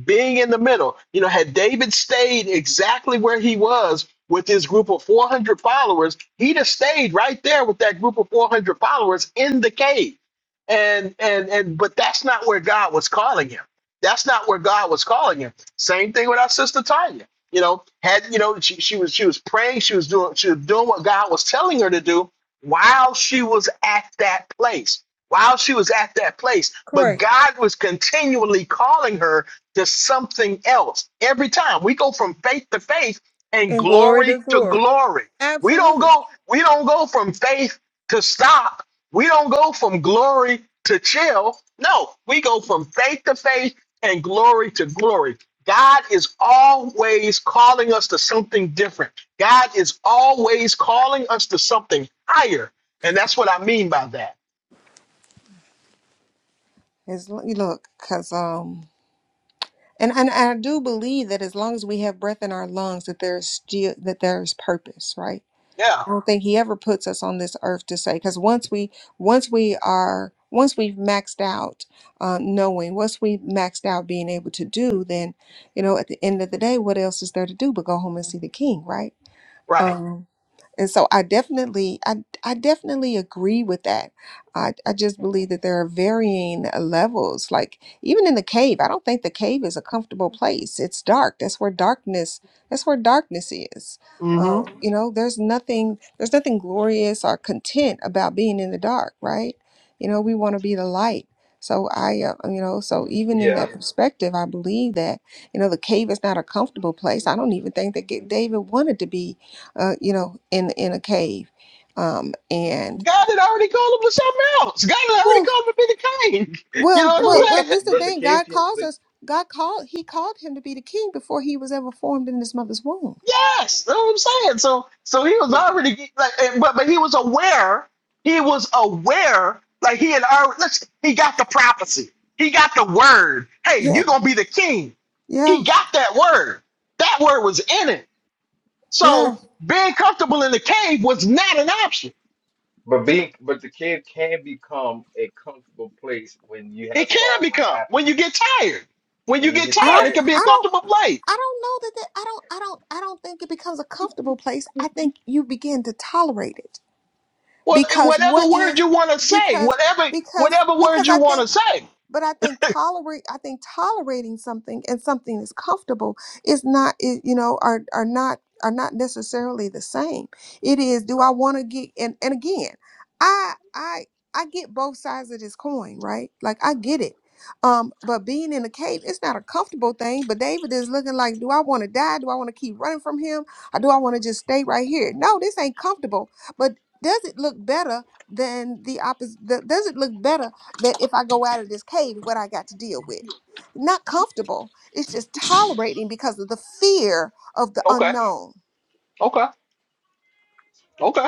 Speaker 1: being in the middle, you know, had David stayed exactly where he was with his group of 400 followers, he'd have stayed right there with that group of 400 followers in the cave. And, and, and, but that's not where God was calling him. That's not where God was calling him. Same thing with our sister Tanya you know, had you know, she, she was she was praying, she was doing she was doing what God was telling her to do while she was at that place. While she was at that place, but
Speaker 9: correct
Speaker 1: God was continually calling her to something else. Every time we go from faith to faith and
Speaker 9: and glory to
Speaker 1: glory to
Speaker 9: glory
Speaker 1: glory. We don't
Speaker 9: absolutely
Speaker 1: go we don't go from faith to stop. We don't go from glory to chill. No, we go from faith to faith and glory to glory God is always calling us to something different. God is always calling us to something higher. And that's what I mean by that.
Speaker 9: as lo- you look because um And, and I do believe that as long as we have breath in our lungs, that there's still that there's purpose, right?
Speaker 1: Yeah,
Speaker 9: I don't think he ever puts us on this earth to say because once we once we are once we've maxed out uh, knowing, once we maxed out being able to do, then you know at the end of the day, what else is there to do but go home and see the King, right?
Speaker 1: right.
Speaker 9: Um, and so I definitely, I, I definitely agree with that. I, I just believe that there are varying uh, levels. Like even in the cave, I don't think the cave is a comfortable place. It's dark. That's where darkness, that's where darkness is. Um,
Speaker 1: hmm
Speaker 9: Mhm. you know, there's nothing, there's nothing glorious or content about being in the dark, right? You know, we want to be the light. So I, uh, you know, so even in
Speaker 2: Yeah,
Speaker 9: that Sure. perspective, I believe that, you know, the cave is not a comfortable place. I don't even think that Ga- David wanted to be uh, you know, in in a cave. Um, and
Speaker 1: God had already called him to something else. God had already
Speaker 9: well,
Speaker 1: called him to be the king. You
Speaker 9: well,
Speaker 1: know
Speaker 9: well,
Speaker 2: but
Speaker 1: what I'm
Speaker 9: well, this is the
Speaker 1: saying?
Speaker 2: but the
Speaker 9: thing.
Speaker 2: cave
Speaker 9: God
Speaker 2: can
Speaker 9: calls
Speaker 2: the,
Speaker 9: us. God called. He called him to be the king before he was ever formed in his mother's womb.
Speaker 1: Yes, that's what I'm saying. So so he was
Speaker 2: but the,
Speaker 1: already get- like, and- but but he was aware. He was aware. Like he had already. Let's, he got the prophecy. He got the word. Hey,
Speaker 9: Yeah,
Speaker 1: you gonna be the king. He
Speaker 9: yeah,
Speaker 1: got that word. That word was in it.
Speaker 9: yeah.
Speaker 1: So being comfortable in the cave was not an option.
Speaker 2: but being but the cave can become a comfortable place when you
Speaker 1: It
Speaker 2: have
Speaker 1: can
Speaker 2: sorrow and
Speaker 1: become
Speaker 2: apathy.
Speaker 1: when you get tired. When you
Speaker 2: When you
Speaker 1: get
Speaker 2: get
Speaker 9: I
Speaker 1: tired,
Speaker 2: tired
Speaker 9: don't,
Speaker 1: it can be a
Speaker 9: I don't,
Speaker 1: comfortable place.
Speaker 9: I don't know that. that I don't, I don't, I don't think it becomes a comfortable place. I think you begin to tolerate it
Speaker 1: Well,
Speaker 9: because
Speaker 1: whatever
Speaker 9: what
Speaker 1: word
Speaker 9: is
Speaker 1: you want to say,
Speaker 9: because
Speaker 1: whatever
Speaker 9: because
Speaker 1: whatever word
Speaker 9: because
Speaker 1: you
Speaker 9: I
Speaker 1: want
Speaker 9: think.
Speaker 1: to say.
Speaker 9: but I think tolerate I think tolerating something and something is comfortable is not i- you know are are not are not necessarily the same. It is do I want to get and and again I I I get both sides of this coin right like I get it. Um, but being in a cave, it's not a comfortable thing. But David is looking like, do I want to die? Do I want to keep running from him? Or do I want to just stay right here? No, this ain't comfortable. But does it look better than the opposite? Does it look better that if I go out of this cave, what I got to deal with. Not comfortable. It's just tolerating because of the fear of the
Speaker 1: Okay.
Speaker 9: unknown.
Speaker 1: Okay. Okay.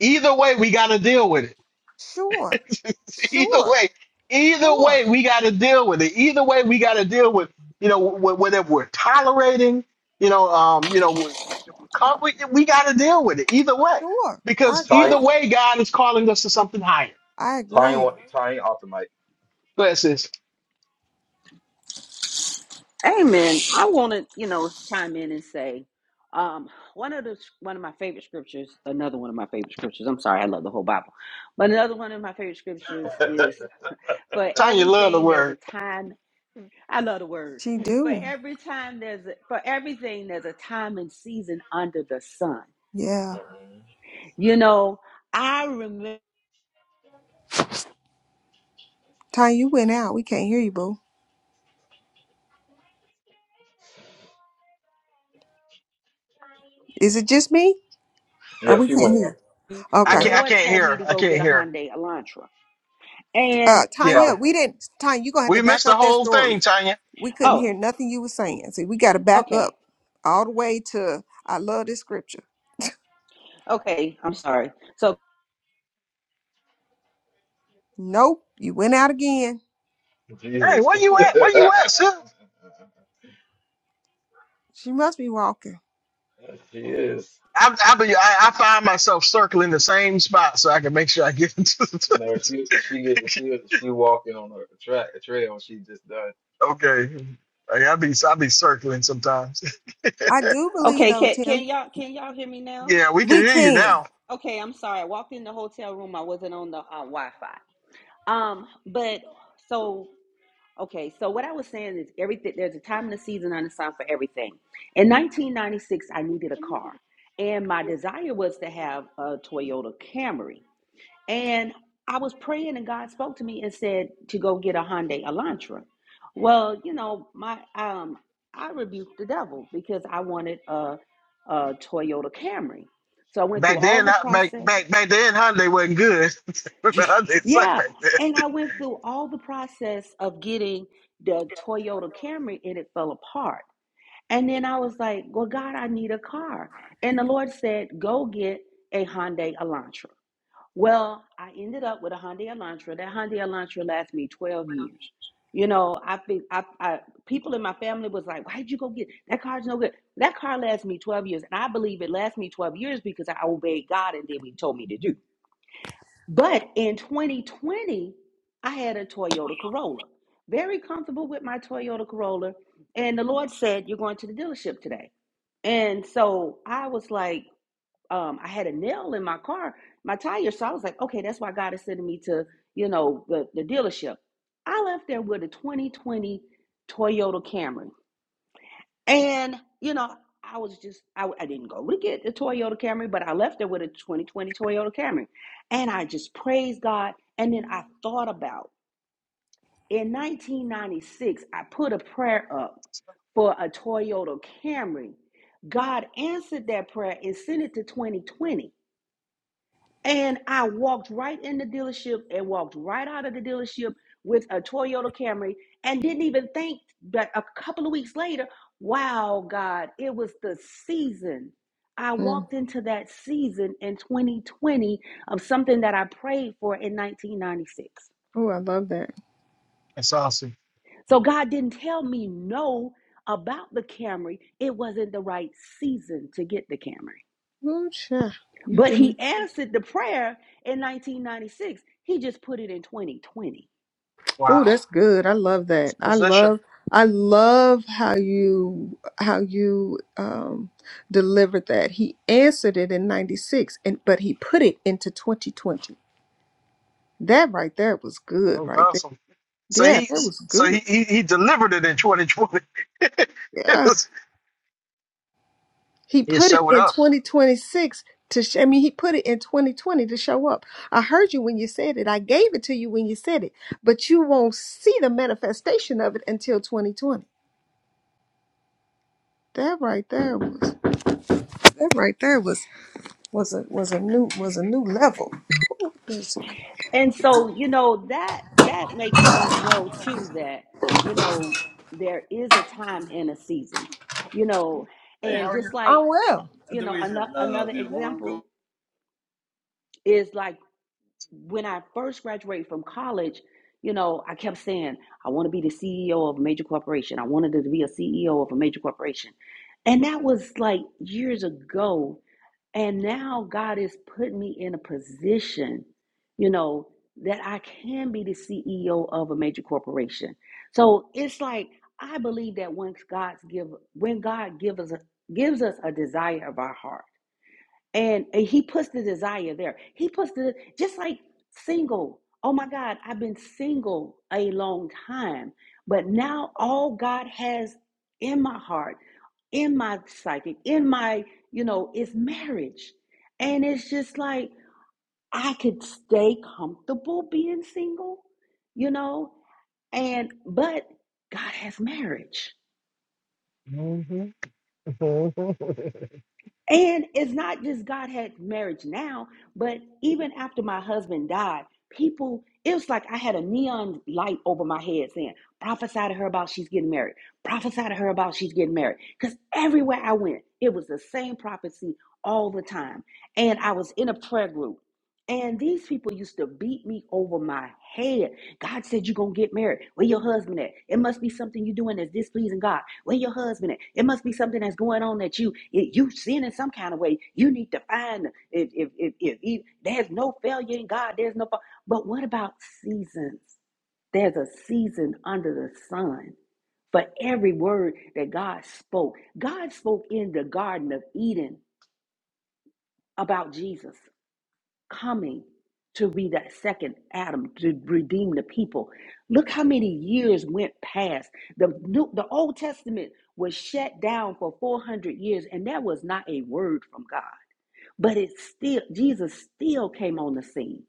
Speaker 1: Either way, we got to deal with
Speaker 9: Sure,
Speaker 1: it. either
Speaker 9: sure,
Speaker 1: way, either way,
Speaker 9: sure,
Speaker 1: we got to deal with it. Either way, we got to deal with you know wh- whether we're tolerating, you know, um, you know, if we, come- we, we got to deal with it either way
Speaker 9: sure. I
Speaker 1: because either
Speaker 2: Tying,
Speaker 9: agree.
Speaker 1: way, God is calling us to something higher.
Speaker 9: I
Speaker 2: tying,
Speaker 9: agree.
Speaker 2: one- tying off the mic.
Speaker 1: Go ahead, sis.
Speaker 5: Amen. I want to, you know, chime in and say, um, one of the one of my favorite scriptures, another one of my favorite scriptures. I'm sorry, I love the whole Bible, but another one of my favorite scriptures is, "For
Speaker 1: Tanya, love the
Speaker 5: everything there's a
Speaker 1: word.
Speaker 5: time." I love the word.
Speaker 9: She
Speaker 5: For
Speaker 9: do.
Speaker 5: every time there's a, for everything there's a time and season under the sun.
Speaker 9: Yeah.
Speaker 2: Mhm.
Speaker 5: You know, I remember
Speaker 9: Tanya, you went out. We can't hear you, boo. Is it just me? Or
Speaker 2: Yeah,
Speaker 9: we
Speaker 2: she
Speaker 9: can't
Speaker 2: went up.
Speaker 9: hear?
Speaker 2: She
Speaker 1: I
Speaker 9: Okay.
Speaker 5: the
Speaker 2: went
Speaker 1: can't.
Speaker 2: up.
Speaker 1: I
Speaker 5: Lord
Speaker 1: can't
Speaker 5: told
Speaker 1: hear.
Speaker 5: me
Speaker 1: her.
Speaker 5: to
Speaker 1: I
Speaker 5: go
Speaker 1: can't
Speaker 5: get a
Speaker 1: hear. her.
Speaker 5: Hyundai Elantra,
Speaker 9: Uh
Speaker 5: and
Speaker 1: Yeah,
Speaker 9: Tanya,
Speaker 2: Sorry,
Speaker 9: we didn't Tanya, you gonna have to
Speaker 1: we missed
Speaker 9: back
Speaker 1: the
Speaker 9: up that
Speaker 1: whole
Speaker 9: story.
Speaker 1: thing, Tanya.
Speaker 9: We couldn't
Speaker 5: oh,
Speaker 9: hear nothing you were saying. See, we gotta back up
Speaker 5: okay,
Speaker 9: all the way to I love this scripture.
Speaker 5: okay, I'm sorry. So,
Speaker 9: Nope, you went out again.
Speaker 1: Hey,
Speaker 2: Jesus.
Speaker 1: where you at? Where you at, sis?
Speaker 9: She must be walking.
Speaker 2: she is.
Speaker 1: I, I, be, I, I find myself circling the same spot so I can make sure I get into
Speaker 2: No,
Speaker 1: the.
Speaker 2: she she get she she walking on a track a trail. She just done.
Speaker 1: okay. Like, I be I be circling sometimes.
Speaker 9: I do believe
Speaker 5: okay,
Speaker 9: though,
Speaker 5: can can
Speaker 9: Tim,
Speaker 5: y'all can y'all hear me now?
Speaker 1: yeah, we can
Speaker 9: we
Speaker 1: hear you
Speaker 9: can.
Speaker 1: now.
Speaker 5: Okay, I'm sorry. I walked in the hotel room. I wasn't on the uh, Wi-Fi. Um, but so okay. So what I was saying is everything. There's a time and a season on the sun for everything. In 1996, I needed a car, and my desire was to have a Toyota Camry. And I was praying, and God spoke to me and said to go get a Hyundai Elantra. Well, you know, my um, I rebuked the devil because I wanted a, a Toyota Camry. So I went through
Speaker 1: Back
Speaker 5: all
Speaker 1: then,
Speaker 5: the
Speaker 1: I, back
Speaker 5: process.
Speaker 1: back back then, Hyundai wasn't good. Hyundai sucked
Speaker 5: yeah.
Speaker 1: back then.
Speaker 5: And I went through all the process of getting the Toyota Camry and it fell apart. And then I was like, well, God, I need a car. And the Lord said, go get a Hyundai Elantra. Well, I ended up with a Hyundai Elantra. That Hyundai Elantra lasted me 12 years. You know, I think I, I people in my family was like, why'd you go get that car's no good. That car lasted me 12 years. And I believe it lasted me 12 years because I obeyed God and did what he told me to do. But in 2020, I had a Toyota Corolla, very comfortable with my Toyota Corolla. And the Lord said, You're going to the dealership today. And so I was like, um, I had a nail in my car, my tire. So I was like, Okay, that's why God is sending me to, you know, the, the dealership. I left there with a 2020 Toyota Camry. And, you know, I was just, I, I didn't go to get the Toyota Camry, but I left there with a 2020 Toyota Camry. And I just praised God. And then I thought about in 1996, I put a prayer up for a Toyota Camry. God answered that prayer and sent it to 2020. And I walked right in the dealership and walked right out of the dealership with a Toyota Camry and didn't even think that a couple of weeks later, wow, God, it was the season. I
Speaker 9: Mm.
Speaker 5: walked into that season in 2020 of something that I prayed for in 1996.
Speaker 9: Oh, I love that.
Speaker 1: That's awesome.
Speaker 5: So God didn't tell me no about the Camry. It wasn't the right season to get the Camry.
Speaker 9: Ooh, You
Speaker 5: But
Speaker 9: give me.
Speaker 5: He answered the prayer in 1996. He just put it in 2020.
Speaker 9: Oh,
Speaker 1: Wow,
Speaker 9: that's good. I love that. I
Speaker 1: position.
Speaker 9: love. I love how you how you um, delivered that. He answered it in '96, and but he put it into 2020. That right there was good.
Speaker 1: That was
Speaker 9: Right there.
Speaker 1: awesome. So
Speaker 9: Yeah,
Speaker 1: he
Speaker 9: that was
Speaker 1: so
Speaker 9: good.
Speaker 1: he he, he delivered it in 2020. it
Speaker 9: Yeah,
Speaker 1: was,
Speaker 9: he
Speaker 1: he
Speaker 9: put it
Speaker 1: showed
Speaker 9: in
Speaker 1: up.
Speaker 9: 2026 to. Sh- I mean, he put it in 2020 to show up. I heard you when you said it. I gave it to you when you said it, but you won't see the manifestation of it until 2020. That right there was. That right there was was a was a new was a new level. It's-
Speaker 5: And so, you know, that that makes me know too that, you know, there is a time and a season. You know,
Speaker 9: Hey, how
Speaker 5: and
Speaker 9: are you?
Speaker 5: just like
Speaker 9: I'm
Speaker 5: uh,
Speaker 9: well. And
Speaker 5: you
Speaker 9: then
Speaker 5: know,
Speaker 9: we had
Speaker 5: another
Speaker 9: uh,
Speaker 5: another
Speaker 9: the alarm go.
Speaker 5: example is like when I first graduated from college, you know, I kept saying, I want to be the CEO of a major corporation. I wanted to be a CEO of a major corporation. And that was like years ago and now God has put me in a position, you know, that I can be the CEO of a major corporation. So it's like I believe that once God's give when God gives us gives us a desire of our heart, and, and he puts the desire there he puts the just like single oh my god i've been single a long time but now all god has in my heart in my psychic in my you know is marriage and it's just like i could stay comfortable being single you know and but god has marriage
Speaker 1: hmm Amen.
Speaker 5: And it's not just God had marriage now, but even after my husband died, people, it was like I had a neon light over my head saying, prophesy to her about she's getting married, prophesy to her about she's getting married. Because everywhere I went, it was the same prophecy all the time. And I was in a prayer group. And these people used to beat me over my head. God said you're gonna get married. Where your husband at? It must be something you're doing that's displeasing God. Where your husband at? It must be something that's going on that you you sin in some kind of way. You need to find if if if, if, if there's no failure in God, there's no. fa- But what about seasons? There's a season under the sun for every word that God spoke. God spoke in the Garden of Eden about Jesus coming to be that second Adam to redeem the people. Look how many years went past. The new, the Old Testament was shut down for 400 years and there was not a word from God. But it still Jesus still came on the scene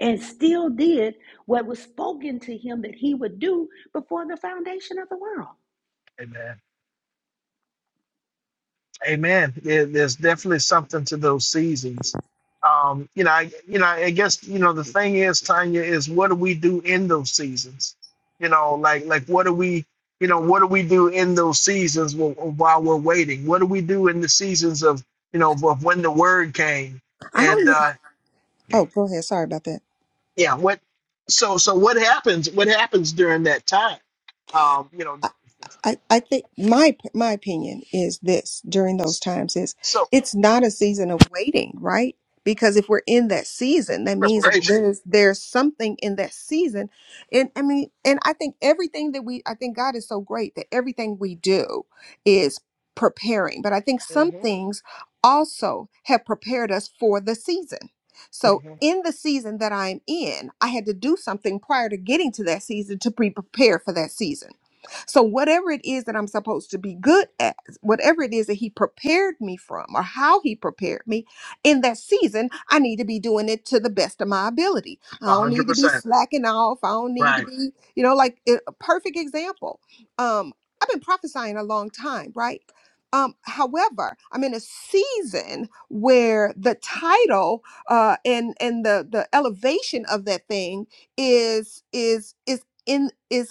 Speaker 5: and still did what was spoken to him that he would do before the foundation of the world.
Speaker 1: Amen. There, there's definitely something to those seasons. Um, you know, I, you know, I guess you know the thing is, Tanya, is what do we do in those seasons? You know, like like what do we, you know, what do we do in those seasons wh- while we're waiting? What do we do in the seasons of you know of when the word came?
Speaker 9: I
Speaker 1: And
Speaker 9: don't.
Speaker 1: uh,
Speaker 9: Oh, go ahead. Sorry about that.
Speaker 1: yeah, what? So so what happens? What happens during that time? Um, you know,
Speaker 9: I, I think my my opinion is this during those
Speaker 1: s-
Speaker 9: times is
Speaker 1: so
Speaker 9: it's not a season of waiting, right? Because if we're in that season,
Speaker 1: it's
Speaker 9: that means that
Speaker 1: preparation.
Speaker 9: there's there's something in that season. And I mean, and I think everything that we I think God is so great that everything we do is preparing. But I think some
Speaker 1: Mm-hmm.
Speaker 9: things also have prepared us for the season. So
Speaker 1: Mm-hmm.
Speaker 9: in the season that I'm in, I had to do something prior to getting to that season to be prepared for that season. So, whatever it is that I'm supposed to be good at, whatever it is that He prepared me from or how He prepared me in that season, I need to be doing it to the best of my ability. I
Speaker 1: A
Speaker 9: don't
Speaker 1: hundred
Speaker 9: need to be
Speaker 1: percent.
Speaker 9: slacking off. I don't need to
Speaker 1: Right.
Speaker 9: be, you know, like a a perfect example. Um, I've been prophesying a long time, right? Um, however, I'm in a season where the title uh, and and the the elevation of that thing is is is in is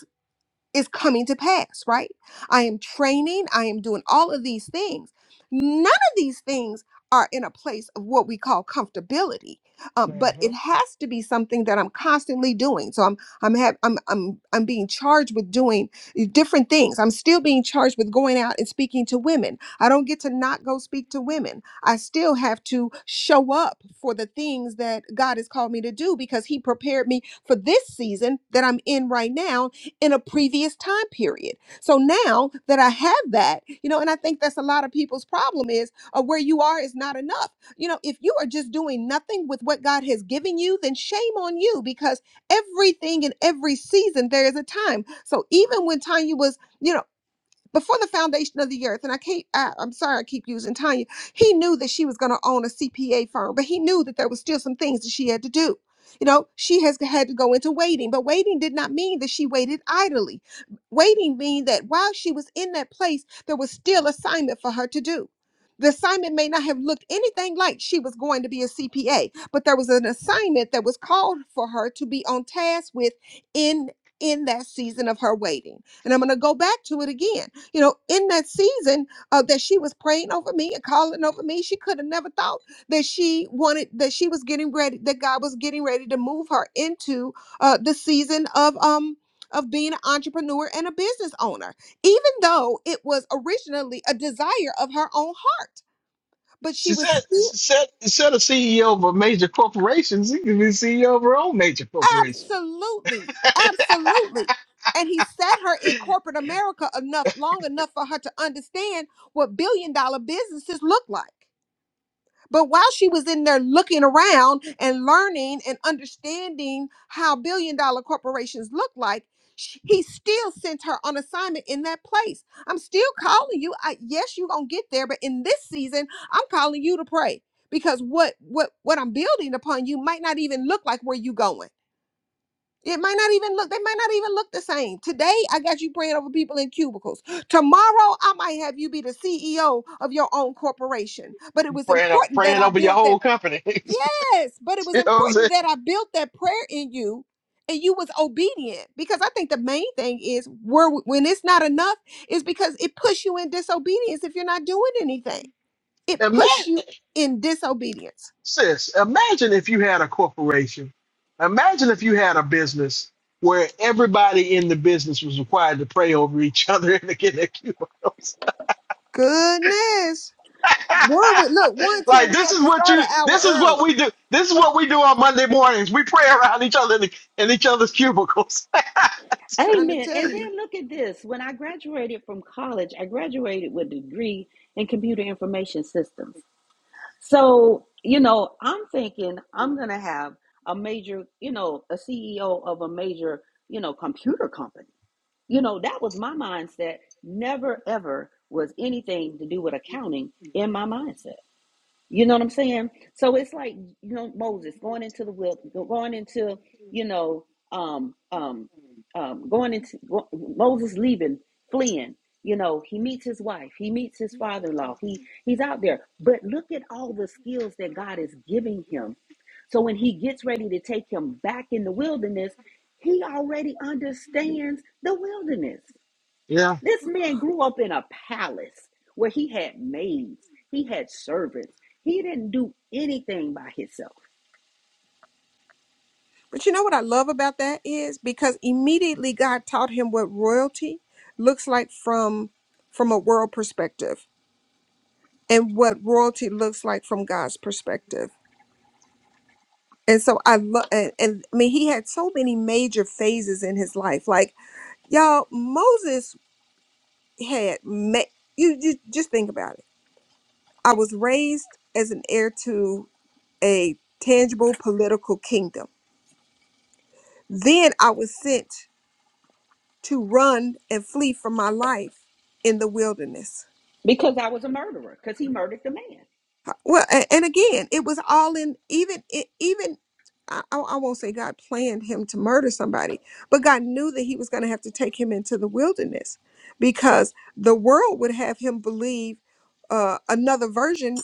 Speaker 9: is coming to pass, right? I am training, I am doing all of these things. None of these things are in a place of what we call comfortability, um, but it has to be something that I'm constantly doing. So I'm I'm have I'm I'm I'm being charged with doing eh, different things. I'm still being charged with going out and speaking to women. I don't get to not go speak to women. I still have to show up for the things that God has called me to do because He prepared me for this season that I'm in right now in a previous time period. So now that I have that, you know, and I think that's a lot of people's problem is uh, where you are is not enough. You know, if you are just doing nothing with what God has given you, then shame on you because everything in every season there is a time. So even when Tanya was, you know, before the foundation of the earth and i can't I, i'm sorry i keep using tanya he knew that she was going to own a cpa firm but he knew that there was still some things that she had to do you know she has had to go into waiting but waiting did not mean that she waited idly waiting mean that while she was in that place there was still assignment for her to do the assignment may not have looked anything like she was going to be a cpa but there was an assignment that was called for her to be on task with in in that season of her waiting and i'm going to go back to it again you know, in that season uh, that she was praying over me and calling over me, she could have never thought that she wanted that she was getting ready, that God was getting ready to move her into uh, the season of um of being an entrepreneur and a business owner, even though it was originally a desire of her own heart. But she
Speaker 1: She
Speaker 9: was
Speaker 1: said,
Speaker 9: still
Speaker 1: she said, instead of CEO of a major corporation, she could be CEO of her own major corporation.
Speaker 9: absolutely, absolutely. And he set her in corporate America enough long enough for her to understand what billion dollar businesses look like. But while she was in there looking around and learning and understanding how billion dollar corporations look like, sh- he still sent her on assignment in that place. I'm still calling you. I, yes, you're going to get there, but in this season, I'm calling you to pray because what what what I'm building upon you might not even look like where you going. It might not even look, they might not even look the same. Today, I got you praying over people in cubicles. Tomorrow, I might have you be the CEO of your own corporation. But it was
Speaker 1: Praying, o-
Speaker 9: important that
Speaker 1: praying
Speaker 9: I
Speaker 1: over your
Speaker 9: built that
Speaker 1: whole company. you
Speaker 9: Yes, but it was
Speaker 1: know what I'm saying?
Speaker 9: important that I built that prayer in you and you was obedient because I think the main thing is where when it's not enough is because it puts you in disobedience if you're not doing anything. It
Speaker 1: Imagine,
Speaker 9: puts you in disobedience.
Speaker 1: sis, imagine if you had a corporation. Imagine if you had a business where everybody in the business was required to pray over each other and to get their cubicles.
Speaker 9: Goodness. One with look, one ten,
Speaker 1: like
Speaker 9: we
Speaker 1: this
Speaker 9: have
Speaker 1: is
Speaker 9: to
Speaker 1: what
Speaker 9: start
Speaker 1: you,
Speaker 9: an hour
Speaker 1: this is what
Speaker 9: early.
Speaker 1: we do. This is what we do on Monday mornings. We pray around each other in, the, in each other's cubicles.
Speaker 9: Trying to
Speaker 5: Amen.
Speaker 9: tell
Speaker 5: And
Speaker 9: you.
Speaker 5: then look at this. When I graduated from college, I graduated with a degree in computer information systems. So, you know, I'm thinking I'm going to have a major, you know, a CEO of a major, you know, computer company. You know, that was my mindset. Never, ever was anything to do with accounting in my mindset. You know what I'm saying? So it's like you know Moses going into the will, going into you know um um um going into go, Moses leaving, fleeing. You know he meets his wife, he meets his father-in-law. He he's out there, but look at all the skills that God is giving him. So when he gets ready to take him back in the wilderness, he already understands the wilderness. This man grew up in a palace where he had maids, he had servants. He didn't do anything by himself
Speaker 9: But you know what I love about that is because immediately God taught him what royalty looks like from from a world perspective and what royalty looks like from God's perspective. And so I love and, and I mean he had so many major phases in his life. Like y'all Moses had ma- you, you just think about it. I was raised as an heir to a tangible political kingdom. Then I was sent to run and flee for my life in the wilderness.
Speaker 5: because I was a murderer because he murdered the man.
Speaker 9: Well, a- and again, it was all in even it even I, I I won't say God planned him to murder somebody, but God knew that he was going to have to take him into the wilderness because the world would have him believe uh, another version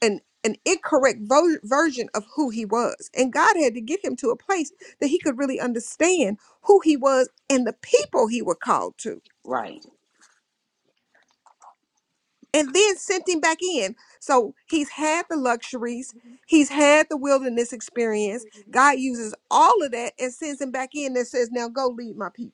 Speaker 9: an an incorrect vo- version of who he was and god had to get him to a place that he could really understand who he was and the people he were called to
Speaker 5: Right.
Speaker 9: and then sent him back in so he's had the luxuries he's had the wilderness experience god uses all of that and sends him back in and says now go lead my people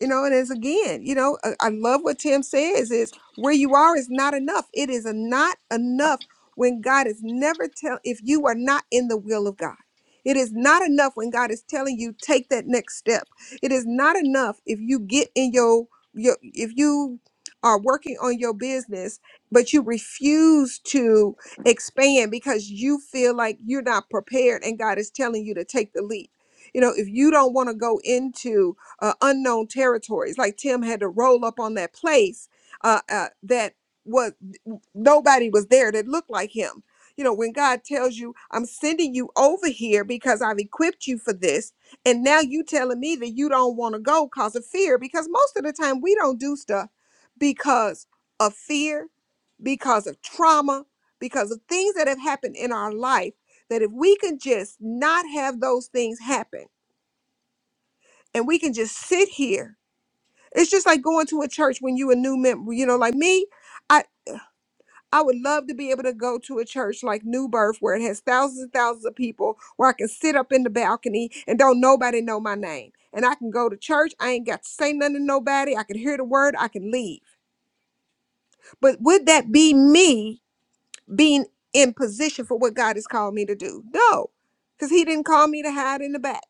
Speaker 9: you know and as again you know i, I love what tim says is where you are is not enough it is a not enough when god is never tell if you are not in the will of god it is not enough when god is telling you take that next step it is not enough if you get in your your if you are working on your business but you refuse to expand because you feel like you're not prepared and god is telling you to take the leap you know if you don't want to go into uh, unknown territories. Like Tim had to roll up on that place uh, uh, that was nobody was there that looked like him. You know, when God tells you, "I'm sending you over here because I've equipped you for this," and now you telling me that you don't want to go because of fear. Because most of the time we don't do stuff because of fear, because of trauma, because of things that have happened in our life. That if we can just not have those things happen, and we can just sit here it's just like going to a church when you a new member. You know, like me, I I would love to be able to go to a church like New Birth where it has thousands and thousands of people, where I can sit up in the balcony and don't nobody know my name. And I can go to church. I ain't got to say nothing to nobody. I can hear the word. I can leave. But would that be me being in position for what God has called me to do? No, because He didn't call me to hide in the back.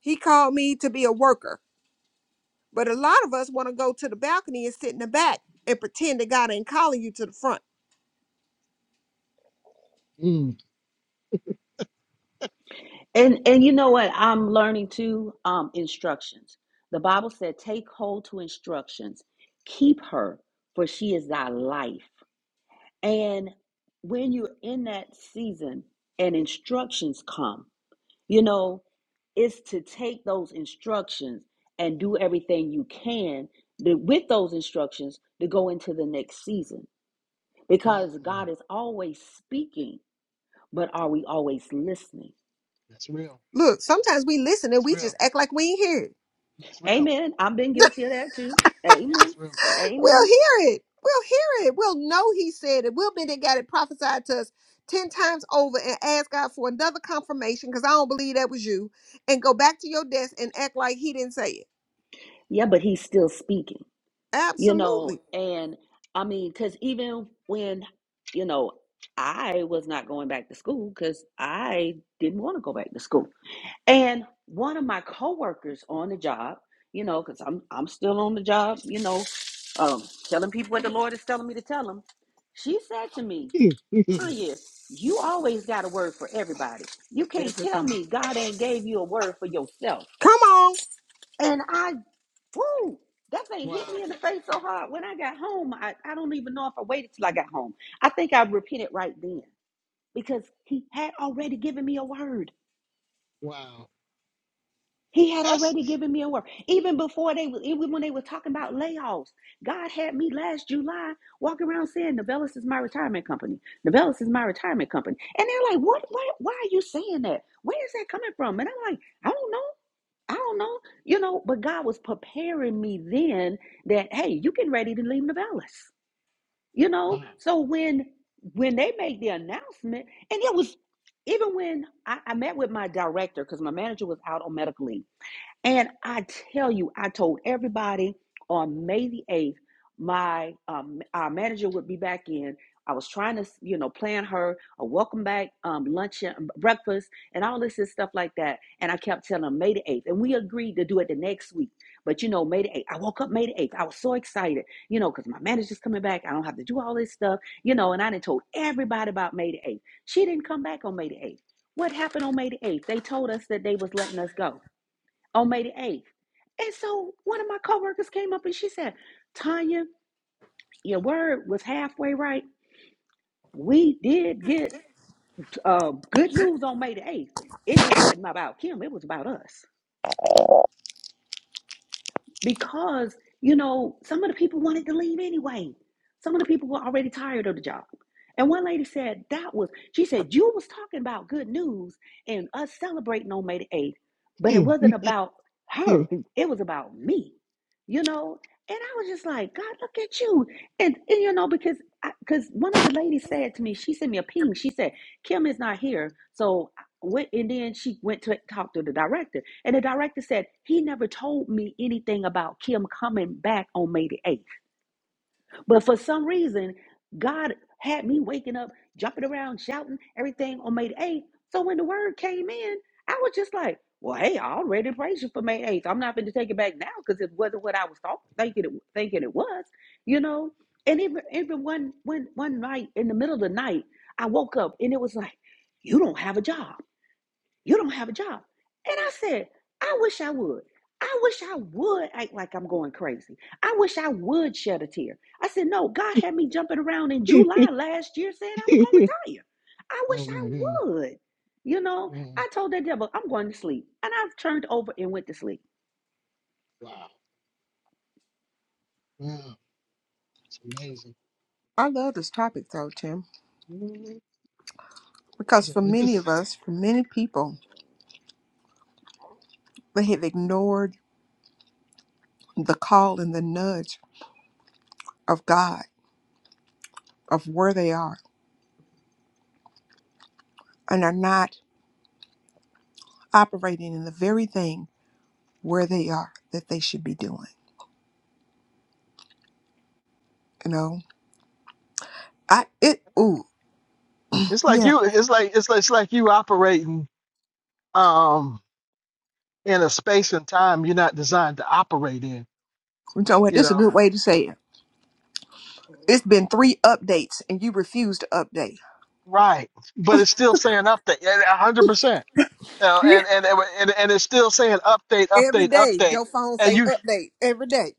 Speaker 9: He called me to be a worker. But a lot of us want to go to the balcony and sit in the back and pretend that God ain't calling you to the front.
Speaker 1: Mm,
Speaker 5: And and you know what? I'm learning too. Um, instructions. The Bible said, "Take hold to instructions, keep her, for she is thy life." And when you're in that season, and instructions come. You know, it's to take those instructions and do everything you can to, with those instructions to go into the next season because
Speaker 1: mm,
Speaker 5: God is always speaking, but are we always listening?
Speaker 1: that's real.
Speaker 9: Look, sometimes we listen and
Speaker 1: That's
Speaker 9: we
Speaker 1: real.
Speaker 9: just act like we ain't hear it.
Speaker 1: That's real.
Speaker 5: Amen. I've been guilty of that too. Amen.
Speaker 1: That's real.
Speaker 9: We'll
Speaker 5: Amen.
Speaker 9: hear it. We'll hear it. We'll know he said it. We'll be there, got it prophesied to us 10 times over and ask God for another confirmation because I don't believe that was you and go back to your desk and act like he didn't say it.
Speaker 5: Yeah, but he's still speaking, you know,
Speaker 9: Absolutely.
Speaker 5: and I mean, because even when, you know, I was not going back to school because I didn't want to go back to school. And one of my coworkers on the job, you know, because I'm I'm still on the job, you know, um, telling people what the Lord is telling me to tell them. She said to me,
Speaker 1: Mm, mm,
Speaker 5: Tanya, you always got a word for everybody. You can't tell
Speaker 9: Everybody.
Speaker 5: me God ain't gave you a word for yourself.
Speaker 9: Come on.
Speaker 5: And I, woo, that thing hit
Speaker 1: wow.
Speaker 5: me in the face so hard. When I got home, I, I don't even know if I waited till I got home. I think I repented right then because he had already given me a word.
Speaker 1: Wow.
Speaker 5: He had already
Speaker 1: That's
Speaker 5: given me a word. Even before they were- even when they were talking about layoffs, God had me last July walking around saying Novellus is my retirement company. Novellus is my retirement company. And they're like, What What? why are you saying that? Where is that coming from? And I'm like, I don't know. I don't know. You know, but God was preparing me then that hey, you getting ready to leave Novellus. You know?
Speaker 1: wow.
Speaker 5: So when when they made the announcement, and it was even when I, I met with my director, because my manager was out on medical leave. And I tell you, I told everybody on May the 8th, my um, our manager would be back in. I was trying to, you know, plan her a welcome back um, lunch and um, breakfast and all this and stuff like that. And I kept telling her May the 8th. And we agreed to do it the next week. But, you know, May the 8th, I woke up May the 8th. I was so excited, you know, because my manager's coming back. I don't have to do all this stuff, you know, and I done told everybody about May the 8th. She didn't come back on May the 8th. What happened on May the 8th? They told us that they was letting us go on May the 8th. And so one of my coworkers came up and she said, Tanya, your word was halfway right. We did get uh, good news on May the 8th. It just wasn't about Kim, it was about us. because you know some of the people wanted to leave anyway some of the people were already tired of the job and one lady said that was she said you was talking about good news and us celebrating on may the 8th but it
Speaker 1: Mm,
Speaker 5: wasn't about her
Speaker 1: mm.
Speaker 5: it was about me you know and i was just like god look at you and, and you know because I, because one of the ladies said to me she sent me a ping she said kim is not here so went and then she went to talk to the director and the director said he never told me anything about kim coming back on may the 8th but for some reason god had me waking up jumping around shouting everything on may the 8th so when the word came in i was just like well hey i already praised you for may 8th i'm not going to take it back now because it wasn't what i was thought, thinking, it, thinking it was you know and even, even one, one, one night in the middle of the night i woke up and it was like you don't have a job you don't have a job. And I said, I wish I would. I wish I would act like I'm going crazy. I wish I would shed a tear. I said, No, God had me jumping around in July last year saying I was going to retire. I
Speaker 1: oh
Speaker 5: wish
Speaker 1: my god.
Speaker 5: I would. You know,
Speaker 1: Mm,
Speaker 5: I told that devil, I'm going to sleep. And I've turned over and went to sleep.
Speaker 1: wow. Wow. It's amazing.
Speaker 9: I love this topic though, Tim.
Speaker 1: Mm,
Speaker 9: Because
Speaker 1: Yeah,
Speaker 9: for
Speaker 1: it
Speaker 9: many
Speaker 1: just
Speaker 9: of us, for many people, they have ignored the call and the nudge of God, of where they are, and are not operating in the very thing where they are that they should be doing. You know, I, it, ooh,
Speaker 1: it's like
Speaker 9: yeah.
Speaker 1: you it's like it's like, it's like you operating um in a space and time you're not designed to operate in,
Speaker 9: You know what?
Speaker 1: you
Speaker 9: This is a
Speaker 1: know.
Speaker 9: good way to say it. It's been three updates and you refuse to update.
Speaker 1: Right. But it's still saying update yeah, a hundred percent. You know,
Speaker 9: Yeah.
Speaker 1: and, and and and it's still saying update, update,
Speaker 9: Every day,
Speaker 1: update
Speaker 9: your phone
Speaker 1: and
Speaker 9: say
Speaker 1: you.
Speaker 9: update every day,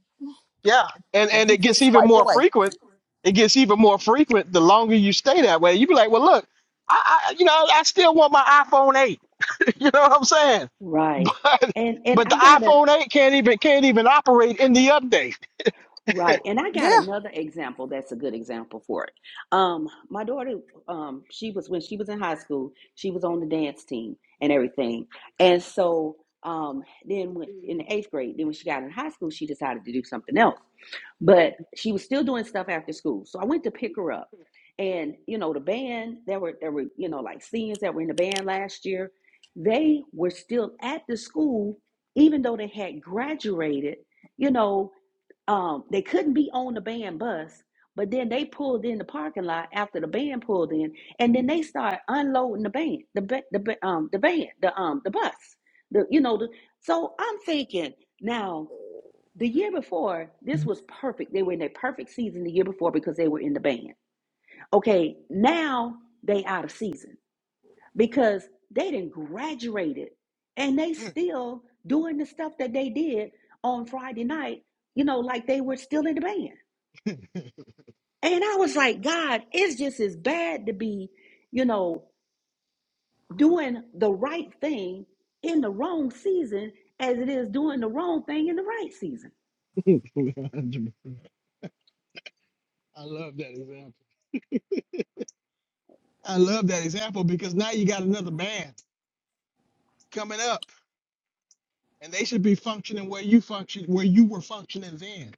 Speaker 1: Yeah, and
Speaker 9: and
Speaker 1: and
Speaker 9: you
Speaker 1: it gets
Speaker 9: just
Speaker 1: even
Speaker 9: swipe
Speaker 1: more
Speaker 9: away.
Speaker 1: frequent. It gets even more frequent the longer you stay that way. You be like, well, look, I, I you know I still want my iPhone eight. you know what I'm saying?
Speaker 5: Right.
Speaker 1: But
Speaker 5: And and
Speaker 1: but the
Speaker 5: I gotta
Speaker 1: iPhone eight can't even can't even operate in the update.
Speaker 5: Right. And I got
Speaker 9: Yeah.
Speaker 5: another example that's a good example for it. Um, my daughter, um, she was when she was in high school, she was on the dance team and everything. And so um, then when, in the eighth grade, then when she got in high school, she decided to do something else. But she was still doing stuff after school. So I went to pick her up. And you know, the band, there were there were, you know, like seniors that were in the band last year, they were still at the school, even though they had graduated, you know um, they couldn't be on the band bus, but then they pulled in the parking lot after the band pulled in, and then they started unloading the band, the ba- the ba- um the band, the um the bus, the you know the. So I'm thinking now, the year before this was perfect. They were in their perfect season the year before because they were in the band. Okay, now they out of season because they didn't graduated, and they still doing the stuff that they did on Friday night. You know, like they were still in the band. And I was like, God, it's just as bad to be, you know, doing the right thing in the wrong season as it is doing the wrong thing in the right season.
Speaker 1: I love that example. I love that example because now you got another band coming up, and they should be functioning where you function where you were functioning then.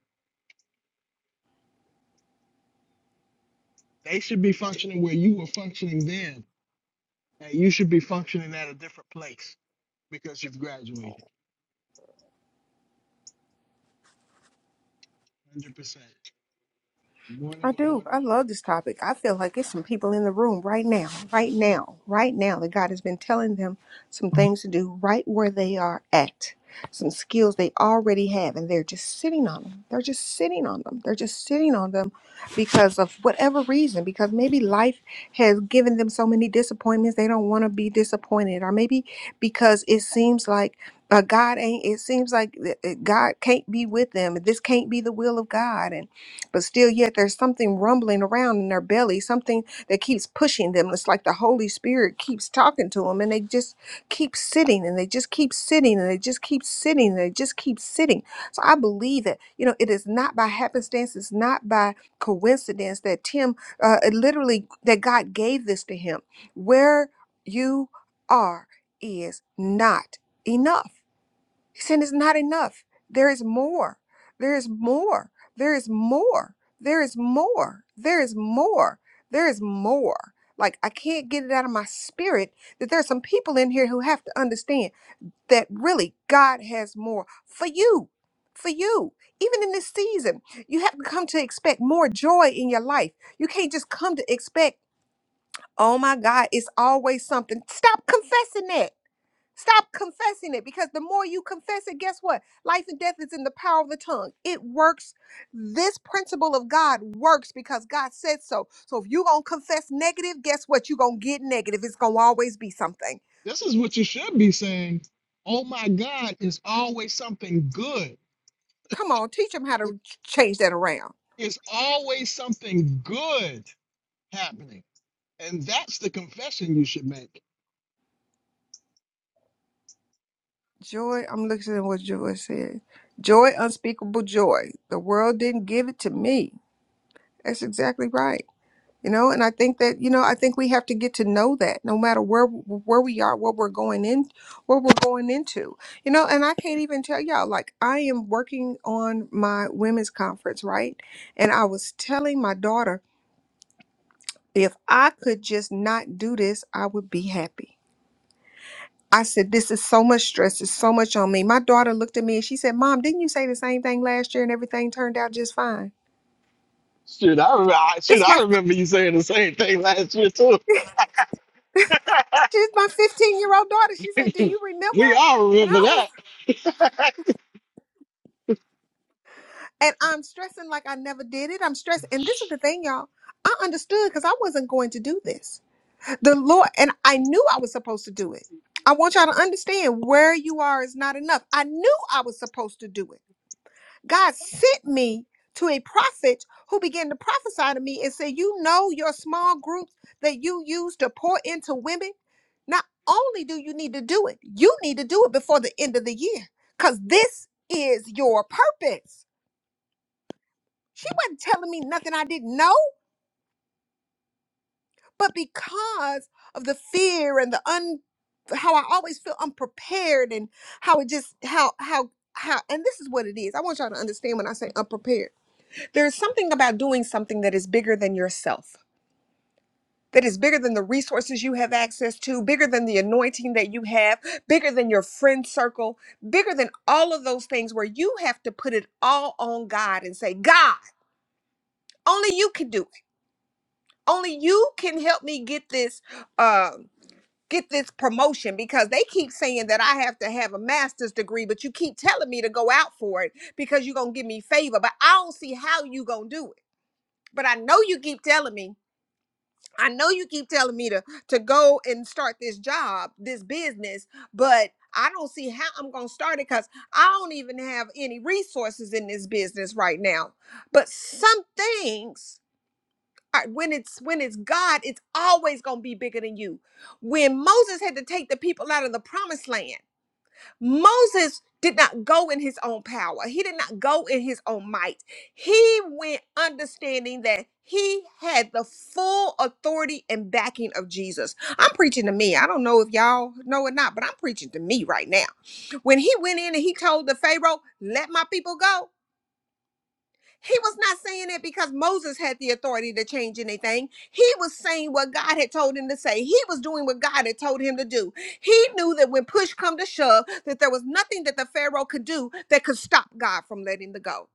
Speaker 1: They should be functioning where you were functioning then, and you should be functioning at a different place. because you've graduated. 100%. Good morning,
Speaker 9: I
Speaker 1: good
Speaker 9: do.
Speaker 1: morning.
Speaker 9: I love this topic. I feel like there's some people in the room right now, right now, right now that God has been telling them some things to do right where they are at, some skills they already have, and they're just sitting on them. They're just sitting on them. They're just sitting on them because of whatever reason, because maybe life has given them so many disappointments they don't want to be disappointed, or maybe because it seems like uh, God ain't, it seems like uh, uh, God can't be with them. This can't be the will of God but still yet there's something rumbling around in their belly something that keeps pushing them it's like the holy spirit keeps talking to them and they just keep sitting and they just keep sitting and they just keep sitting and they just keep sitting so i believe that you know it is not by happenstance it's not by coincidence that tim uh, it literally that god gave this to him where you are is not enough he said it's not enough. There is more. There is more. There is more. There is more. There is more. There is more. Like I can't get it out of my spirit that there are some people in here who have to understand that really God has more for you. For you, even in this season, you have to come to expect more joy in your life. You can't just come to expect, oh my God, it's always something. Stop confessing that. Stop confessing it because the more you confess it, guess what? Life and death is in the power of the tongue. It works. This principle of God works because God said so. So if you're going to confess negative, guess what? You're going to get negative. It's going to always be something.
Speaker 1: This is what you should be saying. Oh my God, it's always something good.
Speaker 9: Come on, teach them how to ch- change that around.
Speaker 1: It's always something good happening. And that's the confession you should make.
Speaker 9: Joy, I'm looking at what Joy said. Joy, unspeakable joy. The world didn't give it to me. That's exactly right. you know and i think that you know i think we have to get to know that no matter where where we are what we're going in what we're going into you know and i can't even tell y'all like i am working on my women's conference right and i was telling my daughter if i could just not do this i would be happy i said this is so much stress it's so much on me my daughter looked at me and she said mom didn't you say the same thing last year and everything turned out just fine
Speaker 1: Shoot, I, re- I, shoot,
Speaker 9: this
Speaker 1: I
Speaker 9: my
Speaker 1: remember you saying the same thing last year, too.
Speaker 9: she's my 15 year old daughter she said do you remember
Speaker 1: we all
Speaker 9: and
Speaker 1: remember
Speaker 9: I was
Speaker 1: that.
Speaker 9: And I'm stressing like I never did it. I'm stressing. And this is the thing, y'all. I understood because I wasn't going to do this. The Lord, and I knew I was supposed to do it. I want y'all to understand where you are is not enough. I knew I was supposed to do it. God sent me to a prophet who began to prophesy to me and said, You know, your small groups that you use to pour into women, not only do you need to do it, you need to do it before the end of the year because this is your purpose. She wasn't telling me nothing I didn't know, but because of the fear and the un how I always feel unprepared and how it just how how how and this is what it is. I want y'all to understand when I say unprepared. There's something about doing something that is bigger than yourself. That is bigger than the resources you have access to, bigger than the anointing that you have, bigger than your friend circle, bigger than all of those things where you have to put it all on God and say, God, only you can do it. only you can help me get this um get this promotion because they keep saying that I have to have a master's degree but you keep telling me to go out for it because you're going to give me favor but I don't see how you going to do it but I know you keep telling me I know you keep telling me to to go and start this job this business but I don't see how I'm going to start it cuz I don't even have any resources in this business right now but some things heart. When it's when it's God, it's always gonna be bigger than you. When Moses had to take the people out of the promised land, Moses did not go in his own power. He did not go in his own might. He went understanding that he had the full authority and backing of Jesus. I'm preaching to me. I don't know if y'all know or not, but I'm preaching to me right now. When he went in and he told the Pharaoh, let my people go, he was not saying that because Moses had the authority to change anything. He was saying what God had told him to say. He was doing what God had told him to do. He knew that when push come to shove, that there was nothing that the Pharaoh could do that could stop God from letting the go.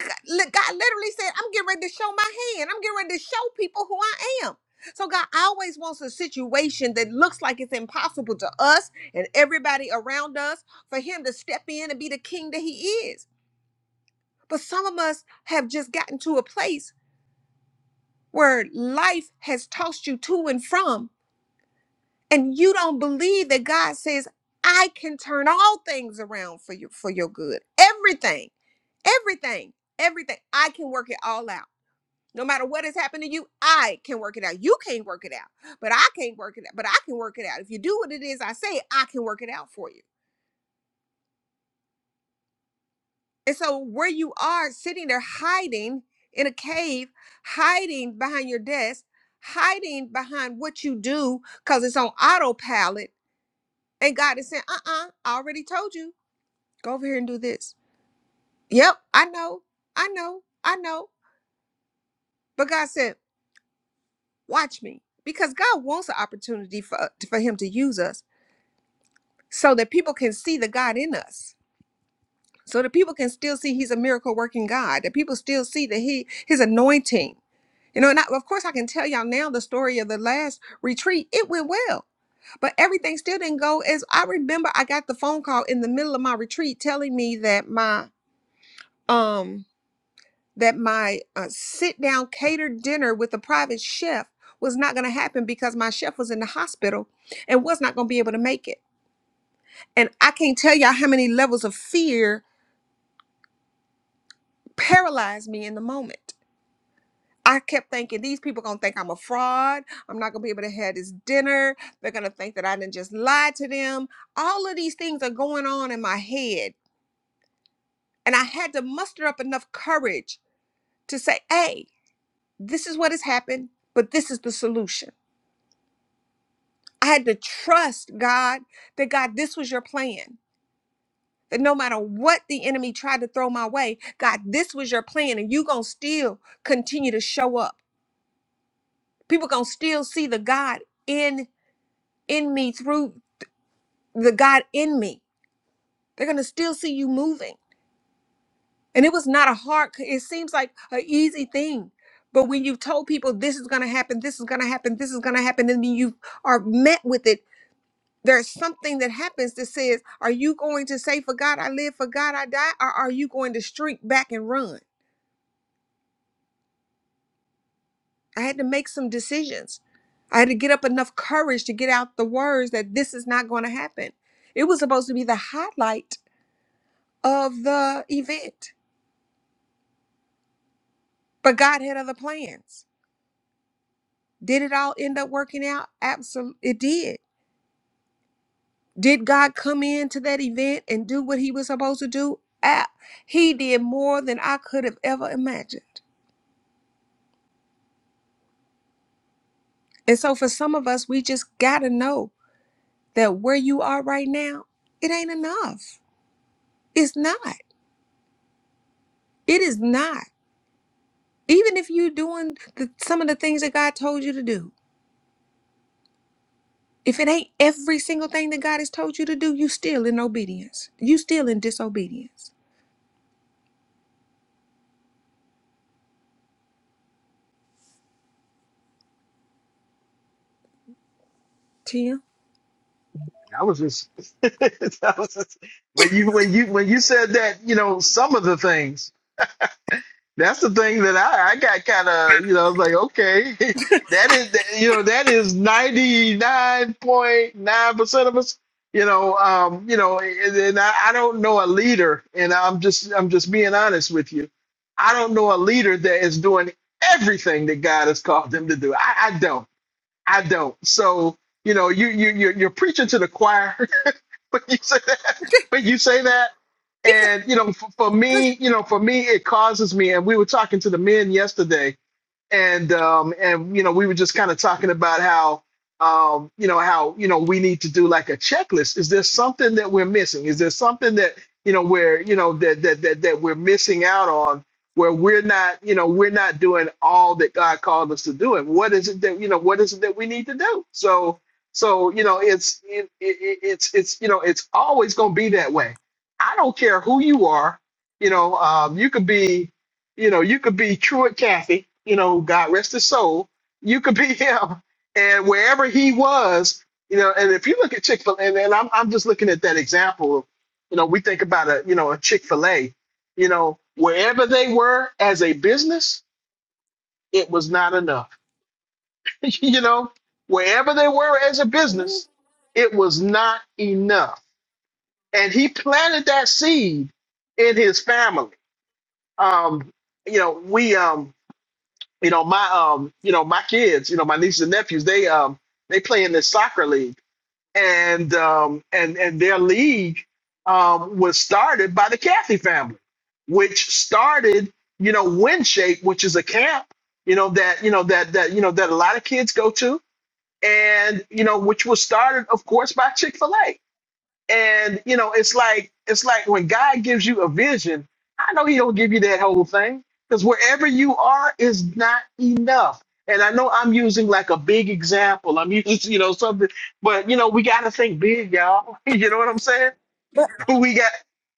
Speaker 9: God li- God literally said, I'm getting ready to show my hand. I'm getting ready to show people who I am. So God always wants a situation that looks like it's impossible to us and everybody around us for him to step in and be the king that he is. But some of us have just gotten to a place where life has tossed you to and from, and you don't believe that God says, I can turn all things around for you for your good. Everything, everything, everything. I can work it all out. No matter what has happened to you, I can work it out. You can't work it out, but I can't work it out. But I can work it out. If you do what it is I say, I can work it out for you. And so, where you are sitting there hiding in a cave, hiding behind your desk, hiding behind what you do because it's on autopilot, and God is saying, uh uh I already told you, go over here and do this. Yep, I know, I know, I know. But God said, watch me because God wants an opportunity for, for Him to use us so that people can see the God in us. So that people can still see he's a miracle working God, that people still see that he his anointing. You know, and I, of course, I can tell y'all now the story of the last retreat. It went well, but everything still didn't go as I remember. I got the phone call in the middle of my retreat telling me that my um that my uh, sit down catered dinner with a private chef was not going to happen because my chef was in the hospital and was not going to be able to make it. And I can't tell y'all how many levels of fear paralyzed me in the moment I kept thinking these people gonna think I'm a fraud. I'm not gonna be able to have this dinner. They're gonna think that I didn't just lie to them. All of these things are going on in my head, and I had to muster up enough courage to say, "Hey, this is what has happened, but this is the solution." I had to trust God that God, this was your plan. That no matter what the enemy tried to throw my way, God, this was your plan, and you gonna still continue to show up. People gonna still see the God in in me through the God in me. They're going to still see you moving. And it was not a hard, it seems like an easy thing. But when you've told people this is going to happen, this is going to happen, this is going to happen, and then you are met with it, there's something that happens that says, Are you going to say, For God I live, for God I die? Or are you going to streak back and run? I had to make some decisions. I had to get up enough courage to get out the words that this is not going to happen. It was supposed to be the highlight of the event But God had other plans. Did it all end up working out? Absolutely, it did. Did God come into that event and do what he was supposed to do? Ah, he did more than I could have ever imagined. And so for some of us, we just got to know that where you are right now, it ain't enough. It's not. It is not. Even if you're doing the, some of the things that God told you to do, if it ain't every single thing that God has told you to do, you still in obedience. You still in disobedience. Tim?
Speaker 1: I was just, that was just when you when you when you said that, you know, some of the things. That's the thing that I, I got kind of, you know, I was like, okay, that is, that- you know, that is 99.9% of us, you know, um, you know, and, and I, I don't know a leader and I'm just, I'm just being honest with you. I don't know a leader that is doing everything that God has called them to do. I, I don't, I don't. So, you know, you, you, you're, you're preaching to the choir when you say that, when you say that, and you know, for, for
Speaker 9: 'Cause
Speaker 1: me, you know, for me, it causes me. And we were talking to the men yesterday, and um and you know we were just kind of talking about how um you know how you know we need to do like a checklist is there something that we're missing is there something that you know where you know that that that, that we're missing out on where we're not you know we're not doing all that god called us to do and what is it that you know what is it that we need to do so so you know it's it, it, it- it's it's you know it's always going to be that way i don't care who you are you know um, you could be you know, you could be Truett Cathy, you know, God rest his soul. You could be him. And wherever he was, you know, and if you look at Chick fil A, and, and I'm, I'm just looking at that example, of, you know, we think about a, you know, a Chick fil A, you know, wherever they were as a business, it was not enough. you know, wherever they were as a business, it was not enough. And he planted that seed in his family. Um, you know, we, um, you know my um you know my kids you know my nieces and nephews they um they play in this soccer league and um and and their league um was started by the Kathy family which started you know WindShape, which is a camp you know that you know that that you know that a lot of kids go to and you know which was started of course by Chick-fil-A and you know, it's like it's like when God gives you a vision, I know He don't give you that whole thing because wherever you are is not enough. And I know I'm using like a big example. I'm using you know something, but you know we got to think big, y'all. You know what I'm saying?
Speaker 9: But
Speaker 1: We got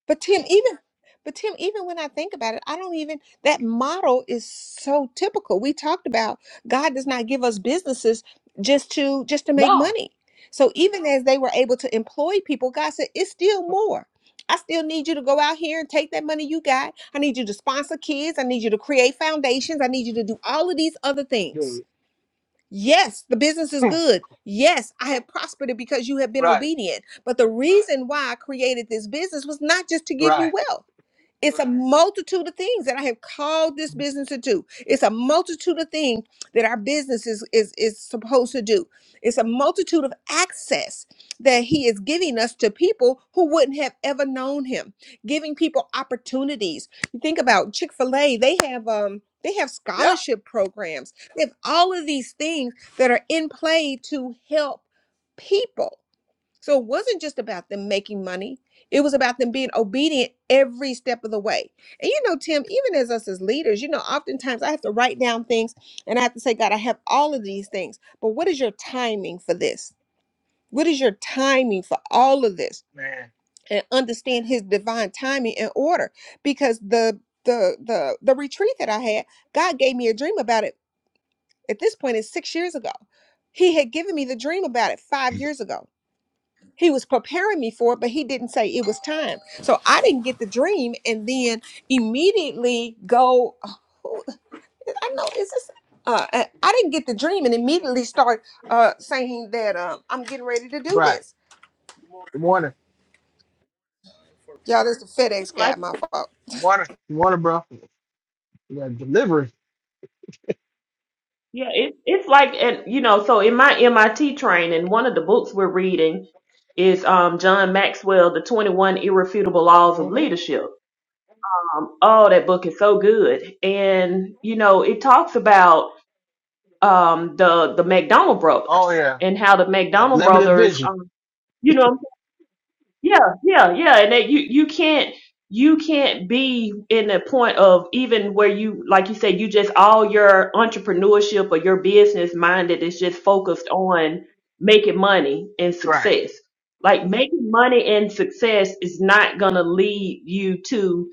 Speaker 9: But Tim, even but Tim, even when I think about it, I don't even that model is so typical. We talked about God does not give us businesses just to just to make
Speaker 1: no,
Speaker 9: money. So even as they were able to employ people, God said, It's still more. I still need you to go out here and take that money you got. I need you to sponsor kids. I need you to create foundations. I need you to do all of these other things.
Speaker 1: dude.
Speaker 9: Yes, the business is good. Yes, I have prospered it because you have been
Speaker 1: right,
Speaker 9: obedient. But the reason why I created this business was not just to give you
Speaker 1: right,
Speaker 9: wealth. It's a multitude of things that I have called this business to do. It's a multitude of things that our business is, is, is supposed to do. It's a multitude of access that He is giving us to people who wouldn't have ever known Him, giving people opportunities. You think about Chick fil A, they have, um, they have
Speaker 1: yeah,
Speaker 9: scholarship programs. They have all of these things that are in play to help people. So it wasn't just about them making money. It was about them being obedient every step of the way. And you know, Tim, even as us as leaders, you know, oftentimes I have to write down things and I have to say, God, I have all of these things. But what is your timing for this? What is your timing for all of this? And understand his divine timing and order. Because the the the the retreat that I had, God gave me a dream about it. At this point, it's six years ago. He had given me the dream about it five years ago. He was preparing me for it, but he didn't say it was time. So I didn't get the dream and then immediately go, "Who- I know, is this? Uh, I I didn't get the dream and immediately start uh, saying that um, I'm getting ready to do
Speaker 1: right.
Speaker 9: this.
Speaker 1: Good morning,
Speaker 9: Y'all, this is the FedEx
Speaker 3: It's
Speaker 9: guy,
Speaker 3: like
Speaker 9: my fault.
Speaker 1: good morning, good morning, bro. Yeah, delivery.
Speaker 3: yeah, it, it's like and you know, so in my MIT training, one of the books we're reading is um John Maxwell, The 21 Irrefutable Laws of
Speaker 1: hmm
Speaker 3: Leadership. Um, oh, that book is so good. And you know, it talks about um the the McDonald
Speaker 1: Oh
Speaker 3: brothers
Speaker 1: yeah,
Speaker 3: and how the
Speaker 1: and
Speaker 3: McDonald
Speaker 1: limited
Speaker 3: brothers
Speaker 1: vision.
Speaker 3: um you know Yeah, yeah, yeah. And that you you can't you can't be in the point of even where you like you said you just all your entrepreneurship or your business minded is just focused on making money and
Speaker 1: Right.
Speaker 3: success. Like making money and success is not gonna lead you to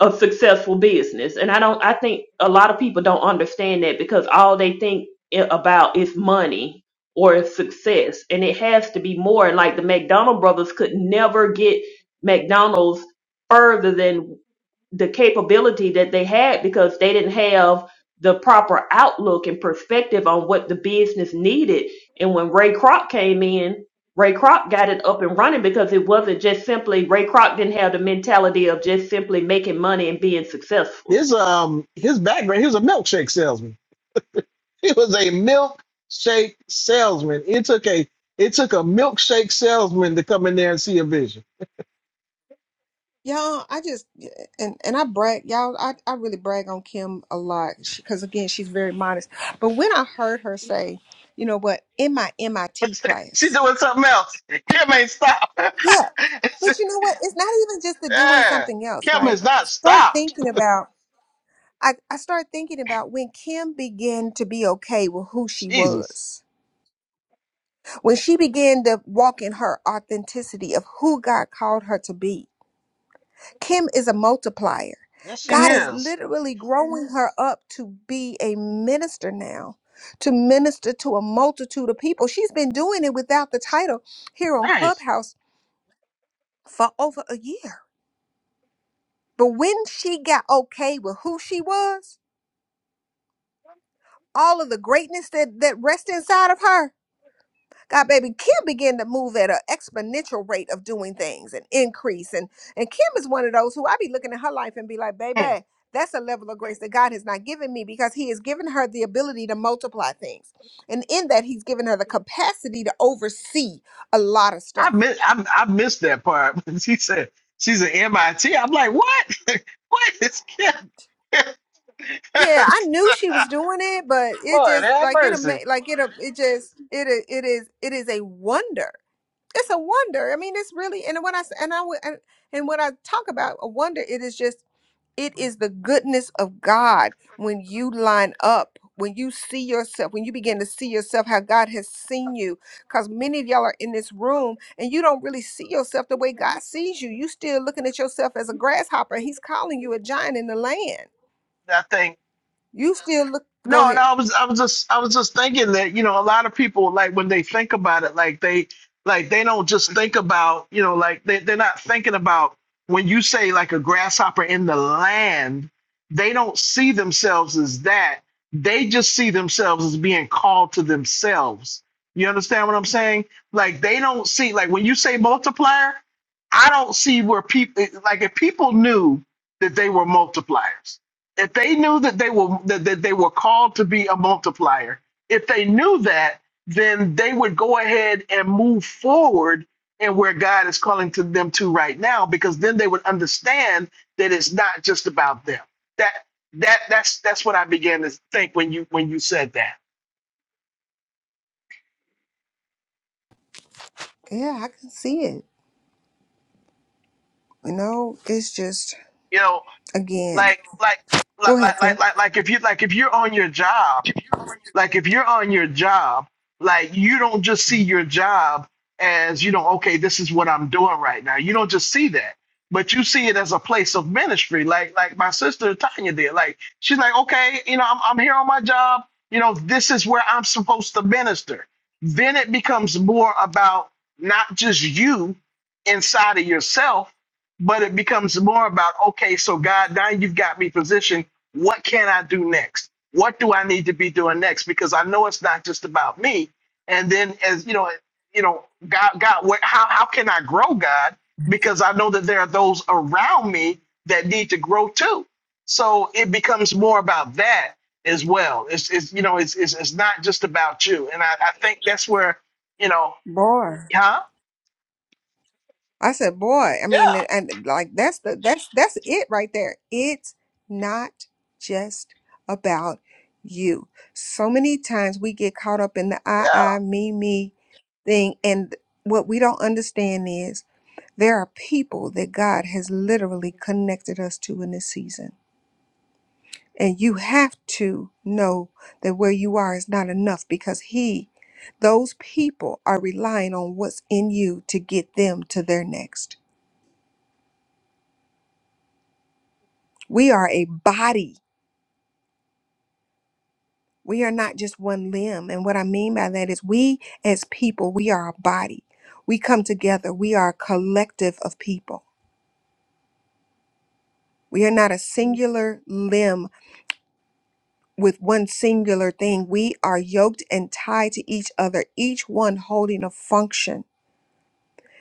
Speaker 3: a successful business and i don't i think a lot of people don't understand that because all they think i- about is money or is success and it has to be more and like the mcdonald brothers could never get mcdonald's further than the capability that they had because they didn't have the proper outlook and perspective on what the business needed and when ray kroc came in Ray Kroc got it up and running because it wasn't just simply Ray Kroc didn't have the mentality of just simply making money and being successful.
Speaker 1: His um his background, he was a milkshake salesman. He was a milkshake salesman. It took a it took a milkshake salesman to come in there and see a vision.
Speaker 9: Y'all, I just and and I brag, y'all. I, I really brag on Kim a lot because again, she's very modest. But when I heard her say, you know what, in my MIT
Speaker 1: She
Speaker 9: class.
Speaker 1: doing something else. Kim ain't stopped.
Speaker 9: yeah. But you know what? It's not even just the doing
Speaker 1: yeah.
Speaker 9: something else,
Speaker 1: Kim
Speaker 9: right?
Speaker 1: is
Speaker 9: I
Speaker 1: not
Speaker 9: start
Speaker 1: stopped.
Speaker 9: thinking about I, I start thinking about when Kim began to be okay with who she
Speaker 1: Jesus.
Speaker 9: was, when she began to walk in her authenticity of who God called her to be. Kim is a multiplier.
Speaker 1: Yes, she
Speaker 9: God is
Speaker 1: is.
Speaker 9: literally growing Mhm. her up to be a minister now, to minister to a multitude of people. She's been doing it without the title here on
Speaker 1: Right.
Speaker 9: Clubhouse for over a year But when she got okay with who she was, all of the greatness that, that rested inside of her, God, baby, Kim began to move at an exponential rate of doing things and increase. And and Kim is one of those who I be looking at her life and be like,
Speaker 1: Hmm.
Speaker 9: baby, that's a level of grace that God has not given me because He has given her the ability to multiply things. And in that, He's given her the capacity to oversee a lot of
Speaker 1: I
Speaker 9: stuff.
Speaker 1: miss I, I missed that part. When she said she's an MIT. I'm like, what? what is Kim?
Speaker 9: yeah, I knew she was doing it, but it
Speaker 1: Lord
Speaker 9: just
Speaker 1: have
Speaker 9: like it
Speaker 1: mercy.
Speaker 9: ama- like it uh, it just it i- it is it is a wonder. It's a wonder. I mean, it's really and when I s- and I w- and and when I talk about a wonder, it is just it is the goodness of God when you line up, when you see yourself, when you begin to see yourself how God has seen you. Because many of y'all are in this room and you don't really see yourself the way God sees you. You still looking at yourself as a grasshopper. He's calling you a giant in the land.
Speaker 1: that thing.
Speaker 9: You still look. Go
Speaker 1: No,
Speaker 9: ahead.
Speaker 1: and I was I was just I was just thinking that, you know, a lot of people like when they think about it, like they like they don't just think about, you know, like they, they're not thinking about when you say like a grasshopper in the land, they don't see themselves as that. They just see themselves as being called to themselves. You understand what I'm saying? Like they don't see like when you say multiplier, I don't see where people like if people knew that they were multipliers if they knew that they were that, that they were called to be a multiplier if they knew that then they would go ahead and move forward in where god is calling to them to right now because then they would understand that it's not just about them that that that's that's what i began to think when you when you said that
Speaker 9: Yeah, I can see it. You know, it's just
Speaker 1: you know
Speaker 9: again.
Speaker 1: like like like
Speaker 9: Go ahead,
Speaker 1: like like,
Speaker 9: Tim.
Speaker 1: like like if you like if you're on your job Like if you're on your job, like you don't just see your job as, you know, okay, this is what I'm doing right now. You don't just see that, but you see it as a place of ministry. Like like my sister Tanya did. Like she's like, okay, you know, I'm I'm here on my job. You know, this is where I'm supposed to minister. Then it becomes more about not just you inside of yourself, but it becomes more about okay, so God, now you've got me positioned what can I do next? What do I need to be doing next? Because I know it's not just about me. And then as you know, you know, God, God, what, how how can I grow, God? Because I know that there are those around me that need to grow too. So it becomes more about that as well. It's, it's you know, it's, it's it's not just about you. And I, I think that's where, you know,
Speaker 9: Boy,
Speaker 1: huh?
Speaker 9: I said, boy. I
Speaker 1: Yeah,
Speaker 9: mean, and like that's the that's that's it right there. It's not just about you. So many times we get caught up in the I
Speaker 1: yeah.
Speaker 9: I me me thing, and what we don't understand is There are people that God has literally connected us to in this season. And you have to know that where you are is not enough because He, those people are relying on what's in you to get them to their next. We are a body. We are not just one limb. And what I mean by that is we as people, we are a body. We come together. We are a collective of people. We are not a singular limb with one singular thing. We are yoked and tied to each other, each one holding a function.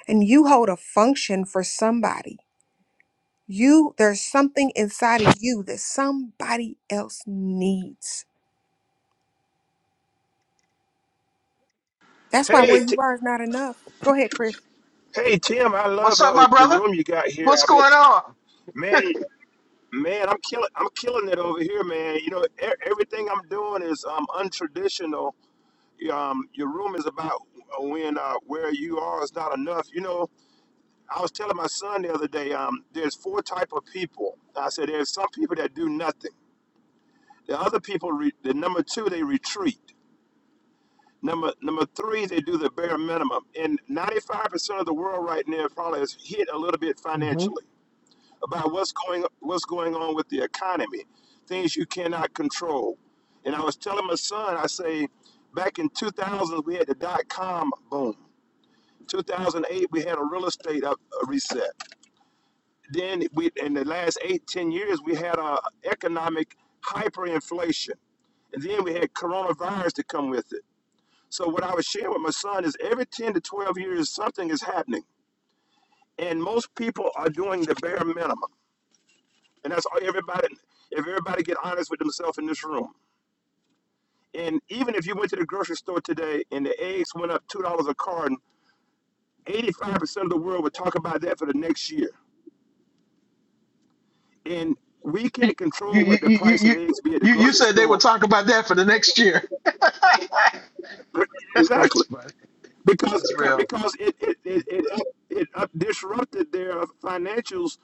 Speaker 9: And you hold a function for somebody. You there's something inside of you that somebody else needs. That's why where
Speaker 10: Hey,
Speaker 9: you
Speaker 10: t-
Speaker 9: are is not enough. Go ahead, Chris.
Speaker 10: hey, Tim, I
Speaker 1: What's
Speaker 10: love
Speaker 1: up,
Speaker 10: uh,
Speaker 1: my
Speaker 10: your
Speaker 1: brother?
Speaker 10: room you got here.
Speaker 1: What's
Speaker 10: I mean,
Speaker 1: going on?
Speaker 10: man, man, I'm killing, I'm killing it over here, man. You know, e- everything I'm doing is um untraditional. Um, your room is about uh, when uh, where you are is not enough. You know, I was telling my son the other day. Um, there's four type of people. I said there's some people that do nothing. The other people, re- the number two, they retreat. Number number three, they do the bare minimum. And 95% of the world right now probably is hit a little bit financially. about what's going what's going on with the economy, things you cannot control. And I was telling my son, I say, back in 2000 we had the dot com boom. 2008 we had a real estate up a reset. Then we in the last eight ten years we had a economic hyperinflation, and then we had coronavirus to come with it. So what I was sharing with my son is every 10 to 12 years something is happening, and most people are doing the bare minimum. And that's all everybody, if everybody get honest with themselves in this room. And even if you went to the grocery store today and the eggs went up $2 a carton, 85% of the world would talk about that for the next year. And we
Speaker 1: You
Speaker 10: can't
Speaker 1: you
Speaker 10: control
Speaker 1: you
Speaker 10: what the
Speaker 1: you
Speaker 10: price of
Speaker 1: you
Speaker 10: eggs be at the
Speaker 1: you you
Speaker 10: grocery
Speaker 1: said they would
Speaker 10: store.
Speaker 1: talk about that for the next year.
Speaker 10: Exactly.
Speaker 1: That's funny.
Speaker 10: because
Speaker 1: That's real.
Speaker 10: because it it it, it, up, it up disrupted their financials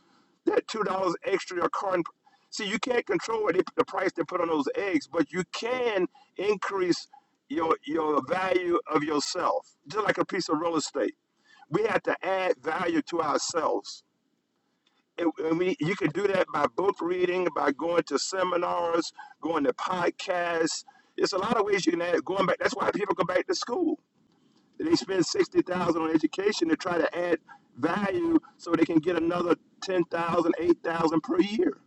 Speaker 10: that two dollars extra a carton. See, you can't control what the price they put on those eggs, but you can increase your your value of yourself, just like a piece of real estate. We have to add value to ourselves. And and we, you can do that by book reading, by going to seminars, going to podcasts. It's a lot of ways you can add going back. That's why people go back to school they spend sixty thousand dollars on education to try to add value so they can get another 10,000, 8,000 per year.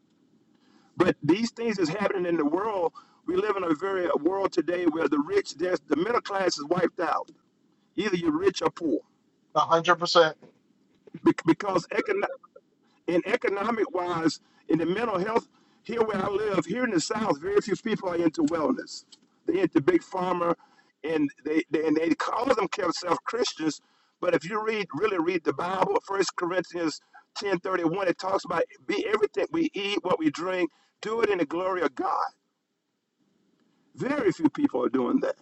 Speaker 10: But these things is happening in the world. We live in a very a world today where the rich, the middle class is wiped out. Either you're rich or poor.
Speaker 1: A hundred percent.
Speaker 10: Bec- Because economic. And economic wise, in the mental health, here where I live, here in the South, very few people are into wellness. They're into big pharma, and they, they and they call themselves Christians. But if you read really read the Bible, First Corinthians ten thirty one, it talks about be everything we eat, what we drink, do it in the glory of God. Very few people are doing that.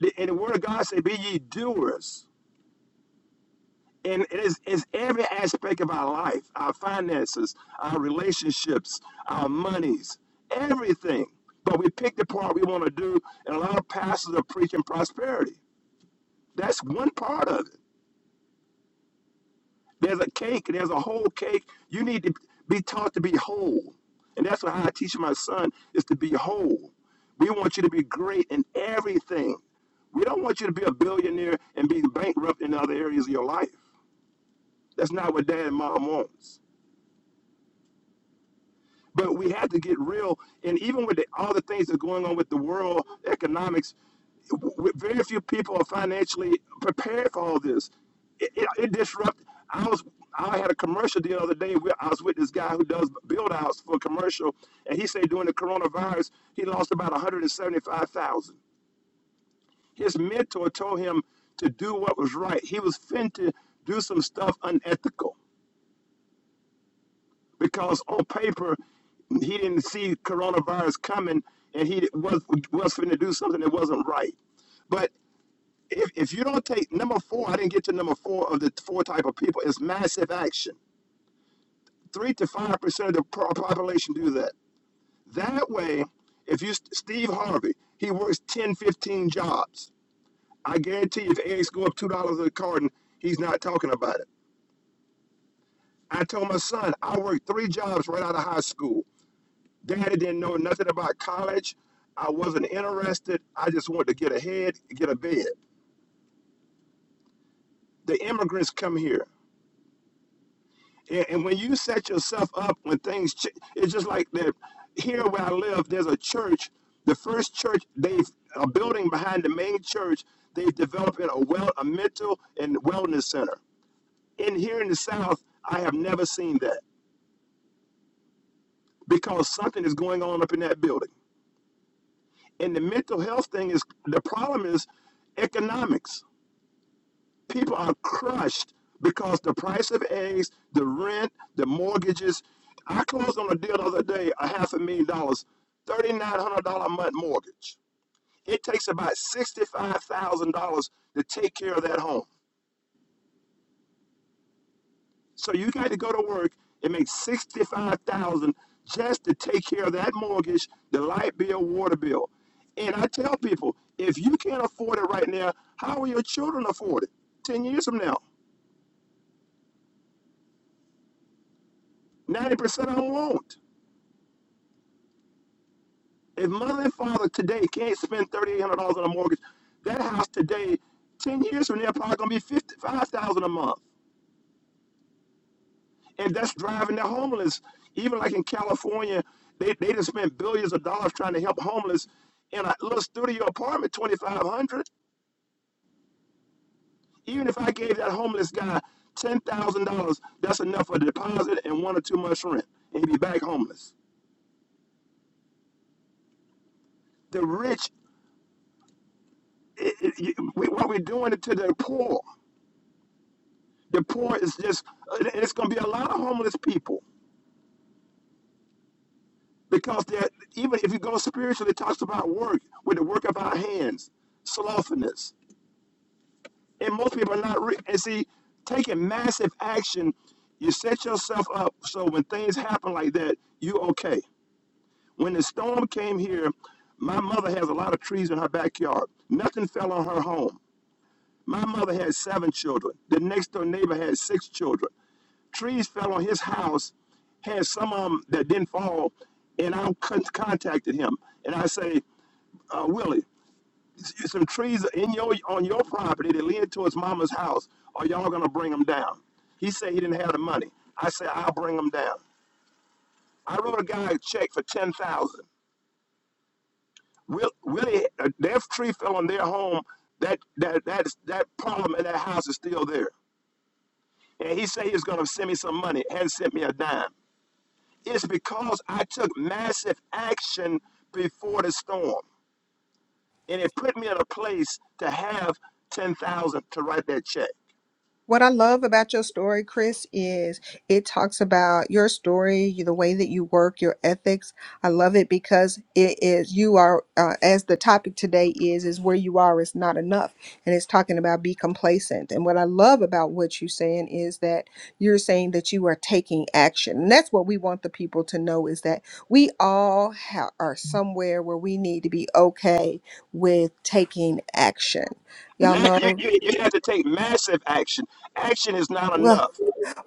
Speaker 10: The- And the Word of God say, "Be ye doers." and it is it's every aspect of our life, our finances, our relationships, our monies, everything. But we pick the part we want to do, and a lot of pastors are preaching prosperity. That's one part of it. There's a cake, there's a whole cake. You need to be taught to be whole. And that's what I teach my son is to be whole. We want you to be great in everything. We don't want you to be a billionaire and be bankrupt in other areas of your life. That's not what dad and mom wants. But we have to get real. And even with the, all the things that are going on with the world economics, very few people are financially prepared for all this. It, it, it disrupt. I was I had a commercial deal the other day. Where I was with this guy who does build outs for a commercial, and he said during the coronavirus he lost about one hundred and seventy five thousand. His mentor told him to do what was right. He was fin to do some stuff unethical. because on paper he didn't see coronavirus coming and he was was going to do something that wasn't right but if, if you don't take number four i didn't get to number four of the four type of people it's massive action three to five percent of the population do that that way if you steve harvey he works 10 15 jobs i guarantee if eggs go up two dollars a carton he's not talking about it i told my son i worked three jobs right out of high school Daddy didn't know nothing about college. I wasn't interested. I just wanted to get ahead, get a bed. The immigrants come here. And, and when you set yourself up, when things, ch- it's just like that. Here where I live, there's a church. The first church, they've a building behind the main church. They've developed a well, a mental and wellness center. In here in the South, I have never seen that because something is going on up in that building. And the mental health thing is the problem is economics People are crushed because the price of eggs, the rent, the mortgages. I closed on a deal the other day, a half a million dollars, $3,900 a month mortgage. It takes about $65,000 to take care of that home. So you got to go to work and make 65000 just to take care of that mortgage, the light bill, water bill. And I tell people, if you can't afford it right now, how will your children afford it 10 years from now? 90% of them won't. If mother and father today can't spend thirty eight hundred dollars on a mortgage, that house today, ten years from now, probably gonna be fifty five thousand dollars a month, and that's driving the homeless. Even like in California, they they just spent billions of dollars trying to help homeless in a little studio apartment, twenty five hundred. dollars. Even if I gave that homeless guy ten thousand dollars, that's enough for a deposit and one or two months rent, and he'd be back homeless. The rich, it, it, we, what we're doing to the poor. The poor is just, it's going to be a lot of homeless people because that even if you go spiritually, it talks about work with the work of our hands, slothfulness, and most people are not. Re- and see, taking massive action, you set yourself up so when things happen like that, you okay. When the storm came here, my mother has a lot of trees in her backyard. Nothing fell on her home. My mother had seven children. The next door neighbor had six children. trees fell on his house, had some of them that didn't fall, and I contacted him. And I say, uh, Willie, some trees in your on your property that lead towards Mama's house. Are y'all gonna bring them down? He said he didn't have the money. I said I'll bring them down. I wrote a guy a check for ten thousand. dollars. Will Willie, uh, their tree fell on their home. That that that that problem in that house is still there. And he said he was gonna send me some money. Hadn't sent me a dime. It's because I took massive action before the storm. And it put me in a place to have 10,000 to write that check.
Speaker 9: What I love about your story, Chris, is it talks about your story, you- the way that you work, your ethics. I love it because it is you are uh, as the topic today is is where you are is not enough, and it's talking about be complacent. And what I love about what you're saying is that you're saying that you are taking action, and that's what we want the people to know is that we all ha- are somewhere where we need to be okay with taking action. Y'all
Speaker 10: Ma- you,
Speaker 9: know.
Speaker 10: you, you have to take massive action. Action is not
Speaker 9: well.
Speaker 10: enough.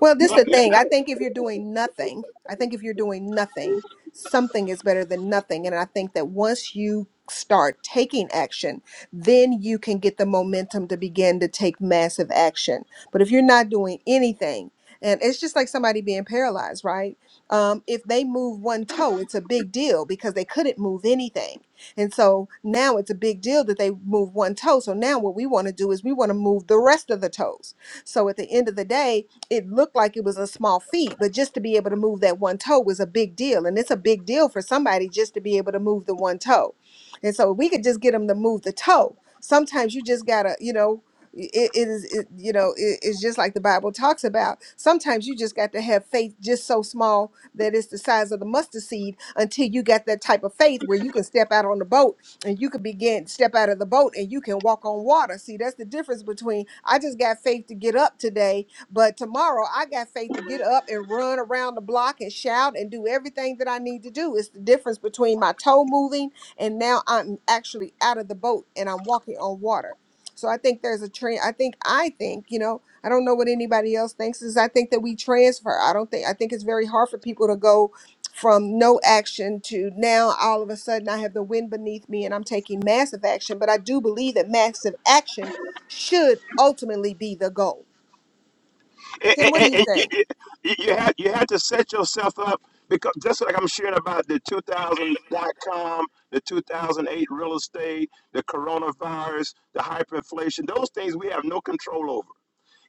Speaker 9: Well, this is
Speaker 10: Ma-
Speaker 9: the
Speaker 10: ma-
Speaker 9: thing. I think if you're doing nothing, I think if you're doing nothing, something is better than nothing. And I think that once you start taking action, then you can get the momentum to begin to take massive action. But if you're not doing anything, and it's just like somebody being paralyzed, right? Um, if they move one toe, it's a big deal because they couldn't move anything. And so now it's a big deal that they move one toe. So now what we want to do is we want to move the rest of the toes. So at the end of the day, it looked like it was a small feat, but just to be able to move that one toe was a big deal. And it's a big deal for somebody just to be able to move the one toe. And so if we could just get them to move the toe. Sometimes you just gotta, you know, it, it is, it, you know, it- it's just like the Bible talks about. Sometimes you just got to have faith just so small that it's the size of the mustard seed until you got that type of faith where you can step out on the boat and you can begin step out of the boat and you can walk on water. See, that's the difference between I just got faith to get up today but tomorrow I got faith to get up and run around the block and shout and do everything that I need to do. It's the difference between my toe moving and now I'm actually out of the boat and I'm walking on water. So I think there's a trend. I think I think, you know, I don't know what anybody else thinks is I think that we transfer. I don't think I think it's very hard for people to go from no action to now all of a sudden I have the wind beneath me and I'm taking massive action. But I do believe that massive action should ultimately be the goal
Speaker 10: and-
Speaker 9: Tim, what do
Speaker 10: and-
Speaker 9: you
Speaker 10: and You
Speaker 9: think?
Speaker 10: you- you have, you have to set yourself up because just like I'm sharing about the two thousand dot com, the 2008 real estate, the coronavirus, the hyperinflation, those things we have no control over.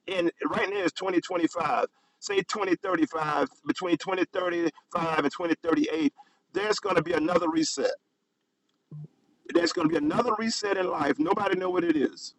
Speaker 10: and right now is 2025 say 2035 between 2035 and 2038 there's going to be another reset there's going to be another reset in life nobody know what it is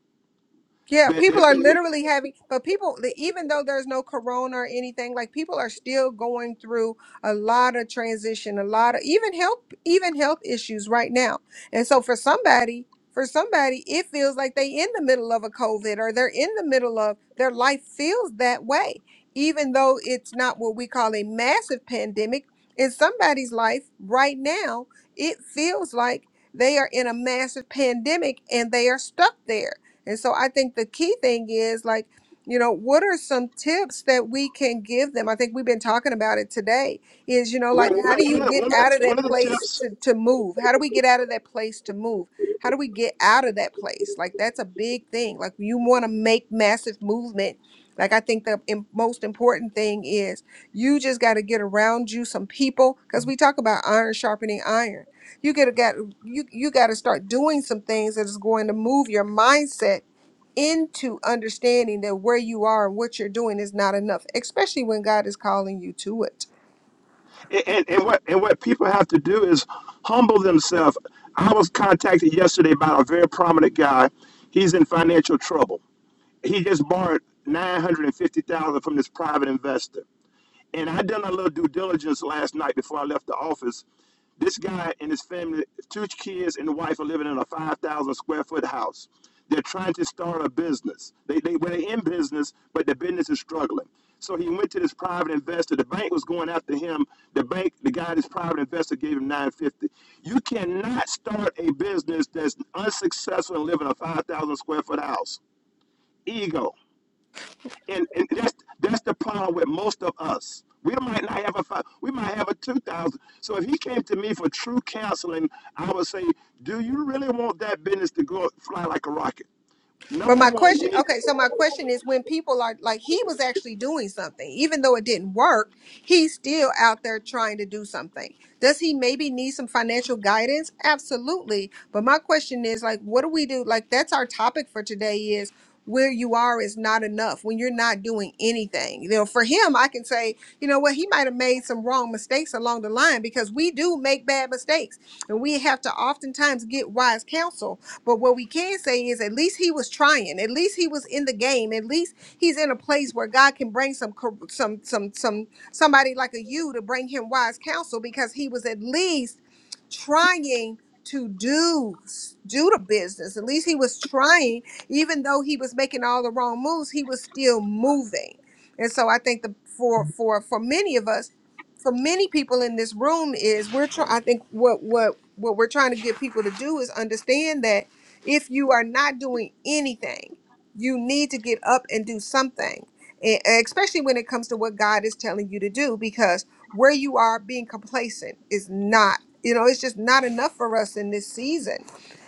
Speaker 9: Yeah,
Speaker 10: but
Speaker 9: people
Speaker 10: there's
Speaker 9: are
Speaker 10: going to be
Speaker 9: literally having, but people, the- even though there's no corona or anything, like people are still going through a lot of transition, a lot of even health, even health issues right now. And so for somebody, for somebody, it feels like they in the middle of a COVID or they're in the middle of their life feels that way, even though it's not what we call a massive pandemic. In somebody's life right now, it feels like they are in a massive pandemic and they are stuck there and so I think the key thing is like, you know, what are some tips that we can give them? I think we've been talking about it today is, you know,
Speaker 10: well,
Speaker 9: like
Speaker 10: well,
Speaker 9: how do you
Speaker 10: one, of the,
Speaker 9: get
Speaker 10: one, of the,
Speaker 9: out of
Speaker 10: one
Speaker 9: that
Speaker 10: of the
Speaker 9: place
Speaker 10: tips
Speaker 9: to, to move? How do we get out of that place to move? How do we get out of that place? Like that's a big thing. Like you want to make massive movement. Like I think the im- most important thing is you just got to get around you some people because we talk about iron sharpening iron you get got you you got to start doing some things that is going to move your mindset into understanding that where you are and what you're doing is not enough, especially when God is calling you to it.
Speaker 10: and, and, and what and what people have to do is humble themselves i was contacted yesterday by a very prominent guy he's in financial trouble he just borrowed 950000 from this private investor And I done a little due diligence last night before I left the office. This guy and his family, two kids and the wife, are living in a 5,000 square foot house. They're trying to start a business. They, they were in business, but the business is struggling. So he went to this private investor. The bank was going after him. The bank, the guy, this private investor gave him 950. You cannot start a business that's unsuccessful and live in a 5,000 square foot house. Ego and, and that's that's the problem with most of us. We might not have a five, we might have a two thousand. So if he came to me for true counseling, I would say, do you really want that business to go fly like a rocket?
Speaker 9: But
Speaker 10: Number
Speaker 9: my
Speaker 10: one,
Speaker 9: question,
Speaker 10: you need.
Speaker 9: okay, so my question is when people are like, he was actually doing something, even though it didn't work, he's still out there trying to do something. Does he maybe need some financial guidance? Absolutely. But my question is like, what do we do? Like, that's our topic for today is where you are is not enough when you're not doing anything. You know, for him, I can say, you know what, he might have made some wrong mistakes along the line because we do make bad mistakes and we have to oftentimes get wise counsel but what we can say is at least he was trying. At least he was in the game. At least he's in a place where God can bring some cor- some some some somebody like a you to bring him wise counsel because he was at least trying to do s- do the business. At least he was trying even though he was making all the wrong moves, he was still moving. And so I think the for for for many of us, for many people in this room is we're trying I think what what what we're trying to get people to do is understand that if you are not doing anything, you need to get up and do something, and and especially when it comes to what God is telling you to do, because where you are being complacent is not, you know, it's just not enough for us in this season.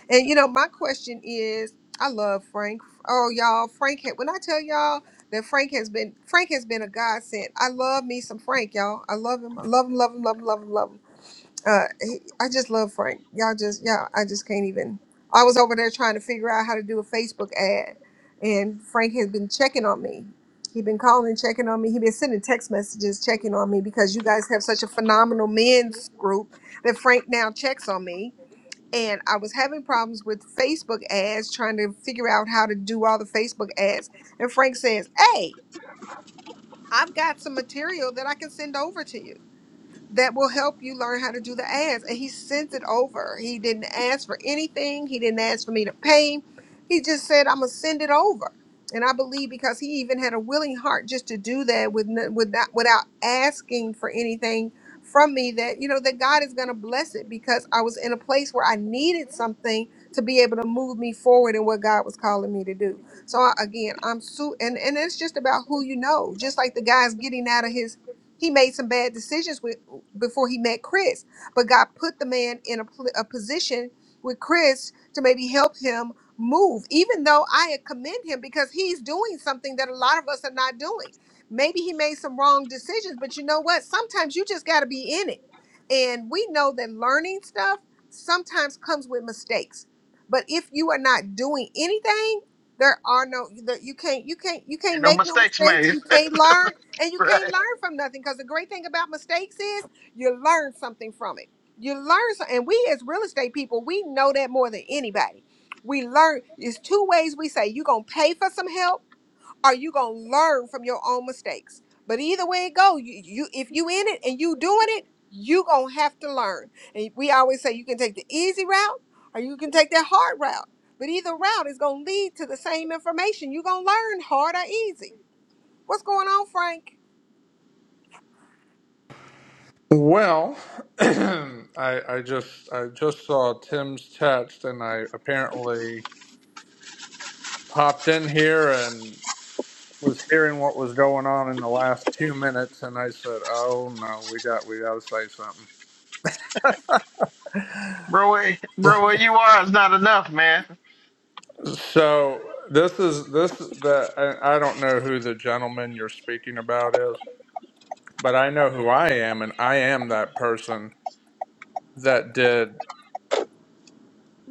Speaker 9: And, you know, my question is I love Frank. Oh, y'all, Frank, had- when I tell y'all, that Frank has been Frank has been a godsend. I love me some Frank, y'all. I love him. I love him, love him, love him, love him, love him. Uh, he, I just love Frank. Y'all just, y'all, I just can't even. I was over there trying to figure out how to do a Facebook ad, and Frank has been checking on me. He's been calling, checking on me. He's been sending text messages, checking on me because you guys have such a phenomenal men's group that Frank now checks on me. And I was having problems with Facebook ads, trying to figure out how to do all the Facebook ads. And Frank says, Hey, I've got some material that I can send over to you that will help you learn how to do the ads. And he sent it over. He didn't ask for anything. He didn't ask for me to pay. He just said, I'm gonna send it over. And I believe because he even had a willing heart just to do that with, n- with not, without asking for anything from me that, you know, that God is gonna bless it because I was in a place where I needed something to be able to move me forward in what God was calling me to do. So I- again, I'm su and, and it's just about who you know, just like the guy's getting out of his he made some bad decisions with knew before he met Chris. But God put the man in a, pl- a position with Chris to maybe help him move, even though I commend him because he's doing something that a lot of us are not doing. Maybe he made some wrong decisions, but you know what? Sometimes you just got to be in it. And we know that learning stuff sometimes comes with mistakes. But if you are not doing anything, there are no there- you can't you can't you can't
Speaker 1: Ain't no
Speaker 9: make no
Speaker 1: mistakes
Speaker 9: mistakes.
Speaker 1: made.
Speaker 9: You can't learn and you can't
Speaker 1: right.
Speaker 9: learn from nothing because the great thing about mistakes is you learn something from it. You learn, so- and we as real estate people, we know that more than anybody. We learn. There's two ways we say you gonna pay for some help, or you gonna learn from your own mistakes. But either way it go, you, you if you in it and you doing it, you gonna have to learn. And we always say you can take the easy route, or you can take that hard route. But either route is gonna lead to the same information. You gonna learn hard or easy. What's going on, Frank?
Speaker 11: Well, I, I just I just saw Tim's text, and I apparently popped in here and was hearing what was going on in the last two minutes, and I said, "Oh no, we got we got to say something."
Speaker 1: Bro where, bro where you are is not enough, man.
Speaker 11: So this is this is the I, I don't know who the gentleman you're speaking about is, but I know who I am, and I am that person that did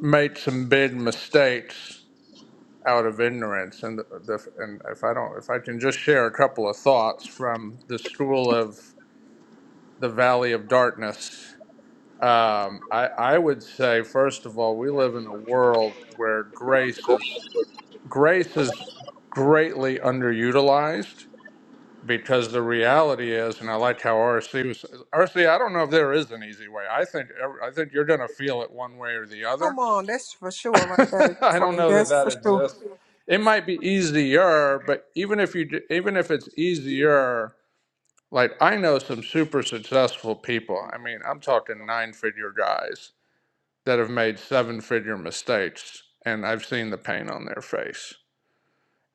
Speaker 11: made some big mistakes out of ignorance. And the, the and if I don't, if I can just share a couple of thoughts from the school of the Valley of Darkness, um, I I would say first of all, we live in a world where grace is grace is greatly underutilized because the reality is, and I like how RC was RC. I don't know if there is an easy way. I think I think you're going to feel it one way or the other
Speaker 9: Come on, that's for sure right there,
Speaker 11: I don't
Speaker 9: Frank.
Speaker 11: know that
Speaker 9: That's
Speaker 11: that
Speaker 9: for sure.
Speaker 11: exists. It might be easier, but even if you d- even if it's easier, like I know some super successful people. I mean, I'm talking nine figure guys that have made seven figure mistakes, and I've seen the pain on their face.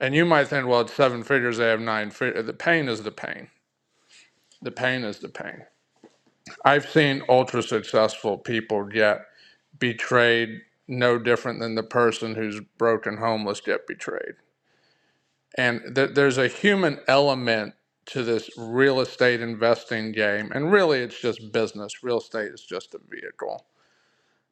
Speaker 11: And you might think, well, it's seven figures. They have nine figures. The pain is the pain. The pain is the pain. I've seen ultra successful people get betrayed no different than the person who's broken homeless get betrayed and there there's a human element to this real estate investing game and really it's just business real estate is just a vehicle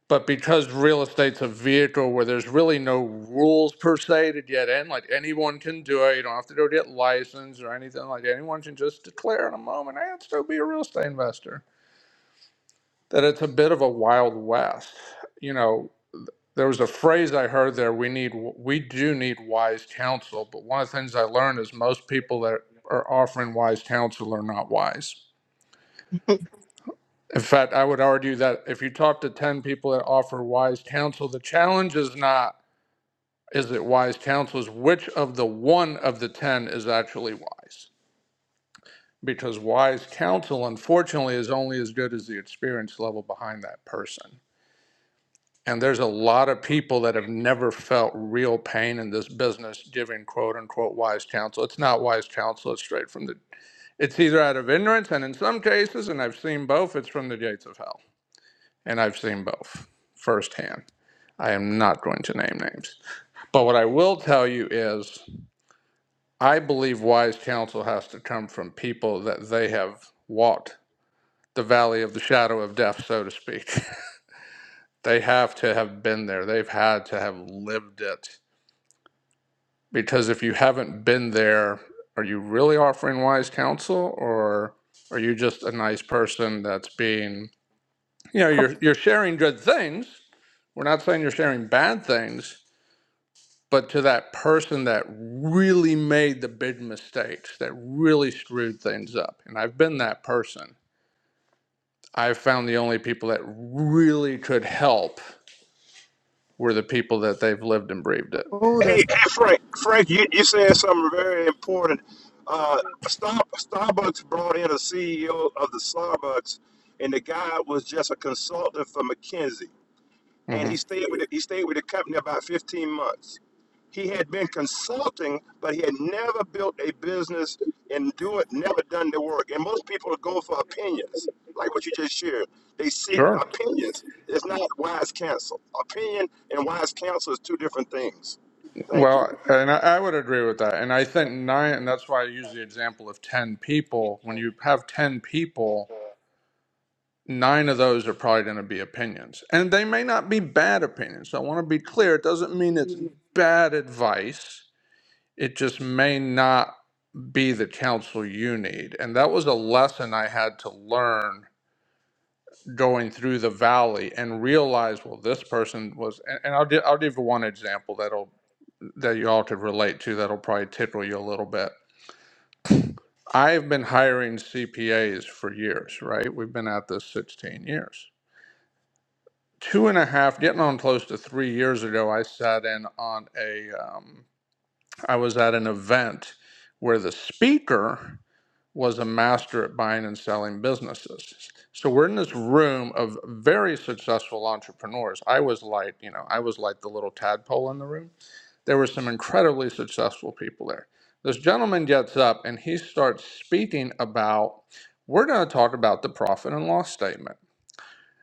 Speaker 11: but because real estate's a vehicle where there's really no rules per se to get in like anyone can do it you don't have to go get licensed or anything like that. anyone can just declare in a moment hey, i'd still be a real estate investor that it's a bit of a wild west you know there was a phrase I heard there. We need, we do need wise counsel. But one of the things I learned is most people that are offering wise counsel are not wise. In fact, I would argue that if you talk to 10 people that offer wise counsel, the challenge is not, is it wise counsel? Is which of the one of the 10 is actually wise? Because wise counsel, unfortunately, is only as good as the experience level behind that person. And there's a lot of people that have never felt real pain in this business giving quote unquote wise counsel. It's not wise counsel, it's straight from the, it's either out of ignorance, and in some cases, and I've seen both, it's from the gates of hell. And I've seen both firsthand. I am not going to name names. But what I will tell you is, I believe wise counsel has to come from people that they have walked the valley of the shadow of death, so to speak. they have to have been there, they've had to have lived it Because if you haven't been there, are you really offering wise counsel or are you just a nice person that's being, you know, you're, you're sharing good things. We're not saying you're sharing bad things, but to that person that really made the big mistakes, that really screwed things up. And I've been that person. I've found the only people that really could help were the people that they've lived and breathed it.
Speaker 9: Oh,
Speaker 10: Hey,
Speaker 9: that's.
Speaker 10: hey Frank, Frank, you, you said something very important. Uh, Star, Starbucks brought in a CEO of the Starbucks, and the guy was just a consultant for McKinsey. and
Speaker 11: hmm
Speaker 10: he stayed with the, he stayed with the company about 15 months. He had been consulting, but he had never built a business and do it, never done the work. And most people go for opinions, like what you just shared. They seek
Speaker 11: Sure.
Speaker 10: opinions. It's not wise counsel. Opinion and wise counsel is two different things. Thank you.
Speaker 11: Well, and I, I would agree with that. And I think nine, and that's why I use the example of 10 people. When you have 10 people, nine of those are probably going to be opinions. And they may not be bad opinions. so I want to be clear. It doesn't mean it's bad advice, it just may not be the counsel you need. And that was a lesson I had to learn going through the valley and realize well this person was and, and I'll, gi- I'll give one example that'll that you all could relate to that'll probably tickle you a little bit I've been hiring CPAs for years, right? We've been at this 16 years. Two and a half, getting on close to three years ago, I sat in on a, um, I was at an event where the speaker was a master at buying and selling businesses. So we're in this room of very successful entrepreneurs. I was like, you know, I was like the little tadpole in the room there were some incredibly successful people there. This gentleman gets up and he starts speaking about, we're going to talk about the profit and loss statement.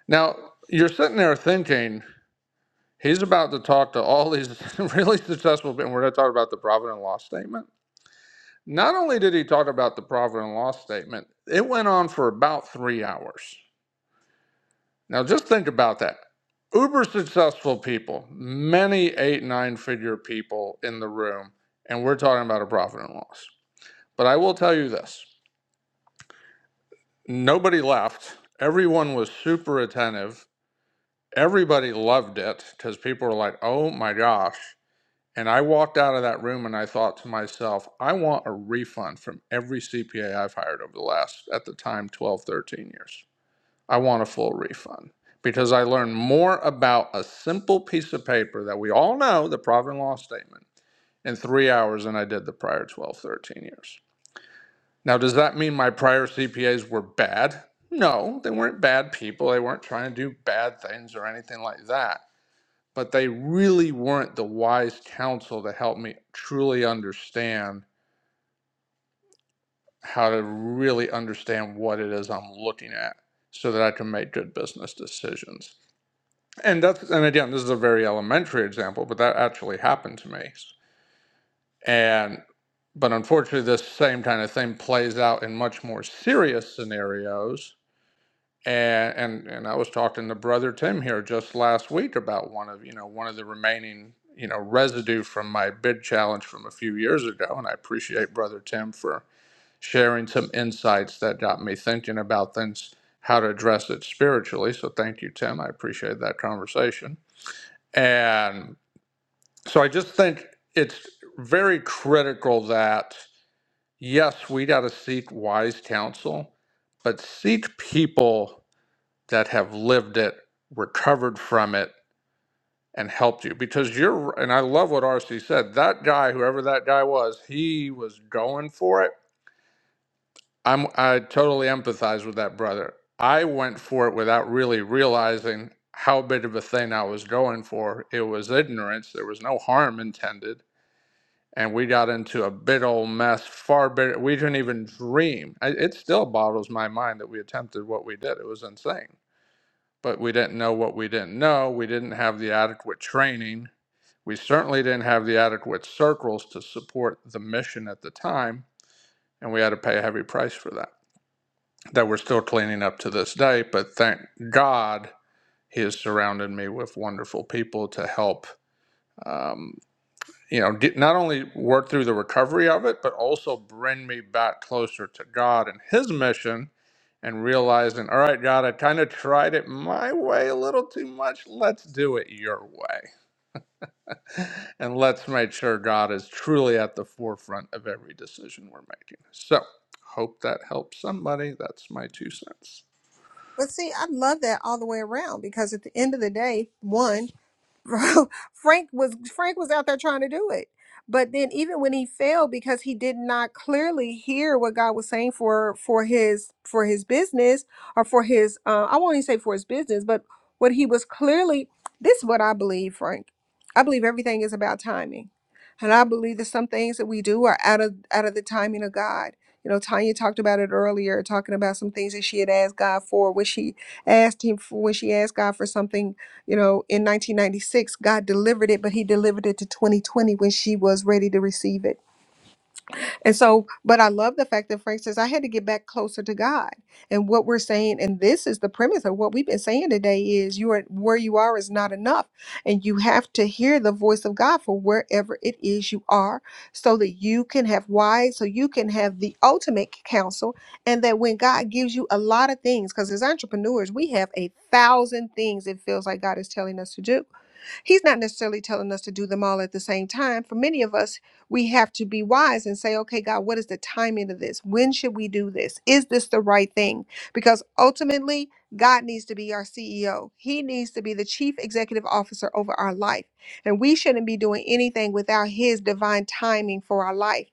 Speaker 11: Now, you're sitting there thinking, he's about to talk to all these really successful people, and we're going to talk about the profit and loss statement. Not only did he talk about the profit and loss statement, it went on for about three hours. Now, just think about that uber successful people, many eight, nine figure people in the room, and we're talking about a profit and loss. But I will tell you this nobody left. Everyone was super attentive. Everybody loved it because people were like, oh my gosh. And I walked out of that room and I thought to myself, I want a refund from every CPA I've hired over the last, at the time, 12, 13 years. I want a full refund because I learned more about a simple piece of paper that we all know, the profit and loss statement, in three hours than I did the prior 12, 13 years. Now, does that mean my prior CPAs were bad? No, they weren't bad people. They weren't trying to do bad things or anything like that. But they really weren't the wise counsel to help me truly understand how to really understand what it is I'm looking at so that I can make good business decisions. And that's, and again, this is a very elementary example, but that actually happened to me. And, but unfortunately, this same kind of thing plays out in much more serious scenarios And, and and I was talking to brother Tim here just last week about one of you know one of the remaining you know residue from my bid challenge from a few years ago, and I appreciate brother Tim for sharing some insights that got me thinking about things how to address it spiritually. So thank you, Tim. I appreciate that conversation. And so I just think it's very critical that yes, we got to seek wise counsel, but seek people that have lived it, recovered from it, and helped you. Because you're, and I love what RC said. That guy, whoever that guy was, he was going for it. I'm, I totally empathize with that brother. I went for it without really realizing how big of a thing I was going for. It was ignorance. There was no harm intended. And we got into a big old mess, far bigger. We didn't even dream. I- It still boggles my mind that we attempted what we did. It was insane. but we didn't know what we didn't know. We didn't have the adequate training. We certainly didn't have the adequate circles to support the mission at the time, and we had to pay a heavy price for that. That we're still cleaning up to this day, but thank God He has surrounded me with wonderful people to help. Um, you know, get, not only work through the recovery of it, but also bring me back closer to God and His mission and realizing, all right, God, I kind of tried it my way a little too much. Let's do it your way. And let's make sure God is truly at the forefront of every decision we're making. So, hope that helps somebody. That's my two cents.
Speaker 9: But see, I love that all the way around because at the end of the day, one, Frank was Frank was out there trying to do it. But then even when he failed because he did not clearly hear what God was saying for for his for his business or for his uh, I won't even say for his business, but what he was clearly this is what I believe, Frank. I believe everything is about timing. And I believe that some things that we do are out of out of the timing of God. You know, Tanya talked about it earlier, talking about some things that she had asked God for when she asked him for when she asked God for something you know, in 1996, God delivered it, but He delivered it to 2020 when she was ready to receive it. And so, but I love the fact that Frank says, I had to get back closer to God. And what we're saying, and this is the premise of what we've been saying today, is you are where you are is not enough. And you have to hear the voice of God for wherever it is you are so that you can have wise, so you can have the ultimate counsel. And that when God gives you a lot of things, because as entrepreneurs, we have a thousand things it feels like God is telling us to do He's not necessarily telling us to do them all at the same time. For many of us, we have to be wise and say, okay, God, what is the timing of this? When should we do this? Is this the right thing? Because ultimately, God needs to be our CEO. He needs to be the chief executive officer over our life. And we shouldn't be doing anything without His divine timing for our life.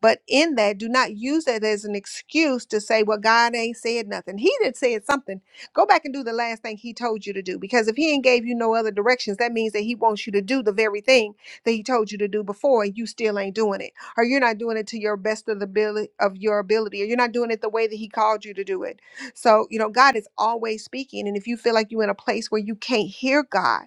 Speaker 9: But in that, do not use that as an excuse to say, well, God ain't said nothing. He did said something. Go back and do the last thing he told you to do because if he ain't gave you no other directions, that means that he wants you to do the very thing that he told you to do before and you still ain't doing it. Or you're not doing it to your best of the ability of your ability, or you're not doing it the way that he called you to do it. So, you know, God is always speaking. And if you feel like you're in a place where you can't hear God,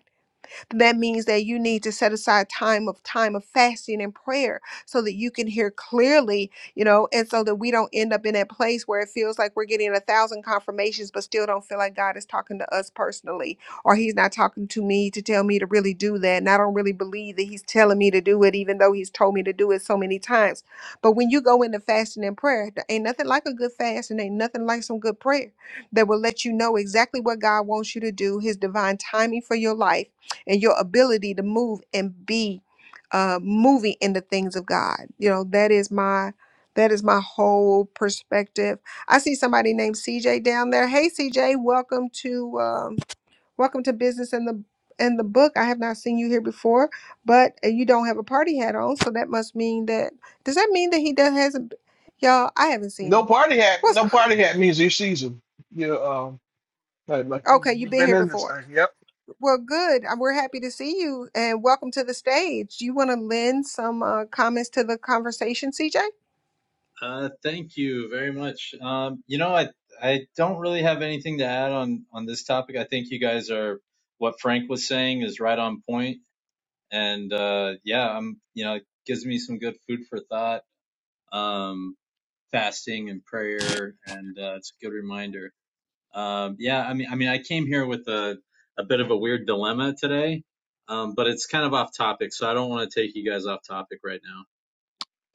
Speaker 9: that means that you need to set aside time of time of fasting and prayer so that you can hear clearly, you know, and so that we don't end up in that place where it feels like we're getting a thousand confirmations but still don't feel like God is talking to us personally or he's not talking to me to tell me to really do that. And I don't really believe that he's telling me to do it even though he's told me to do it so many times. But when you go into fasting and prayer, there ain't nothing like a good fast and ain't nothing like some good prayer that will let you know exactly what God wants you to do, his divine timing for your life and your ability to move and be uh, moving in the things of God. You know, that is my that is my whole perspective. I see somebody named CJ down there. Hey CJ, welcome to um, welcome to business in the in the book. I have not seen you here before, but uh, you don't have a party hat on, so that must mean that does that mean that he does hasn't y'all? I haven't seen
Speaker 1: No
Speaker 9: him.
Speaker 1: party hat
Speaker 9: What's
Speaker 1: no party hat means your season. You um like, like you-
Speaker 9: okay? You've
Speaker 1: you've
Speaker 9: been
Speaker 1: been
Speaker 9: here
Speaker 1: in this
Speaker 9: before.
Speaker 1: thing. Yep.
Speaker 9: Well, good. Uh, We're happy to see you and welcome to the stage. You want to lend some uh, comments to the conversation, CJ?
Speaker 12: Uh, thank you very much. Um, you know, I I don't really have anything to add on on this topic. I think you guys are what Frank was saying is right on point, and uh, yeah, I'm you know it gives me some good food for thought. Um, fasting and prayer, and uh, it's a good reminder. Um, yeah, I mean, I mean, I came here with a a bit of a weird dilemma today, um, but it's kind of off topic, so I don't want to take you guys off topic right now.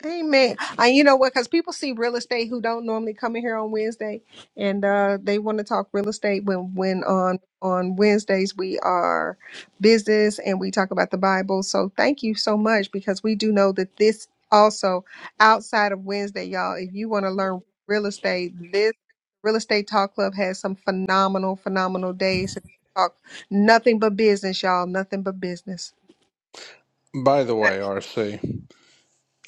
Speaker 9: Amen. And you know what? Because people see real estate who don't normally come in here on Wednesday, and uh, they want to talk real estate when when on on Wednesdays we are business and we talk about the Bible. So thank you so much because we do know that this also outside of Wednesday, y'all. If you want to learn real estate, this real estate talk club has some phenomenal, phenomenal days to talk nothing but business, y'all. Nothing but business.
Speaker 11: By the
Speaker 1: Eh,
Speaker 11: way, RC,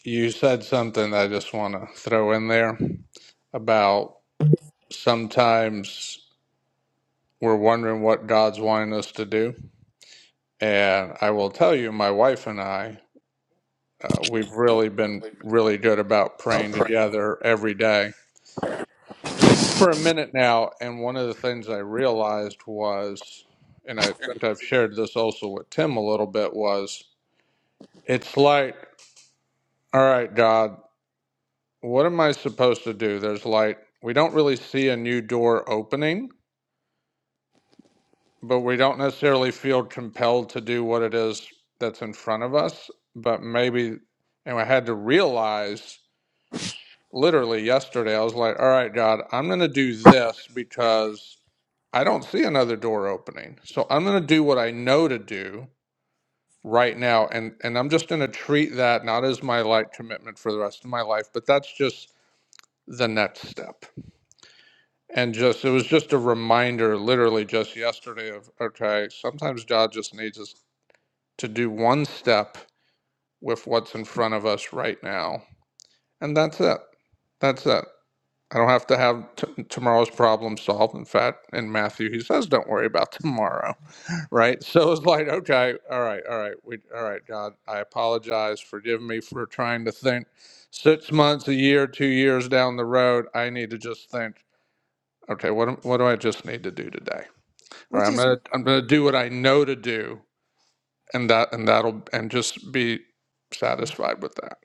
Speaker 11: you said something that I just want to throw in there about sometimes. we're wondering what God's wanting us to do. And I will tell you, my wife and I, uh, we've really been really good about praying together every day for a minute now. And one of the things I realized was, and I think I've shared this also with Tim a little bit, was it's like, all right, God, what am I supposed to do? There's like, we don't really see a new door opening but we don't necessarily feel compelled to do what it is that's in front of us. But maybe, and I had to realize literally yesterday, I was like, all right, God, I'm going to do this because I don't see another door opening. So I'm going to do what I know to do right now. And, and I'm just going to treat that not as my like commitment for the rest of my life, but that's just the next step. And just, it was just a reminder, literally just yesterday, of okay, sometimes God just needs us to do one step with what's in front of us right now. And that's it. That's it. I don't have to have t- tomorrow's problem solved. In fact, in Matthew, he says, "Don't worry about tomorrow." Right? So it's like, okay, all right, all right, we, all right, God, I apologize. Forgive me for trying to think six months, a year, two years down the road. I need to just think, okay, what am- what do I just need to do today? All right,
Speaker 9: Which
Speaker 11: I'm
Speaker 9: is.
Speaker 11: gonna I'm gonna do what I know to do and that and that'll and just be satisfied with that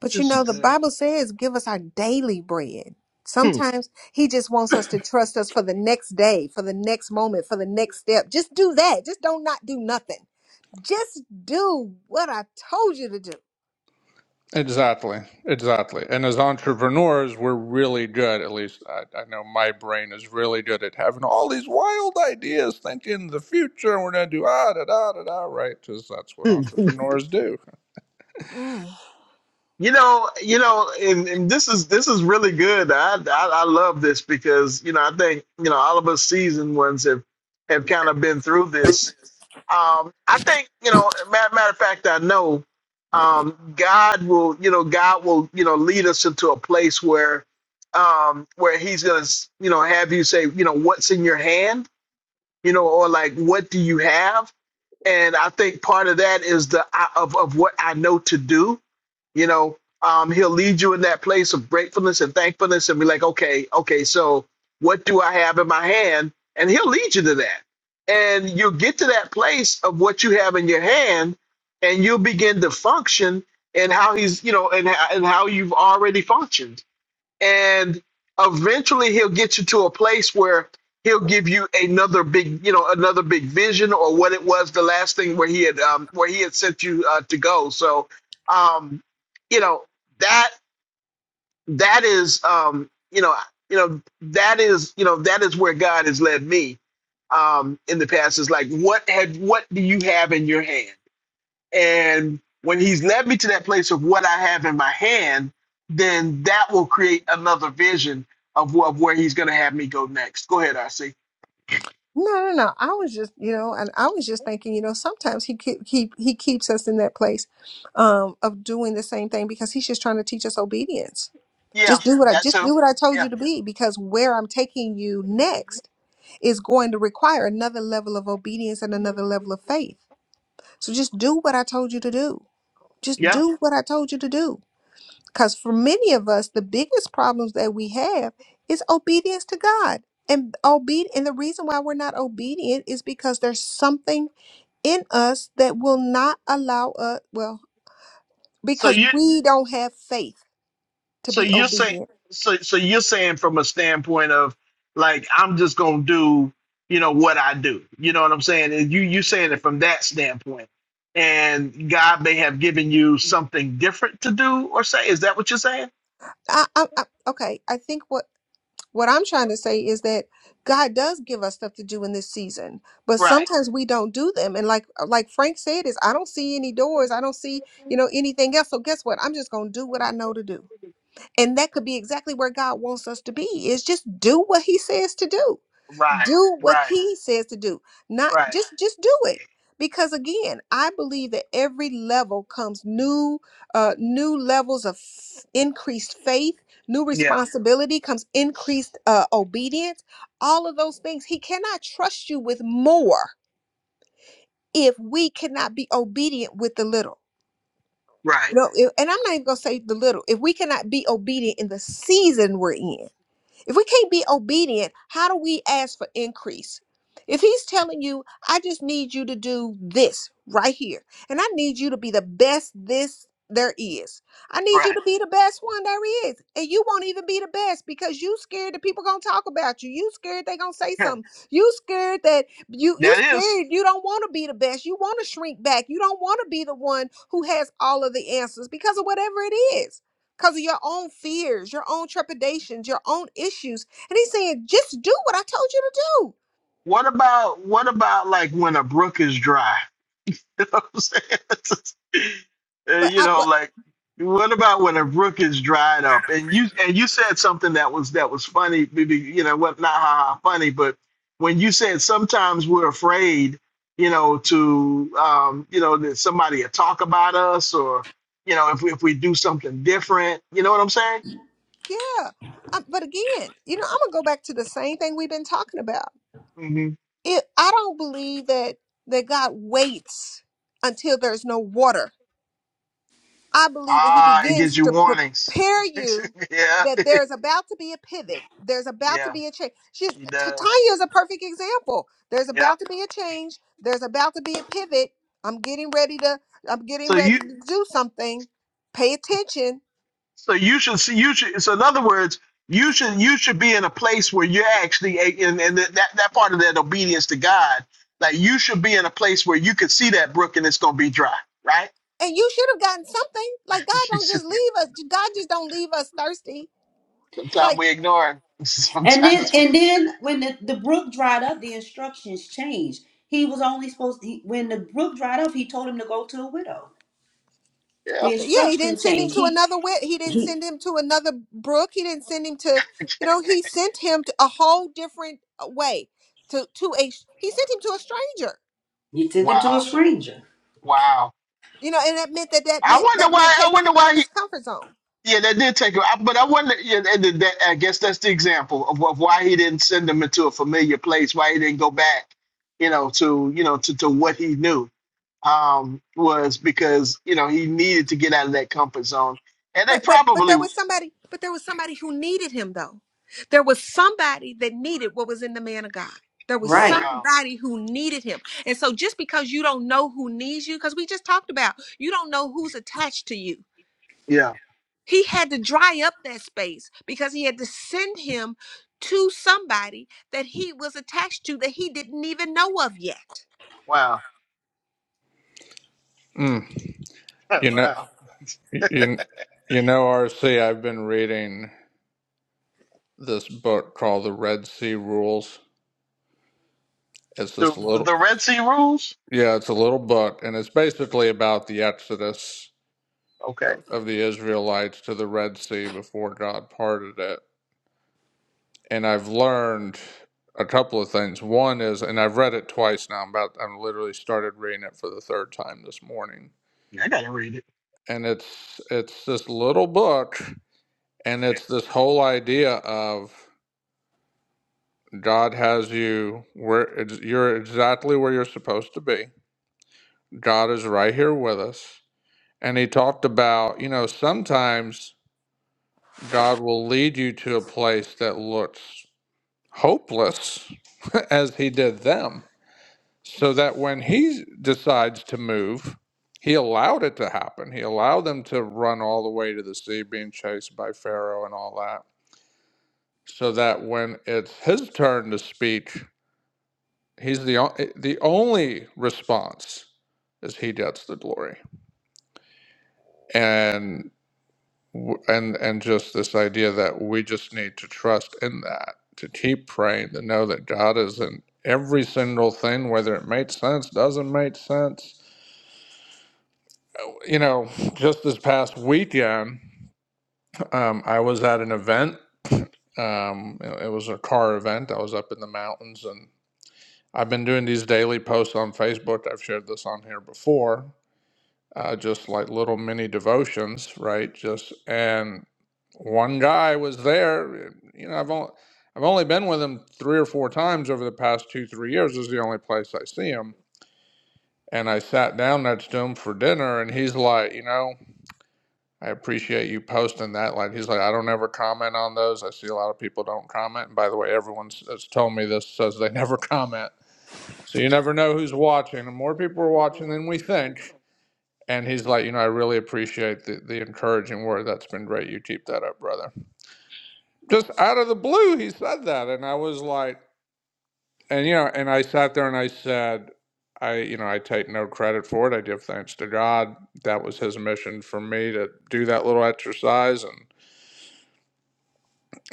Speaker 9: But you
Speaker 1: This is
Speaker 9: know, the
Speaker 1: good.
Speaker 9: Bible says, give us our daily bread.
Speaker 1: Hmm.
Speaker 9: Sometimes he just wants us to trust us for the next day, for the next moment, for the next step. Just do that. Just don't not do nothing. Just do what I told you to do.
Speaker 11: exactly exactly and as entrepreneurs we're really good at least I, I know my brain is really good at having all these wild ideas thinking the future and we're gonna do ah da da da da right because that's what entrepreneurs do
Speaker 9: Mm.
Speaker 1: You know, you know, and, and this is this is really good. I, I I love this because you know I think you know all of us seasoned ones have have kind of been through this. Um, I think you know, matter, matter of fact, I know um, God will you know God will you know lead us into a place where um, where He's gonna you know have you say you know what's in your hand you know or like what do you have and I think part of that is the I- of of what I know to do you know um, he'll lead you in that place of gratefulness and thankfulness and be like okay okay so what do i have in my hand and he'll lead you to that and you'll get to that place of what you have in your hand and you'll begin to function and how he's you know and, and how you've already functioned and eventually he'll get you to a place where he'll give you another big you know another big vision or what it was the last thing where he had um where he had sent you uh, to go so um you know that that is um you know you know that is you know that is where god has led me um in the past is like what had what do you have in your hand and when he's led me to that place of what I have in my hand, then that will create another vision of, wh- of where he's going to have me go next. Go ahead, RC.
Speaker 9: No, no, no. I was just, you know, and I was just thinking, you know, sometimes he keep, keep he keeps us in that place um of doing the same thing because he's just trying to teach us obedience.
Speaker 1: Yeah,
Speaker 9: Just do what I
Speaker 1: that
Speaker 9: just
Speaker 1: too.
Speaker 9: do what I told
Speaker 1: Yeah,
Speaker 9: you to be because where I'm taking you next is going to require another level of obedience and another level of faith. So just do what I told you to do. Just
Speaker 1: yeah.
Speaker 9: do what I told you to do. Because for many of us, the biggest problems that we have is obedience to God. And obe- and the reason why we're not obedient is because there's something in us that will not allow us, well,
Speaker 1: So you,
Speaker 9: because we don't have faith to
Speaker 1: so
Speaker 9: be
Speaker 1: you're saying,
Speaker 9: obedient.
Speaker 1: so so you're saying from a standpoint of like I'm just going to do, you know, what I do. You know what I'm saying? And you you saying it from that standpoint. And God may have given you something different to do or say. Is that what you're saying?
Speaker 9: I, I, I, okay, I think what What I'm trying to say is that God does give us stuff to do in this season, but
Speaker 1: Right.
Speaker 9: sometimes we don't do them. And like uh, like Frank said, is I don't see any doors, I don't see you know anything else. So guess what? I'm just gonna do what I know to do, and that could be exactly where God wants us to be. Is just do what He says to do
Speaker 1: Right.
Speaker 9: do what
Speaker 1: Right.
Speaker 9: he says to do not
Speaker 1: Right.
Speaker 9: just just do it because again i believe that every level comes new uh new levels of f- increased faith new
Speaker 1: Yeah.
Speaker 9: responsibility comes increased uh obedience all of those things he cannot trust you with more if we cannot be obedient with the little
Speaker 1: Right.
Speaker 9: you know if- and i'm not even gonna say the little if we cannot be obedient in the season we're in if we can't be obedient, how do we ask for increase? If he's telling you, I just need you to do this right here, and I need you to be the best this there is. I need you
Speaker 1: Right.
Speaker 9: to be the best one there is. And you won't even be the best because you scared that people gonna talk about you. You scared they gonna say
Speaker 1: Huh.
Speaker 9: something. You scared that you you
Speaker 1: that is.
Speaker 9: scared you don't want to be the best. You want to shrink back. You don't want to be the one who has all of the answers because of whatever it is because of your own fears, your own trepidations, your own issues. And he's saying, just do what I told you to do.
Speaker 1: What about what about like when a brook is dry? You know what I'm saying? Uh,
Speaker 9: But
Speaker 1: you
Speaker 9: I,
Speaker 1: know,
Speaker 9: what,
Speaker 1: like what about when a brook is dried up? And you and you said something that was that was funny. Maybe you know what? Not ha ha funny, but when you said sometimes we're afraid, you know, to um, you know that somebody will talk about us or you know if we, if we do something different. You know what I'm saying?
Speaker 9: yeah. Um, but again, you know, I'm gonna go back to the same thing we've been talking about.
Speaker 1: Mm-hmm.
Speaker 9: It, I don't believe that that God waits until there's no water. I believe that He
Speaker 1: Ah, he gives
Speaker 9: begins
Speaker 1: you
Speaker 9: to
Speaker 1: warnings.
Speaker 9: prepare you
Speaker 1: yeah,
Speaker 9: that there's about to be a pivot. There's about to
Speaker 1: yeah,
Speaker 9: be a change. She's
Speaker 1: he
Speaker 9: T-
Speaker 1: does.
Speaker 9: Tanya is a perfect example. There's
Speaker 1: Yep.
Speaker 9: about to be a change. There's about to be a pivot. I'm getting ready to. I'm getting
Speaker 1: So
Speaker 9: ready
Speaker 1: you,
Speaker 9: to do something. Pay attention
Speaker 1: so you should see. You should. So in other words, you should you should be in a place where you're actually a- in, in that that part of that obedience to God. Like you should be in a place where you could see that brook and it's gonna be dry, right?
Speaker 9: and you should have gotten something. Like God
Speaker 1: You
Speaker 9: don't
Speaker 1: should-
Speaker 9: just leave us. God just don't leave us thirsty.
Speaker 1: Sometimes
Speaker 9: Like
Speaker 1: we ignore it.
Speaker 5: And then
Speaker 1: Sometimes, we,
Speaker 5: and then when the, the brook dried up, the instructions changed. He was only supposed to, he, when the brook dried up, he told him to go to a widow.
Speaker 1: yeah.
Speaker 5: The
Speaker 9: yeah, he didn't
Speaker 5: instruction
Speaker 9: send him
Speaker 5: changed.
Speaker 9: to
Speaker 5: He
Speaker 9: another wit. He didn't
Speaker 5: he
Speaker 9: send him to another brook. He didn't send him to you know, he sent him to a whole different uh, way to to a he sent him to a stranger.
Speaker 5: he sent him to a
Speaker 1: Wow,
Speaker 5: stranger.
Speaker 1: wow.
Speaker 9: You know, and that meant that that
Speaker 1: I
Speaker 9: meant
Speaker 1: wonder
Speaker 9: that meant
Speaker 1: why. I
Speaker 9: taking
Speaker 1: wonder
Speaker 9: him out of
Speaker 1: why he.
Speaker 9: his comfort zone.
Speaker 1: Yeah, that did take him. I- But I wonder. Yeah, and then that, I guess that's the example of, of why he didn't send him into a familiar place. Why he didn't go back, you know, to you know to, to what he knew um, was because you know he needed to get out of that comfort zone. And they
Speaker 9: but but but
Speaker 1: probably,
Speaker 9: there
Speaker 1: um,
Speaker 9: was somebody but there was somebody who needed him though there was somebody that needed what was in the man of god there was
Speaker 5: Right.
Speaker 9: somebody who needed him and so just because you don't know who needs you because we just talked about you don't know who's attached to you
Speaker 1: yeah,
Speaker 9: he had to dry up that space because he had to send him to somebody that he was attached to that he didn't even know of yet
Speaker 1: wow,
Speaker 11: mm. you know
Speaker 1: wow.
Speaker 11: you, you know rc i've been reading this book called the red sea rules it's
Speaker 1: The,
Speaker 11: this
Speaker 1: the the
Speaker 11: little
Speaker 1: Red Sea rules.
Speaker 11: yeah it's a little book and it's basically about the exodus
Speaker 1: Okay,
Speaker 11: of, of the Israelites to the Red Sea before God parted it. And I've learned a couple of things. One is, and I've read it twice now. I'm about I'm literally started reading it for the third time this morning.
Speaker 1: Yeah, I gotta read it.
Speaker 11: And it's it's this little book, and it's this whole idea of God has you where it's, you're exactly where you're supposed to be. God is right here with us. And he talked about, you know, sometimes God will lead you to a place that looks hopeless as he did them, so that when he decides to move, he allowed it to happen. He allowed them to run all the way to the sea, being chased by Pharaoh and all that, so that when it's his turn to speak, he's the o- eh, the only response is he gets the glory. and. w- and and just this idea that we just need to trust in that to keep praying to know that god is in every single thing whether it makes sense doesn't make sense you know just this past weekend um, i was at an event um, it it was a car event i was up in the mountains and i've been doing these daily posts on facebook i've shared this on here before uh, just like little mini devotions, right? Just and one guy was there. You know, I've only I've only been with him three or four times over the past two three years. This is the only place I see him. And I sat down next to him for dinner, and he's like, you know, I appreciate you posting that. Like, he's like, I don't ever comment on those. I see a lot of people don't comment. And by the way, everyone that's told me this says they never comment. So you never know who's watching. And more people are watching than we think. And he's like, you know, I really appreciate the, the encouraging word. That's been great. You keep that up, brother. Just out of the blue, he said that. And I was like, and, you know, and I sat there and I said, I, you know, I take no credit for it. I give thanks to God. That was his mission for me to do that little exercise. And,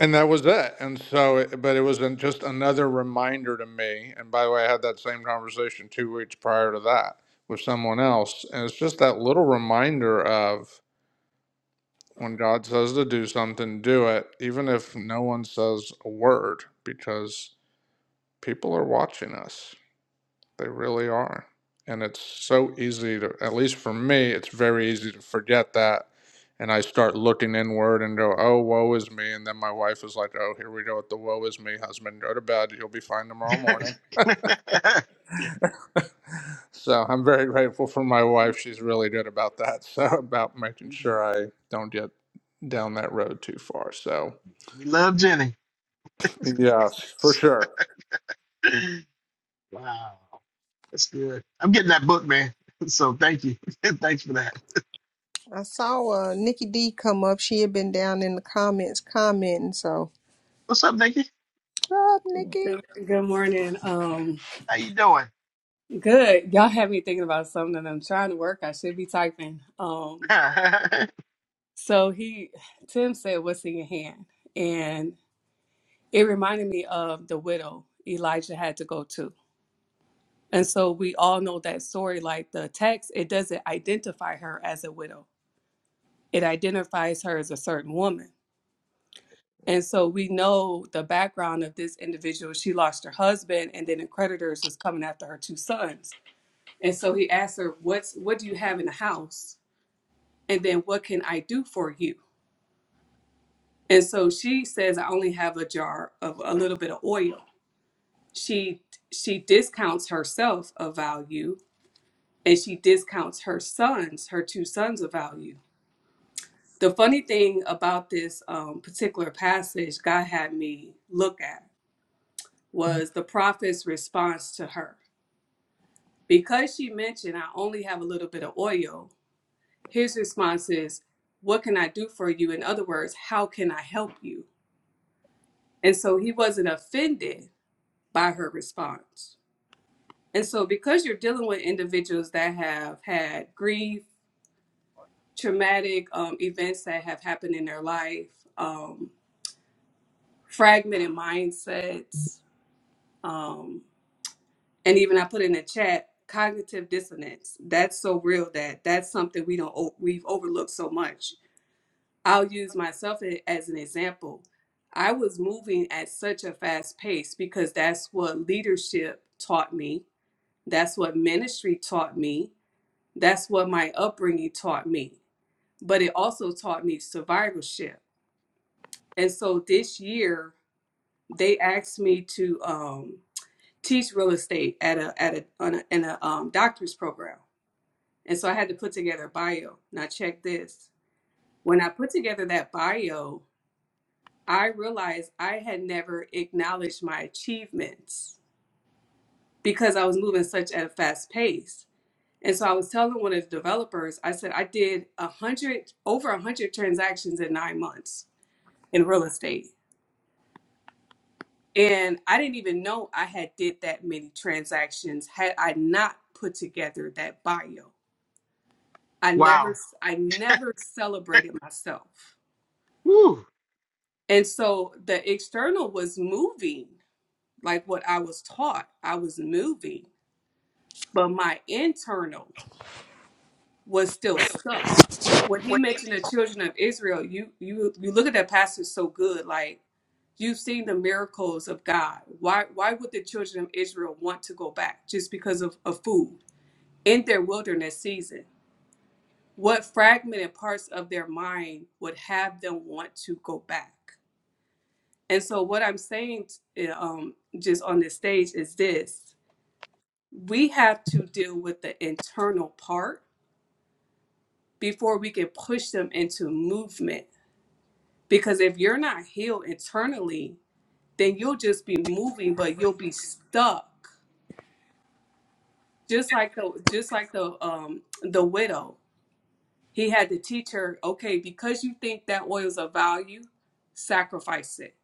Speaker 11: and that was it. And so, it, but it was an, just another reminder to me. And by the way, I had that same conversation two weeks prior to that with someone else. And it's just that little reminder of, when God says to do something, do it, even if no one says a word, because people are watching us. They really are. And it's so easy to, at least for me, it's very easy to forget that. And I start looking inward and go, oh, woe is me. And then my wife is like, oh, here we go with the woe is me husband. Go to bed. You'll be fine tomorrow morning. So I'm very grateful for my wife. She's really good about that. So, about making sure I don't get down that road too far. So,
Speaker 1: we love Jenny.
Speaker 11: Yes, for sure.
Speaker 1: wow. That's good. I'm getting that book, man. So thank you. Thanks for that.
Speaker 9: I saw uh, Nikki D come up. She had been down in the comments commenting. So,
Speaker 1: What's up, Nikki?
Speaker 9: what's up, Nikki?
Speaker 13: Good good morning. Um,
Speaker 1: How you doing?
Speaker 13: good. Y'all have me thinking about something. I'm trying to work. I should be typing. Um, so he, Tim said, "What's in your hand?" And it reminded me of the widow Elijah had to go to. And so we all know that story. Like the text, it doesn't identify her as a widow. It identifies her as a certain woman. And so we know the background of this individual. She lost her husband, and then the creditors was coming after her two sons. And so he asked her, "What's what do you have in the house? And then what can I do for you?" And so she says, "I only have a jar of a little bit of oil." She she discounts herself of value, and she discounts her sons, her two sons of value. The funny thing about this um, particular passage God had me look at was the prophet's response to her. Because she mentioned, I only have a little bit of oil, His response is, What can I do for you? In other words, how can I help you? And so he wasn't offended by her response. And so, because you're dealing with individuals that have had grief, traumatic um, events that have happened in their life, um, fragmented mindsets, um, and even I put in the chat cognitive dissonance. That's so real that that's something we don't o- we've overlooked so much I'll use myself a- as an example. I was moving at such a fast pace because that's what leadership taught me. That's what ministry taught me. That's what my upbringing taught me. But it also taught me survivorship. And so this year, they asked me to um, teach real estate at a at a, on a in a um, doctor's program. And so I had to put together a bio. Now check this. When I put together that bio, I realized I had never acknowledged my achievements because I was moving such at a fast pace. And so I was telling one of the developers, I said I did a hundred over a hundred transactions in nine months in real estate. And I didn't even know I had did that many transactions had I not put together that bio. I never
Speaker 1: wow.
Speaker 13: I never celebrated myself.
Speaker 1: Woo.
Speaker 13: And so the external was moving like what I was taught. I was moving but my internal was still stuck. When he mentioned the children of Israel, you you you look at that passage so good, like you've seen the miracles of God. Why why would the children of Israel want to go back just because of, of food in their wilderness season? What fragmented parts of their mind would have them want to go back? And so what I'm saying eh, um, just on this stage is this. We have to deal with the internal part before we can push them into movement. Because if you're not healed internally, then you'll just be moving, but you'll be stuck. Just like the just like the um the widow. He had to teach her, okay, because you think that oil's of value, sacrifice it.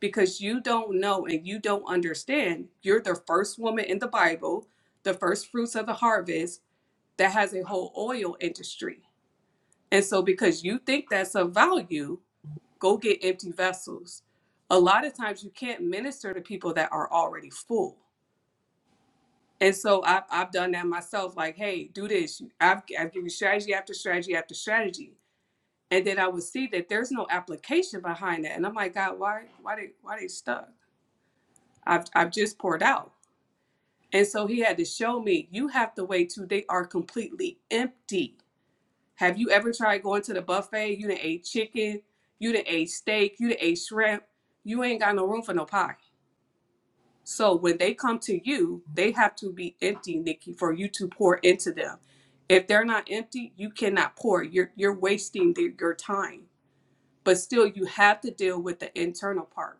Speaker 13: Because you don't know and you don't understand. You're the first woman in the Bible, the first fruits of the harvest that has a whole oil industry. And so because you think that's of value, Go get empty vessels. A lot of times you can't minister to people that are already full. And so I've, I've done that myself. Like, hey, do this. I've, I've given strategy after strategy after strategy. And then I would see that there's no application behind that. And I'm like, God, why, why they, why they stuck? I've, I've just poured out. And so he had to show me, you have to wait till they are completely empty. Have you ever tried going to the buffet? You done ate chicken, you done ate steak, you done ate shrimp. You ain't got no room for no pie So when they come to you, they have to be empty, Nikki, for you to pour into them. If they're not empty, you cannot pour. You're you're wasting their, your time. But still, you have to deal with the internal part.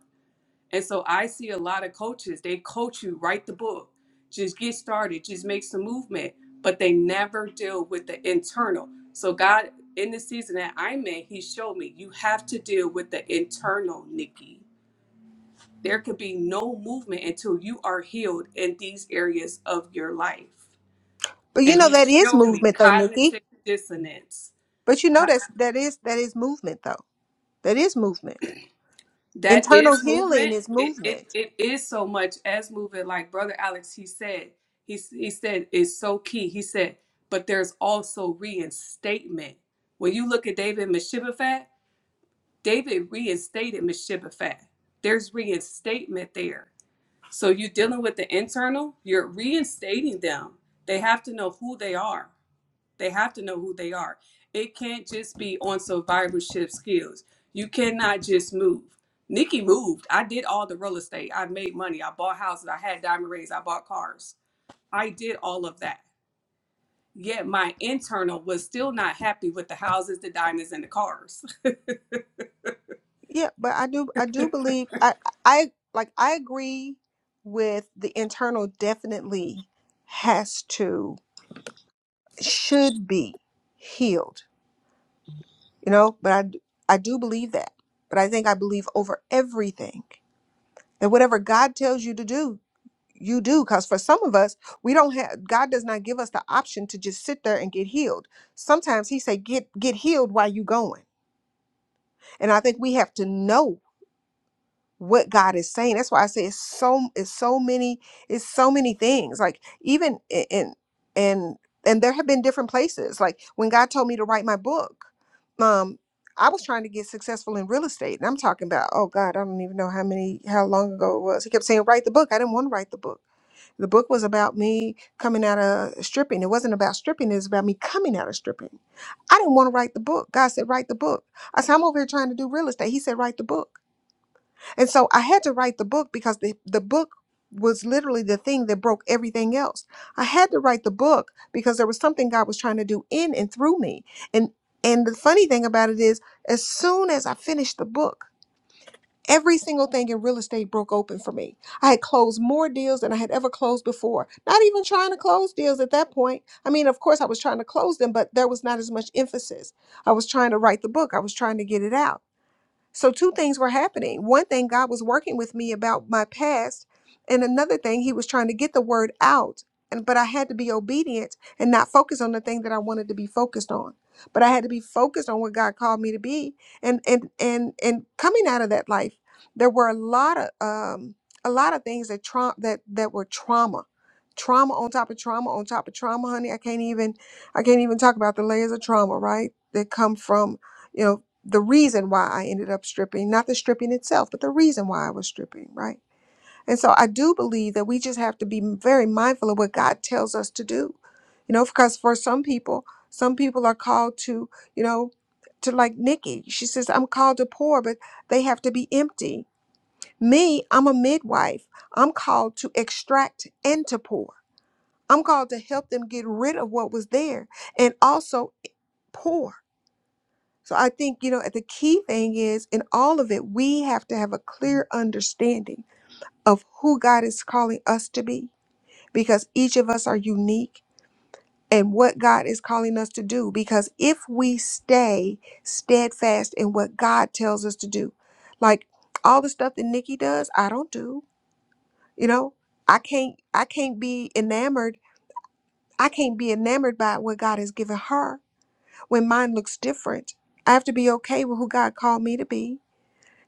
Speaker 13: And so I see a lot of coaches. They coach you write the book, just get started, just make some movement, but they never deal with the internal. So God, in the season that I'm in, He showed me you have to deal with the internal, Nikki there could be no movement until you are healed in these areas of your life.
Speaker 9: But you
Speaker 13: And
Speaker 9: know
Speaker 13: he
Speaker 9: that is
Speaker 13: showed me
Speaker 9: movement though,
Speaker 13: cognitive
Speaker 9: Nikki.
Speaker 13: dissonance.
Speaker 9: But you know
Speaker 13: Ha-
Speaker 9: that's that is that is movement though. That is movement.
Speaker 13: That
Speaker 9: Internal
Speaker 13: is
Speaker 9: healing
Speaker 13: movement.
Speaker 9: is
Speaker 13: It, it,
Speaker 9: movement.
Speaker 13: it is so much as movement. Like Brother Alex, he said, he, he said, it's so key. He said, but there's also reinstatement. When you look at David Meshibbethat, David reinstated Meshibbethat. There's reinstatement there So you're dealing with the internal, you're reinstating them. They have to know who they are. They have to know who they are. It can't just be on survivorship skills. You cannot just move. Nikki moved. I did all the real estate. I made money. I bought houses. I had diamond rings. I bought cars. I did all of that. Yet my internal was still not happy with the houses, the diamonds, and the cars.
Speaker 9: Yeah, but I do I do believe I I like I agree with the internal definitely has to should be healed, you know, but I d- I do believe that. But I think I believe over everything that whatever God tells you to do, you do because for some of us we don't have god does not give us the option to just sit there and get healed sometimes he say get get healed while you going and i think we have to know what god is saying that's why i say it's so it's so many it's so many things like even i- in and and there have been different places like when god told me to write my book um I was trying to get successful in real estate, and I'm talking about, oh God, I don't even know how many, how long ago it was. He kept saying, write the book. I didn't want to write the book. The book was about me coming out of stripping. It wasn't about stripping, it was about me coming out of stripping. I didn't want to write the book. God said, write the book. I said, I'm over here trying to do real estate. He said, write the book. And so I had to write the book because the, the book was literally the thing that broke everything else. I had to write the book because there was something God was trying to do in and through me. And and the funny thing about it is, as soon as I finished the book, Every single thing in real estate broke open for me. I had closed more deals than I had ever closed before. Not even trying to close deals at that point. I mean, of course, I was trying to close them, but there was not as much emphasis. I was trying to write the book, I was trying to get it out. So, two things were happening. One thing, God was working with me about my past, and another thing, He was trying to get the word out. And but I had to be obedient and not focus on the thing that I wanted to be focused on. But I had to be focused on what God called me to be. And and and and coming out of that life, there were a lot of um a lot of things that trauma that that were trauma. Trauma on top of trauma on top of trauma, honey. I can't even I can't even talk about the layers of trauma, right? That come from you know the reason why I ended up stripping, not the stripping itself, but the reason why I was stripping, right? And so I do believe that we just have to be very mindful of what God tells us to do. You know, because for some people, some people are called to, you know, to like Nikki. She says, I'm called to pour, but they have to be empty. Me, I'm a midwife. I'm called to extract and to pour. I'm called to help them get rid of what was there and also eh, pour so I think, you know, the key thing is in all of it, we have to have a clear understanding of who God is calling us to be because each of us are unique and what God is calling us to do. Because if we stay steadfast in what God tells us to do, like all the stuff that Nikki does, I don't do, you know, I can't, I can't be enamored. I can't be enamored by what God has given her when mine looks different. I have to be okay with who God called me to be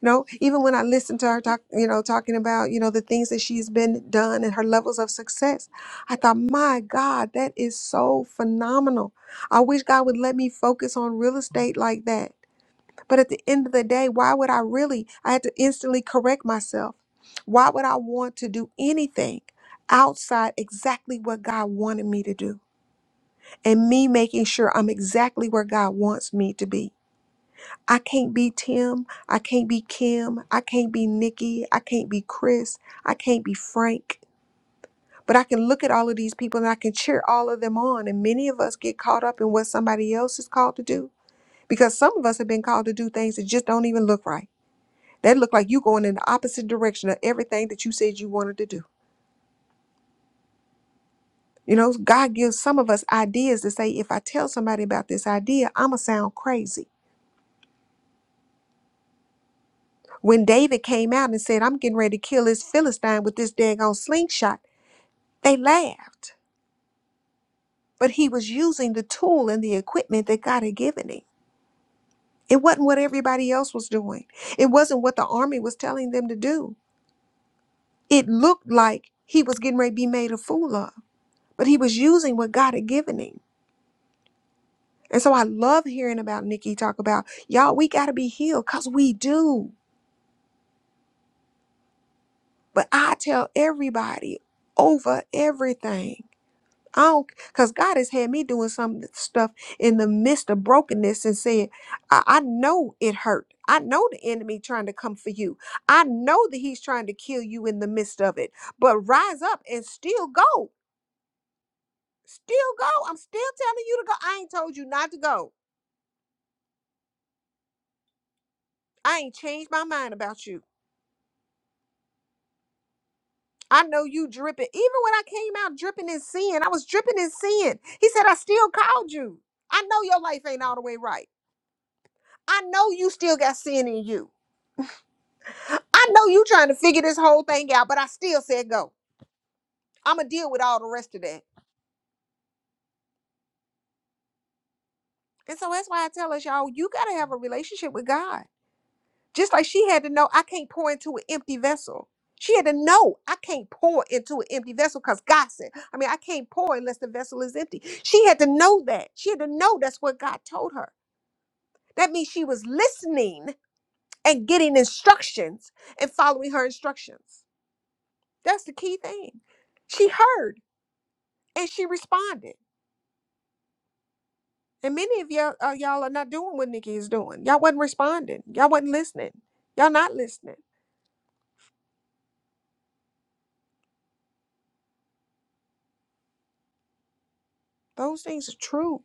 Speaker 9: No, even when I listened to her talk, you know, talking about, you know, the things that she's been done and her levels of success, I thought, my God, that is so phenomenal. I wish God would let me focus on real estate like that. But at the end of the day, why would I really? I had to instantly correct myself. Why would I want to do anything outside exactly what God wanted me to do and me making sure I'm exactly where God wants me to be? I can't be Tim. I can't be Kim. I can't be Nikki. I can't be Chris. I can't be Frank. But I can look at all of these people and I can cheer all of them on. And many of us get caught up in what somebody else is called to do because some of us have been called to do things that just don't even look right. They look like you going in the opposite direction of everything that you said you wanted to do. You know, God gives some of us ideas to say, if I tell somebody about this idea, I'm going to sound crazy. When David came out and said, I'm getting ready to kill this Philistine with this daggone slingshot, They laughed, but he was using the tool and the equipment that God had given him. It wasn't what everybody else was doing, it wasn't what the army was telling them to do. It looked like he was getting ready to be made a fool of, but he was using what God had given him. And so I love hearing about Nikki talk about, y'all, we got to be healed because we do. But I tell everybody over everything. I don't, because God has had me doing some stuff in the midst of brokenness and saying, I, I know it hurt. I know the enemy trying to come for you. I know that he's trying to kill you in the midst of it, but rise up and still go. Still go. I'm still telling you to go. I ain't told you not to go. I ain't changed my mind about you. I know you dripping. Even when I came out dripping in sin, I was dripping in sin. He said, I still called you. I know your life ain't all the way right. I know you still got sin in you. I know you trying to figure this whole thing out, but I still said go. I'm gonna deal with all the rest of that. And so that's why I tell us, y'all, you gotta have a relationship with God. Just like she had to know I can't pour into an empty vessel. She had to know I can't pour into an empty vessel because God said, I mean, I can't pour unless the vessel is empty. She had to know that. She had to know that's what God told her. That means she was listening and getting instructions and following her instructions. That's the key thing. She heard and she responded. And many of y'all, uh, y'all are not doing what Nikki is doing. Y'all wasn't responding. Y'all wasn't listening. Y'all not listening. Those things are true.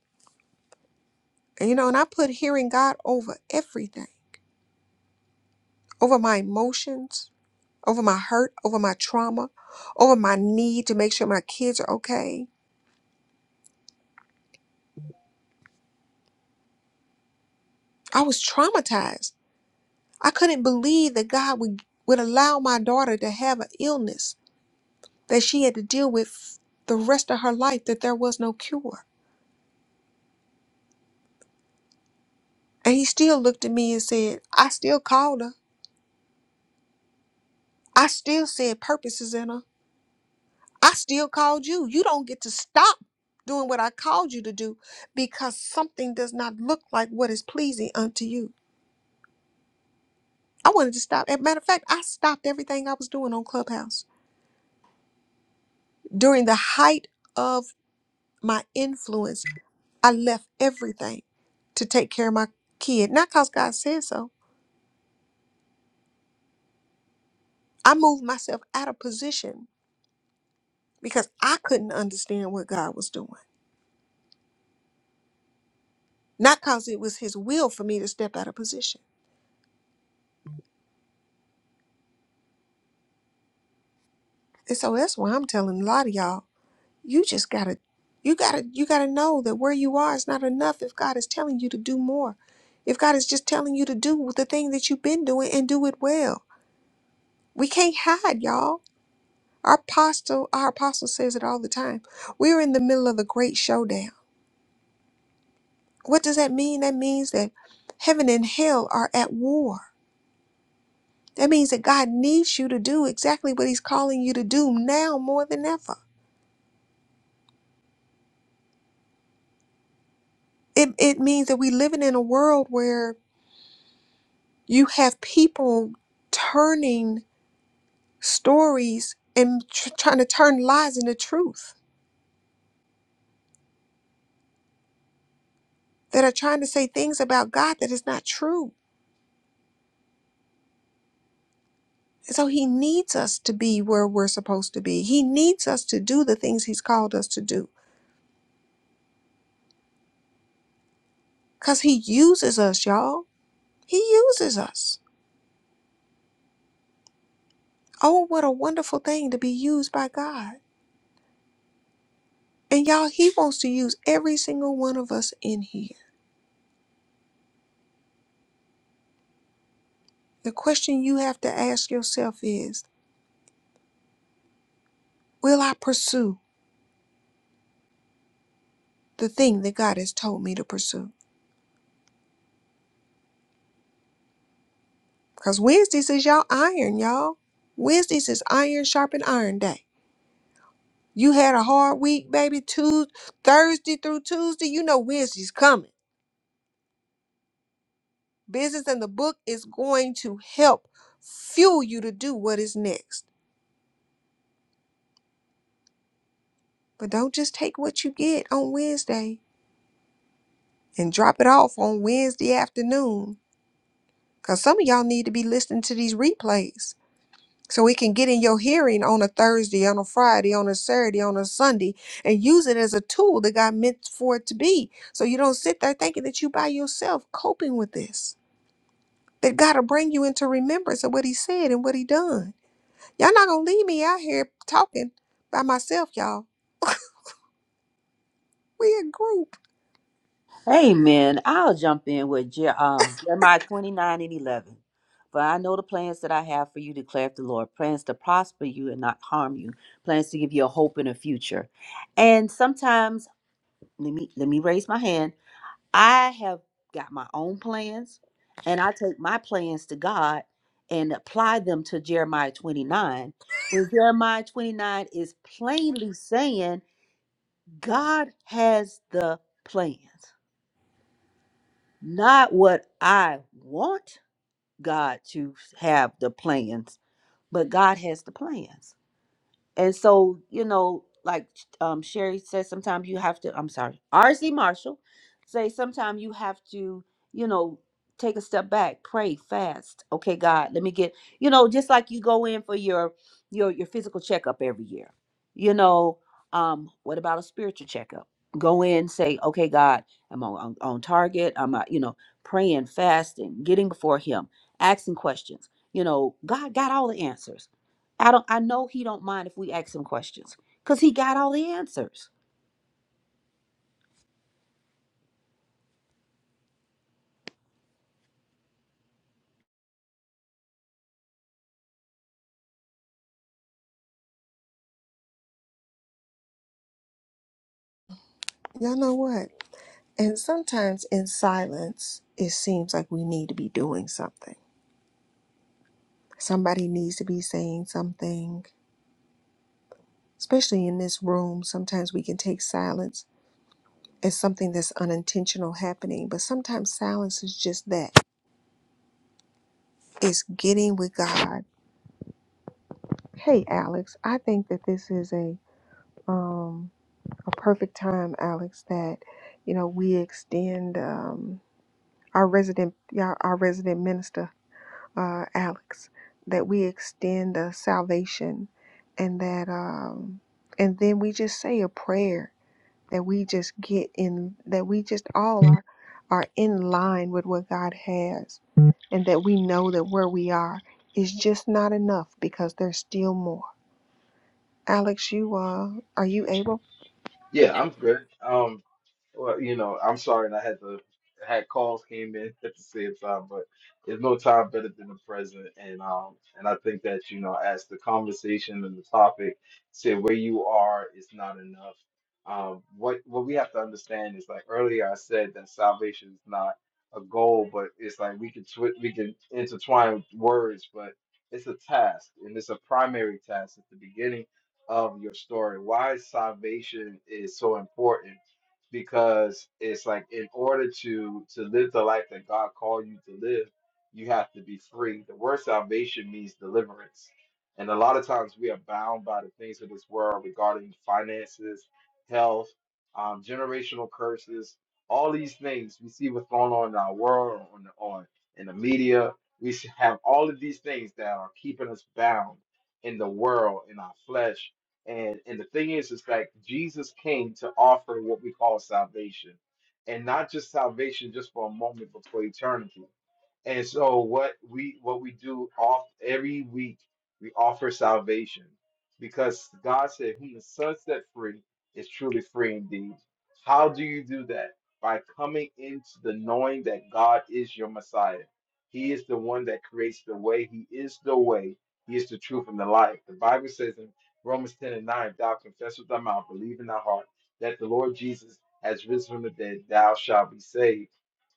Speaker 9: And, you know, and I put hearing God over everything, over my emotions, over my hurt, over my trauma, over my need to make sure my kids are okay. I was traumatized. I couldn't believe that God would, would allow my daughter to have an illness that she had to deal with the rest of her life, that there was no cure. And he still looked at me and said, I still called her. I still said purposes in her. I still called you. You don't get to stop doing what I called you to do because something does not look like what is pleasing unto you. I wanted to stop. As a matter of fact, I stopped everything I was doing on Clubhouse. During the height of my influence, I left everything to take care of my kid. Not because God said so. I moved myself out of position because I couldn't understand what God was doing. Not because it was his will for me to step out of position. And so that's why I'm telling a lot of y'all, you just gotta you gotta you gotta know that where you are is not enough if God is telling you to do more. If God is just telling you to do the thing that you've been doing and do it well. We can't hide, y'all. Our apostle, our apostle says it all the time. We're in the middle of a great showdown. What does that mean? That means that heaven and hell are at war. That means that God needs you to do exactly what he's calling you to do now more than ever. It, it means that we're living in a world where you have people turning stories and tr- trying to turn lies into truth that are trying to say things about God that is not true. And so he needs us to be where we're supposed to be. He needs us to do the things he's called us to do because he uses us, y'all. He uses us. Oh, what a wonderful thing to be used by God. And y'all, he wants to use every single one of us in here. The question you have to ask yourself is Will I pursue? the thing that God has told me to pursue. Because Wednesdays is y'all iron, y'all. Wednesdays is iron sharpen iron day. You had a hard week, baby. Tuesday, Thursday through Tuesday, you know Wednesday's coming. Business and the book is going to help fuel you to do what is next. But don't just take what you get on Wednesday and drop it off on Wednesday afternoon. Because some of y'all need to be listening to these replays So it can get in your hearing on a Thursday, on a Friday, on a Saturday, on a Sunday, and use it as a tool that God meant for it to be. So you don't sit there thinking that you by yourself coping with this. That God will bring you into remembrance of what He said and what He done. Y'all not gonna leave me out here talking by myself, y'all. We a group.
Speaker 5: Amen. I'll jump in with Je- um, Jeremiah 29 and 11. For I know the plans that I have for you, declares the Lord plans to prosper you and not harm you, plans to give you a hope and a future. And sometimes, let me, let me raise my hand. I have got my own plans, and I take my plans to God and apply them to Jeremiah 29. When Jeremiah 29 is plainly saying, God has the plans. not what I want God to have the plans, but God has the plans. And so, you know, like um, Sherry says, sometimes you have to, I'm sorry, R.C. Marshall say sometimes you have to, you know, take a step back, pray, fast. Okay, God, let me get, you know, just like you go in for your your your physical checkup every year. You know, um, what about a spiritual checkup? Go in, say, okay, God, I'm on, on, on target. I'm, uh, you know, praying, fasting, getting before Him, asking questions. You know, God got all the answers I don't I know he don't mind if we ask him questions because he got all the answers.
Speaker 9: Y'all know what? And sometimes in silence, it seems like we need to be doing something. Somebody needs to be saying something especially in this room, sometimes we can take silence as something that's unintentional happening, but sometimes silence is just that. It's getting with God. Hey, Alex, I think that this is a um a perfect time, Alex, that you know we extend um our resident yeah, our resident minister, uh, Alex, that we extend the salvation and that um and then we just say a prayer that we just get in that we just all are are in line with what God has and that we know that where we are is just not enough because there's still more. Alex, you uh are you able?
Speaker 2: Yeah, I'm good. Um, Well, you know, I'm sorry, and I had to had calls came in at the same time, but there's no time better than the present. And um, and I think that you know, as the conversation and the topic said, where you are is not enough. Um, what what we have to understand is like earlier I said that salvation is not a goal, but it's like we can twi- we can intertwine words, but it's a task and it's a primary task at the beginning of your story. Why salvation is so important because it's like in order to to live the life that God called you to live, you have to be free. The word salvation means deliverance. And a lot of times we are bound by the things of this world regarding finances, health, um, generational curses, all these things we see what's going on in our world, on the, on in the media. We should have all of these things that are keeping us bound in the world, in our flesh, and and the thing is, is that Jesus came to offer what we call salvation, and not just salvation just for a moment, but for eternity. And so what we what we do off every week, we offer salvation because God said, "Whom the Son set free is truly free indeed." How do you do that? By coming into the knowing that God is your Messiah. He is the one that creates the way. He is the way. He is the truth and the life. The Bible says in Romans 10 and 9, if thou confess with thy mouth, believe in thy heart that the Lord Jesus has risen from the dead, thou shalt be saved.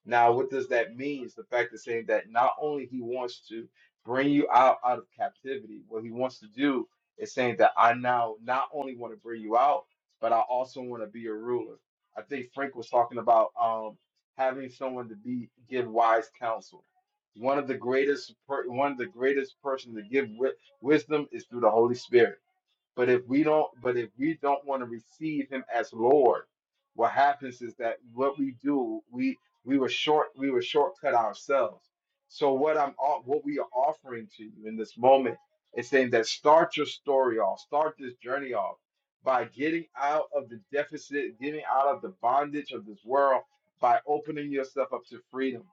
Speaker 2: Now, what does that mean? It's the fact of saying that not only he wants to bring you out, out of captivity, what he wants to do is saying that I now not only want to bring you out, but I also want to be a ruler. I think Frank was talking about um, having someone to be give wise counsel. One of the greatest, per, one of the greatest person to give wi- wisdom is through the Holy Spirit but if we don't, but if we don't want to receive him as Lord, what happens is that what we do, we we were short, we were shortcut ourselves. So what I'm off- what we are offering to you in this moment is saying that start your story off, start this journey off by getting out of the deficit, getting out of the bondage of this world by opening yourself up to freedom.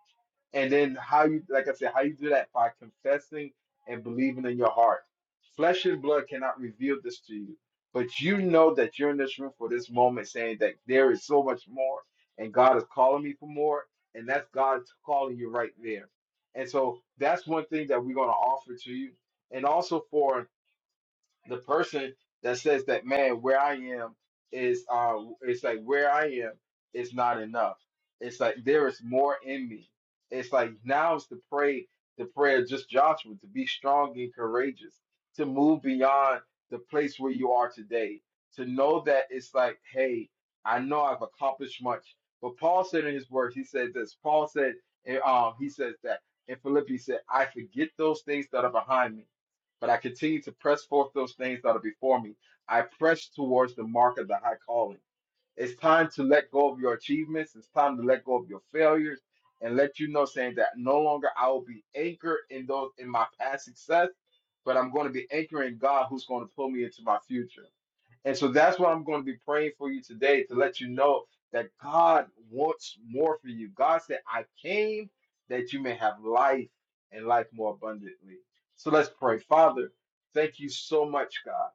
Speaker 2: And then how you, like I said, how you do that by confessing and believing in your heart. Flesh and blood cannot reveal this to you, but you know that you're in this room for this moment, saying that there is so much more, and God is calling me for more, and that's God calling you right there. And so that's one thing that we're going to offer to you, and also for the person that says that man where i am is uh it's like where i am is not enough it's like there is more in me it's like now is the pray the prayer of just joshua to be strong and courageous to move beyond the place where you are today to know that it's like hey i know i've accomplished much but paul said in his words he said this paul said and um he says that in philippians he said i forget those things that are behind me but I continue to press forth those things that are before me. I press towards the mark of the high calling. It's time to let go of your achievements. It's time to let go of your failures and let you know, saying that no longer I will be anchored in those in my past success, but I'm going to be anchoring God who's going to pull me into my future. And so that's what I'm going to be praying for you today to let you know that God wants more for you. God said, I came that you may have life and life more abundantly. So let's pray. Father, thank you so much, God.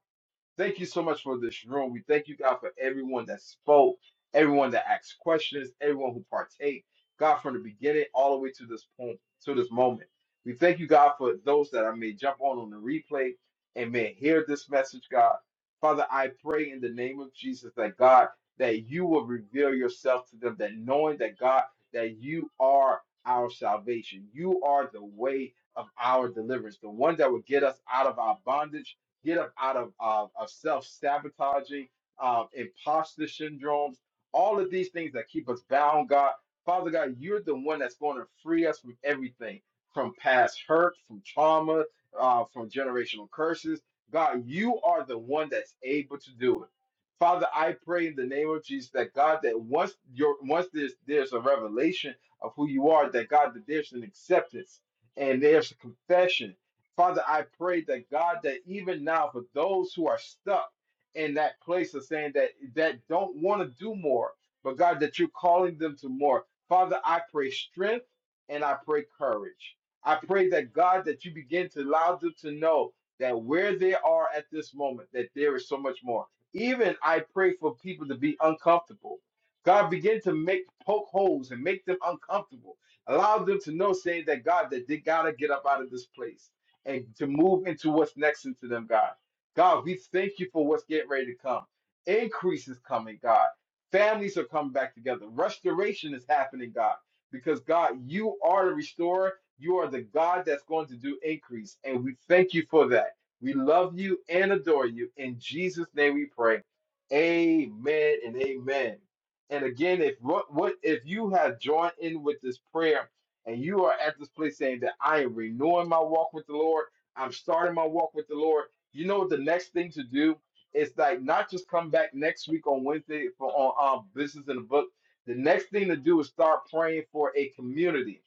Speaker 2: Thank you so much for this room. We thank you, God, for everyone that spoke, everyone that asked questions, everyone who partake, God, from the beginning all the way to this point, to this moment. We thank you, God, for those that I may jump on on the replay and may hear this message, God. Father, I pray in the name of Jesus that God, that you will reveal yourself to them, that knowing that God, that you are our salvation, you are the way of our deliverance, the one that will get us out of our bondage get up out of, of, of self sabotaging, uh, imposter syndromes, all of these things that keep us bound, God. Father God, you're the one that's going to free us from everything from past hurt, from trauma, uh, from generational curses. God, you are the one that's able to do it. Father, I pray in the name of Jesus that God, that once your once there's there's a revelation of who you are, that God, that there's an acceptance and there's a confession Father, I pray that God, that even now for those who are stuck in that place of saying that that don't want to do more, but God, that you're calling them to more. Father, I pray strength and I pray courage. I pray that God, that you begin to allow them to know that where they are at this moment, that there is so much more. Even I pray for people to be uncomfortable. God, begin to make poke holes and make them uncomfortable. Allow them to know, saying that God, that they gotta get up out of this place and to move into what's next into them, God. God, we thank you for what's getting ready to come. Increase is coming, God. Families are coming back together. Restoration is happening, God, because God, you are the restorer. You are the God that's going to do increase, and we thank you for that. We love you and adore you. In Jesus' name we pray. Amen and amen. And again, if what, what if you have joined in with this prayer and you are at this place saying that I am renewing my walk with the Lord, I'm starting my walk with the Lord, you know what the next thing to do is like not just come back next week on Wednesday for on um, business in the book. The next thing to do is start praying for a community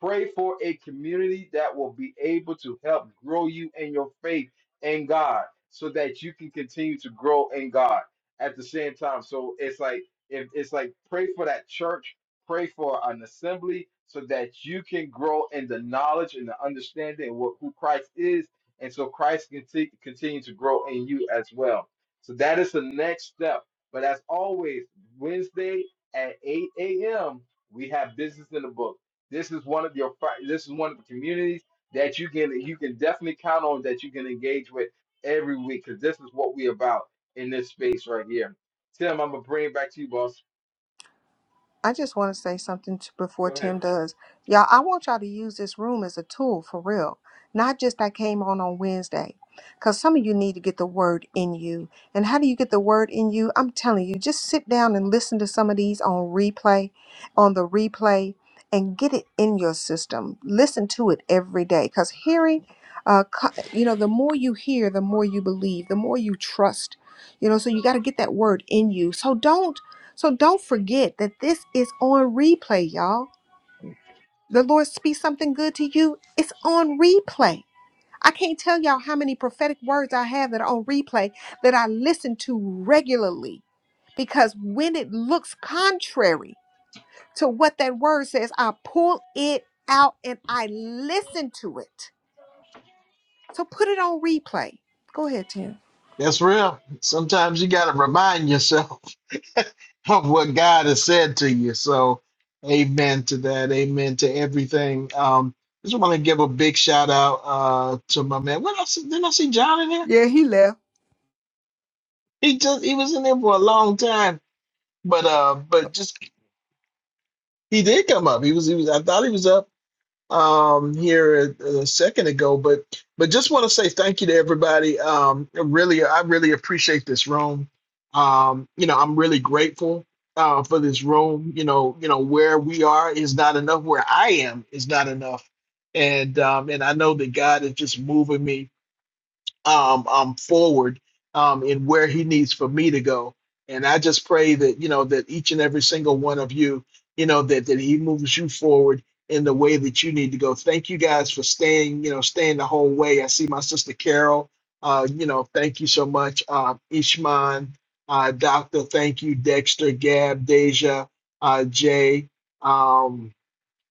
Speaker 2: Pray for a community that will be able to help grow you in your faith in God so that you can continue to grow in God at the same time. So it's like if it's like pray for that church, pray for an assembly so that you can grow in the knowledge and the understanding of what, who Christ is. And so Christ can t- continue to grow in you as well. So that is the next step. But as always, Wednesday at 8 a.m., we have business in the book. This is one of your fi- this is one of the communities that you can you can definitely count on that you can engage with every week because this is what we about in this space right here. Tim, I'm gonna bring it back to you, boss.
Speaker 9: I just want to say something to,
Speaker 2: Go
Speaker 9: before
Speaker 2: ahead.
Speaker 9: Tim does. Y'all, I want y'all to use this room as a tool for real, not just I came on on Wednesday. Because some of you need to get the word in you. And how do you get the word in you? I'm telling you, just sit down and listen to some of these on replay, on the replay, and get it in your system. Listen to it every day. Because hearing, uh, co- you know, the more you hear, the more you believe, the more you trust. You know, so you got to get that word in you. So don't so don't forget that this is on replay, y'all. The Lord speaks something good to you, it's on replay. I can't tell y'all how many prophetic words I have that are on replay that I listen to regularly because when it looks contrary to what that word says, I pull it out and I listen to it. So put it on replay. Go ahead, Tim.
Speaker 1: That's real. Sometimes you got to remind yourself of what God has said to you. So amen to that. Amen to everything. Um, just want to give a big shout out uh, to my man. What else? Didn't I see John in there?
Speaker 9: Yeah, he left.
Speaker 1: He just he was in there for a long time, but uh, but just he did come up. He was he was. I thought he was up um here a, a second ago but but just want to say thank you to everybody um really i really appreciate this room um you know i'm really grateful uh for this room you know you know where we are is not enough where i am is not enough and um and i know that god is just moving me um, um, forward um, in where he needs for me to go. And I just pray that you know that each and every single one of you, you know, that that he moves you forward in the way that you need to go. Thank you guys for staying, you know, staying the whole way. I see my sister Carol. Uh, you know, thank you so much, uh, Ishman, uh, Doctor. Thank you, Dexter, Gab, Deja, uh, Jay. Um,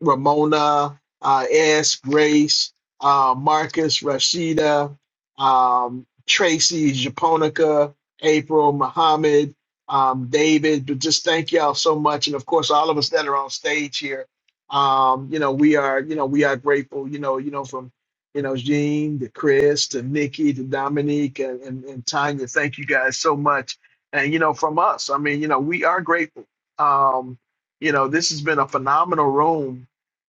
Speaker 1: Ramona, uh, S, Grace, uh, Marcus, Rashida, um, Tracy, Japonica, April, Muhammad, um, David. But just thank y'all so much, and of course, all of us that are on stage here. Um, you know, we are, you know, we are grateful. You know, you know, from you know, Jean to Chris to Nikki to Dominique and, and, and Tanya. Thank you guys so much. And you know, from us, I mean, you know, we are grateful. Um, you know, this has been a phenomenal room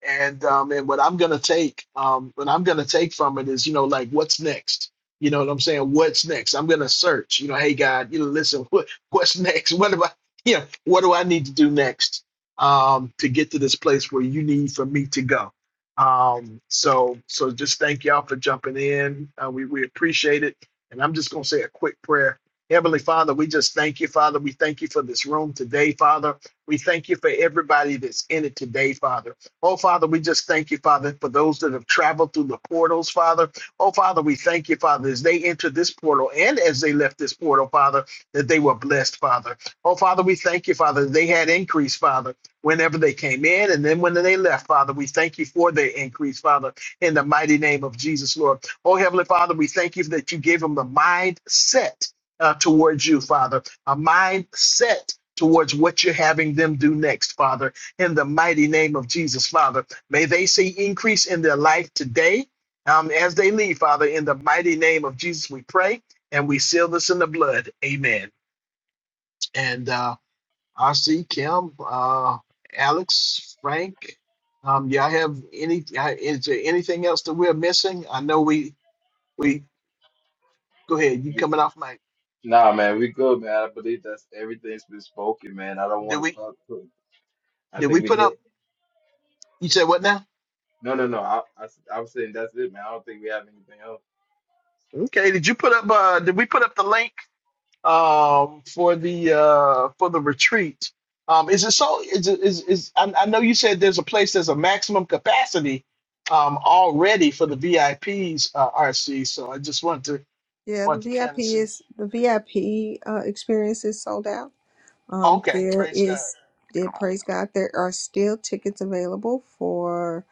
Speaker 1: and um and what I'm gonna take um what I'm gonna take from it is you know like what's next you know what I'm saying what's next I'm gonna search you know hey God you know listen what what's next what do I you know what do I need to do next um to get to this place where you need for me to go um so so just thank y'all for jumping in uh, we we appreciate it and I'm just gonna say a quick prayer Heavenly Father we just thank you Father we thank you for this room today Father we thank you for everybody that's in it today Father. Oh, Father, we just thank you, Father, for those that have traveled through the portals, Father. Oh, Father, we thank you, Father, as they entered this portal and as they left this portal, Father, that they were blessed, Father. Oh, Father, we thank you, Father, that they had increase, Father, whenever they came in and then when they left, Father. We thank you for their increase, Father, in the mighty name of Jesus, Lord. Oh, Heavenly Father, we thank you that you gave them the mindset uh, towards you, Father, a mindset towards what you're having them do next, Father in the mighty name of Jesus, Father. May they see increase in their life today um, as they leave, Father. In the mighty name of Jesus, we pray and we seal this in the blood. Amen. And uh, I see Kim, uh, Alex, Frank. Um, y'all have any? uh, Is there anything else that we're missing? I know we we go ahead. You coming off mic?
Speaker 2: Nah, man, we good, man. I believe that's everything's been spoken, man. I don't
Speaker 1: Did
Speaker 2: want to
Speaker 1: we
Speaker 2: clock. I
Speaker 1: did we
Speaker 2: think we
Speaker 1: put up?
Speaker 2: hit.
Speaker 1: You said what now?
Speaker 2: No, no, no. I, I, am saying that's it, man. I don't think we have anything else.
Speaker 1: Okay. Did you put up? Uh, did we put up the link? um, for the uh, for the retreat. Um, is it so? Is it, is is? I, I know you said there's a place there's a maximum capacity um, already for the VIPs uh, RC. So I just want to
Speaker 9: Yeah, the
Speaker 1: want to kind
Speaker 9: VIP
Speaker 1: of see.
Speaker 9: is the VIP uh, experience is sold out. Um,
Speaker 1: Okay,
Speaker 9: there
Speaker 1: praise God.
Speaker 9: is, there, praise God, there are still tickets available for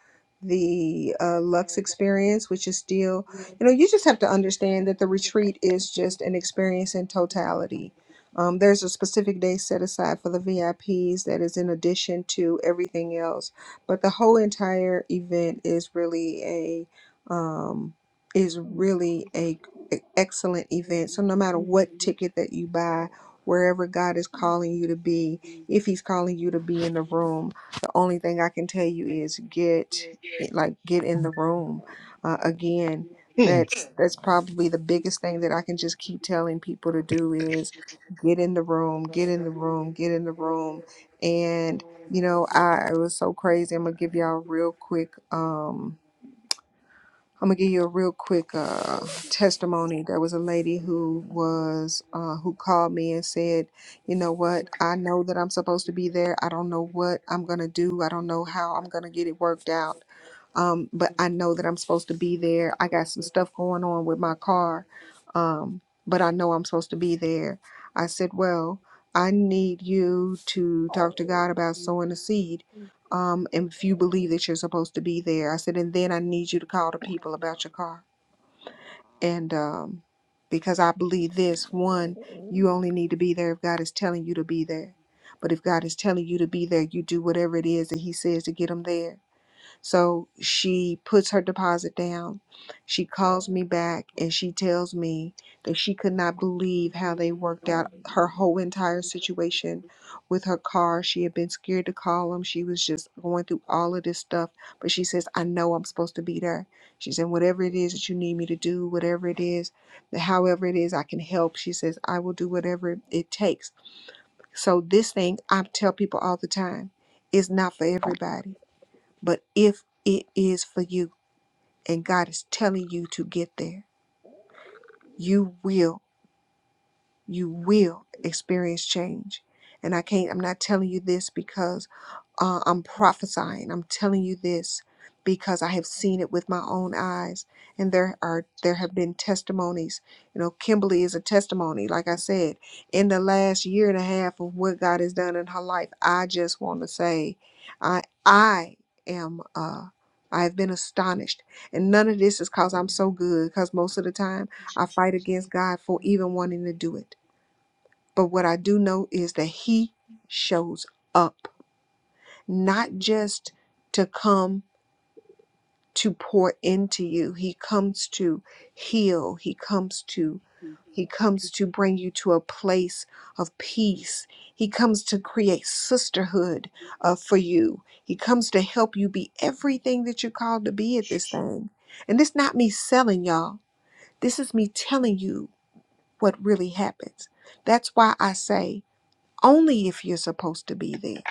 Speaker 9: the uh, Lux experience, which is still, you know, you just have to understand that the retreat is just an experience in totality. Um, there's a specific day set aside for the VIPs that is in addition to everything else, but the whole entire event is really a um, is really a, a excellent event. So no matter what ticket that you buy, wherever God is calling you to be, if He's calling you to be in the room, the only thing I can tell you is get, eh, like, get in the room. Uh, again,
Speaker 1: Hmm.
Speaker 9: that's that's probably the biggest thing that I can just keep telling people to do is get in the room, get in the room, get in the room, and you know I it was so crazy. I'm gonna give y'all a real quick. Um, I'm gonna give you a real quick uh, testimony. There was a lady who was uh, who called me and said, "You know what? I know that I'm supposed to be there. I don't know what I'm gonna do. I don't know how I'm gonna get it worked out. Um, but I know that I'm supposed to be there. I got some stuff going on with my car, um, but I know I'm supposed to be there." I said, "Well." I need you to talk to God about sowing a seed um, and if you believe that you're supposed to be there. I said, and then I need you to call the people about your car. And um, because I believe this, one, you only need to be there if God is telling you to be there. But if God is telling you to be there, you do whatever it is that He says to get them there so she puts her deposit down. She calls me back and she tells me that she could not believe how they worked out her whole entire situation with her car. She had been scared to call them. She was just going through all of this stuff. But she says, I know I'm supposed to be there. She said, Whatever it is that you need me to do, whatever it is, however it is I can help, she says, I will do whatever it takes. So this thing I tell people all the time is not for everybody but if it is for you and God is telling you to get there, you will, you will experience change. And I can't, I'm not telling you this because uh, I'm prophesying. I'm telling you this because I have seen it with my own eyes, and there are there have been testimonies. You know, Kimberly is a testimony. Like I said, in the last year and a half of what God has done in her life, I just want to say, I I am. Uh, I have been astonished, and none of this is because I'm so good. Because most of the time, I fight against God for even wanting to do it. But what I do know is that He shows up not just to come to pour into you. He comes to heal. He comes to he comes to bring you to a place of peace. He comes to create sisterhood uh, for you. He comes to help you be everything that you're called to be at this thing. And this not me selling y'all. This is me telling you what really happens. That's why I say only if you're supposed to be there.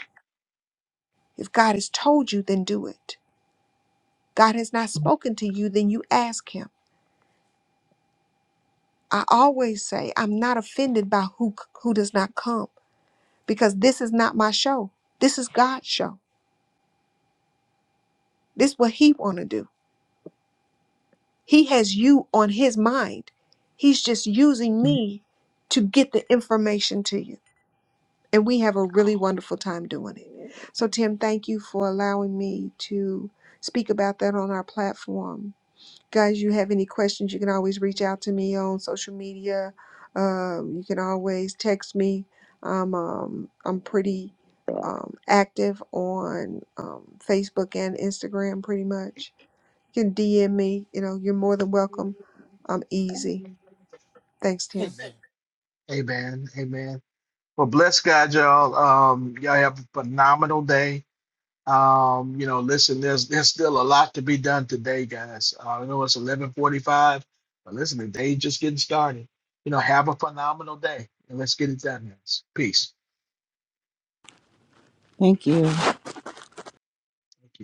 Speaker 9: If God has told you, then do it. God has not spoken to you, then you ask him. I always say I'm not offended by who who does not come because this is not my show. This is God's show. This is what he want to do. He has you on his mind. He's just using me to get the information to you. And we have a really wonderful time doing it. So Tim, thank you for allowing me to speak about that on our platform guys you have any questions you can always reach out to me on social media um, you can always text me i'm um, i'm pretty um, active on um, facebook and instagram pretty much you can dm me you know you're more than welcome i'm easy thanks tim
Speaker 1: Amen. Amen. Amen. Well, bless God, y'all. Um, y'all have a phenomenal day. Um, you know, listen, there's there's still a lot to be done today, guys. Uh, I know it's 11:45, but listen, the day's just getting started. You know, have a phenomenal day, and let's get it done, guys. Peace.
Speaker 5: Thank you.
Speaker 1: Thank you.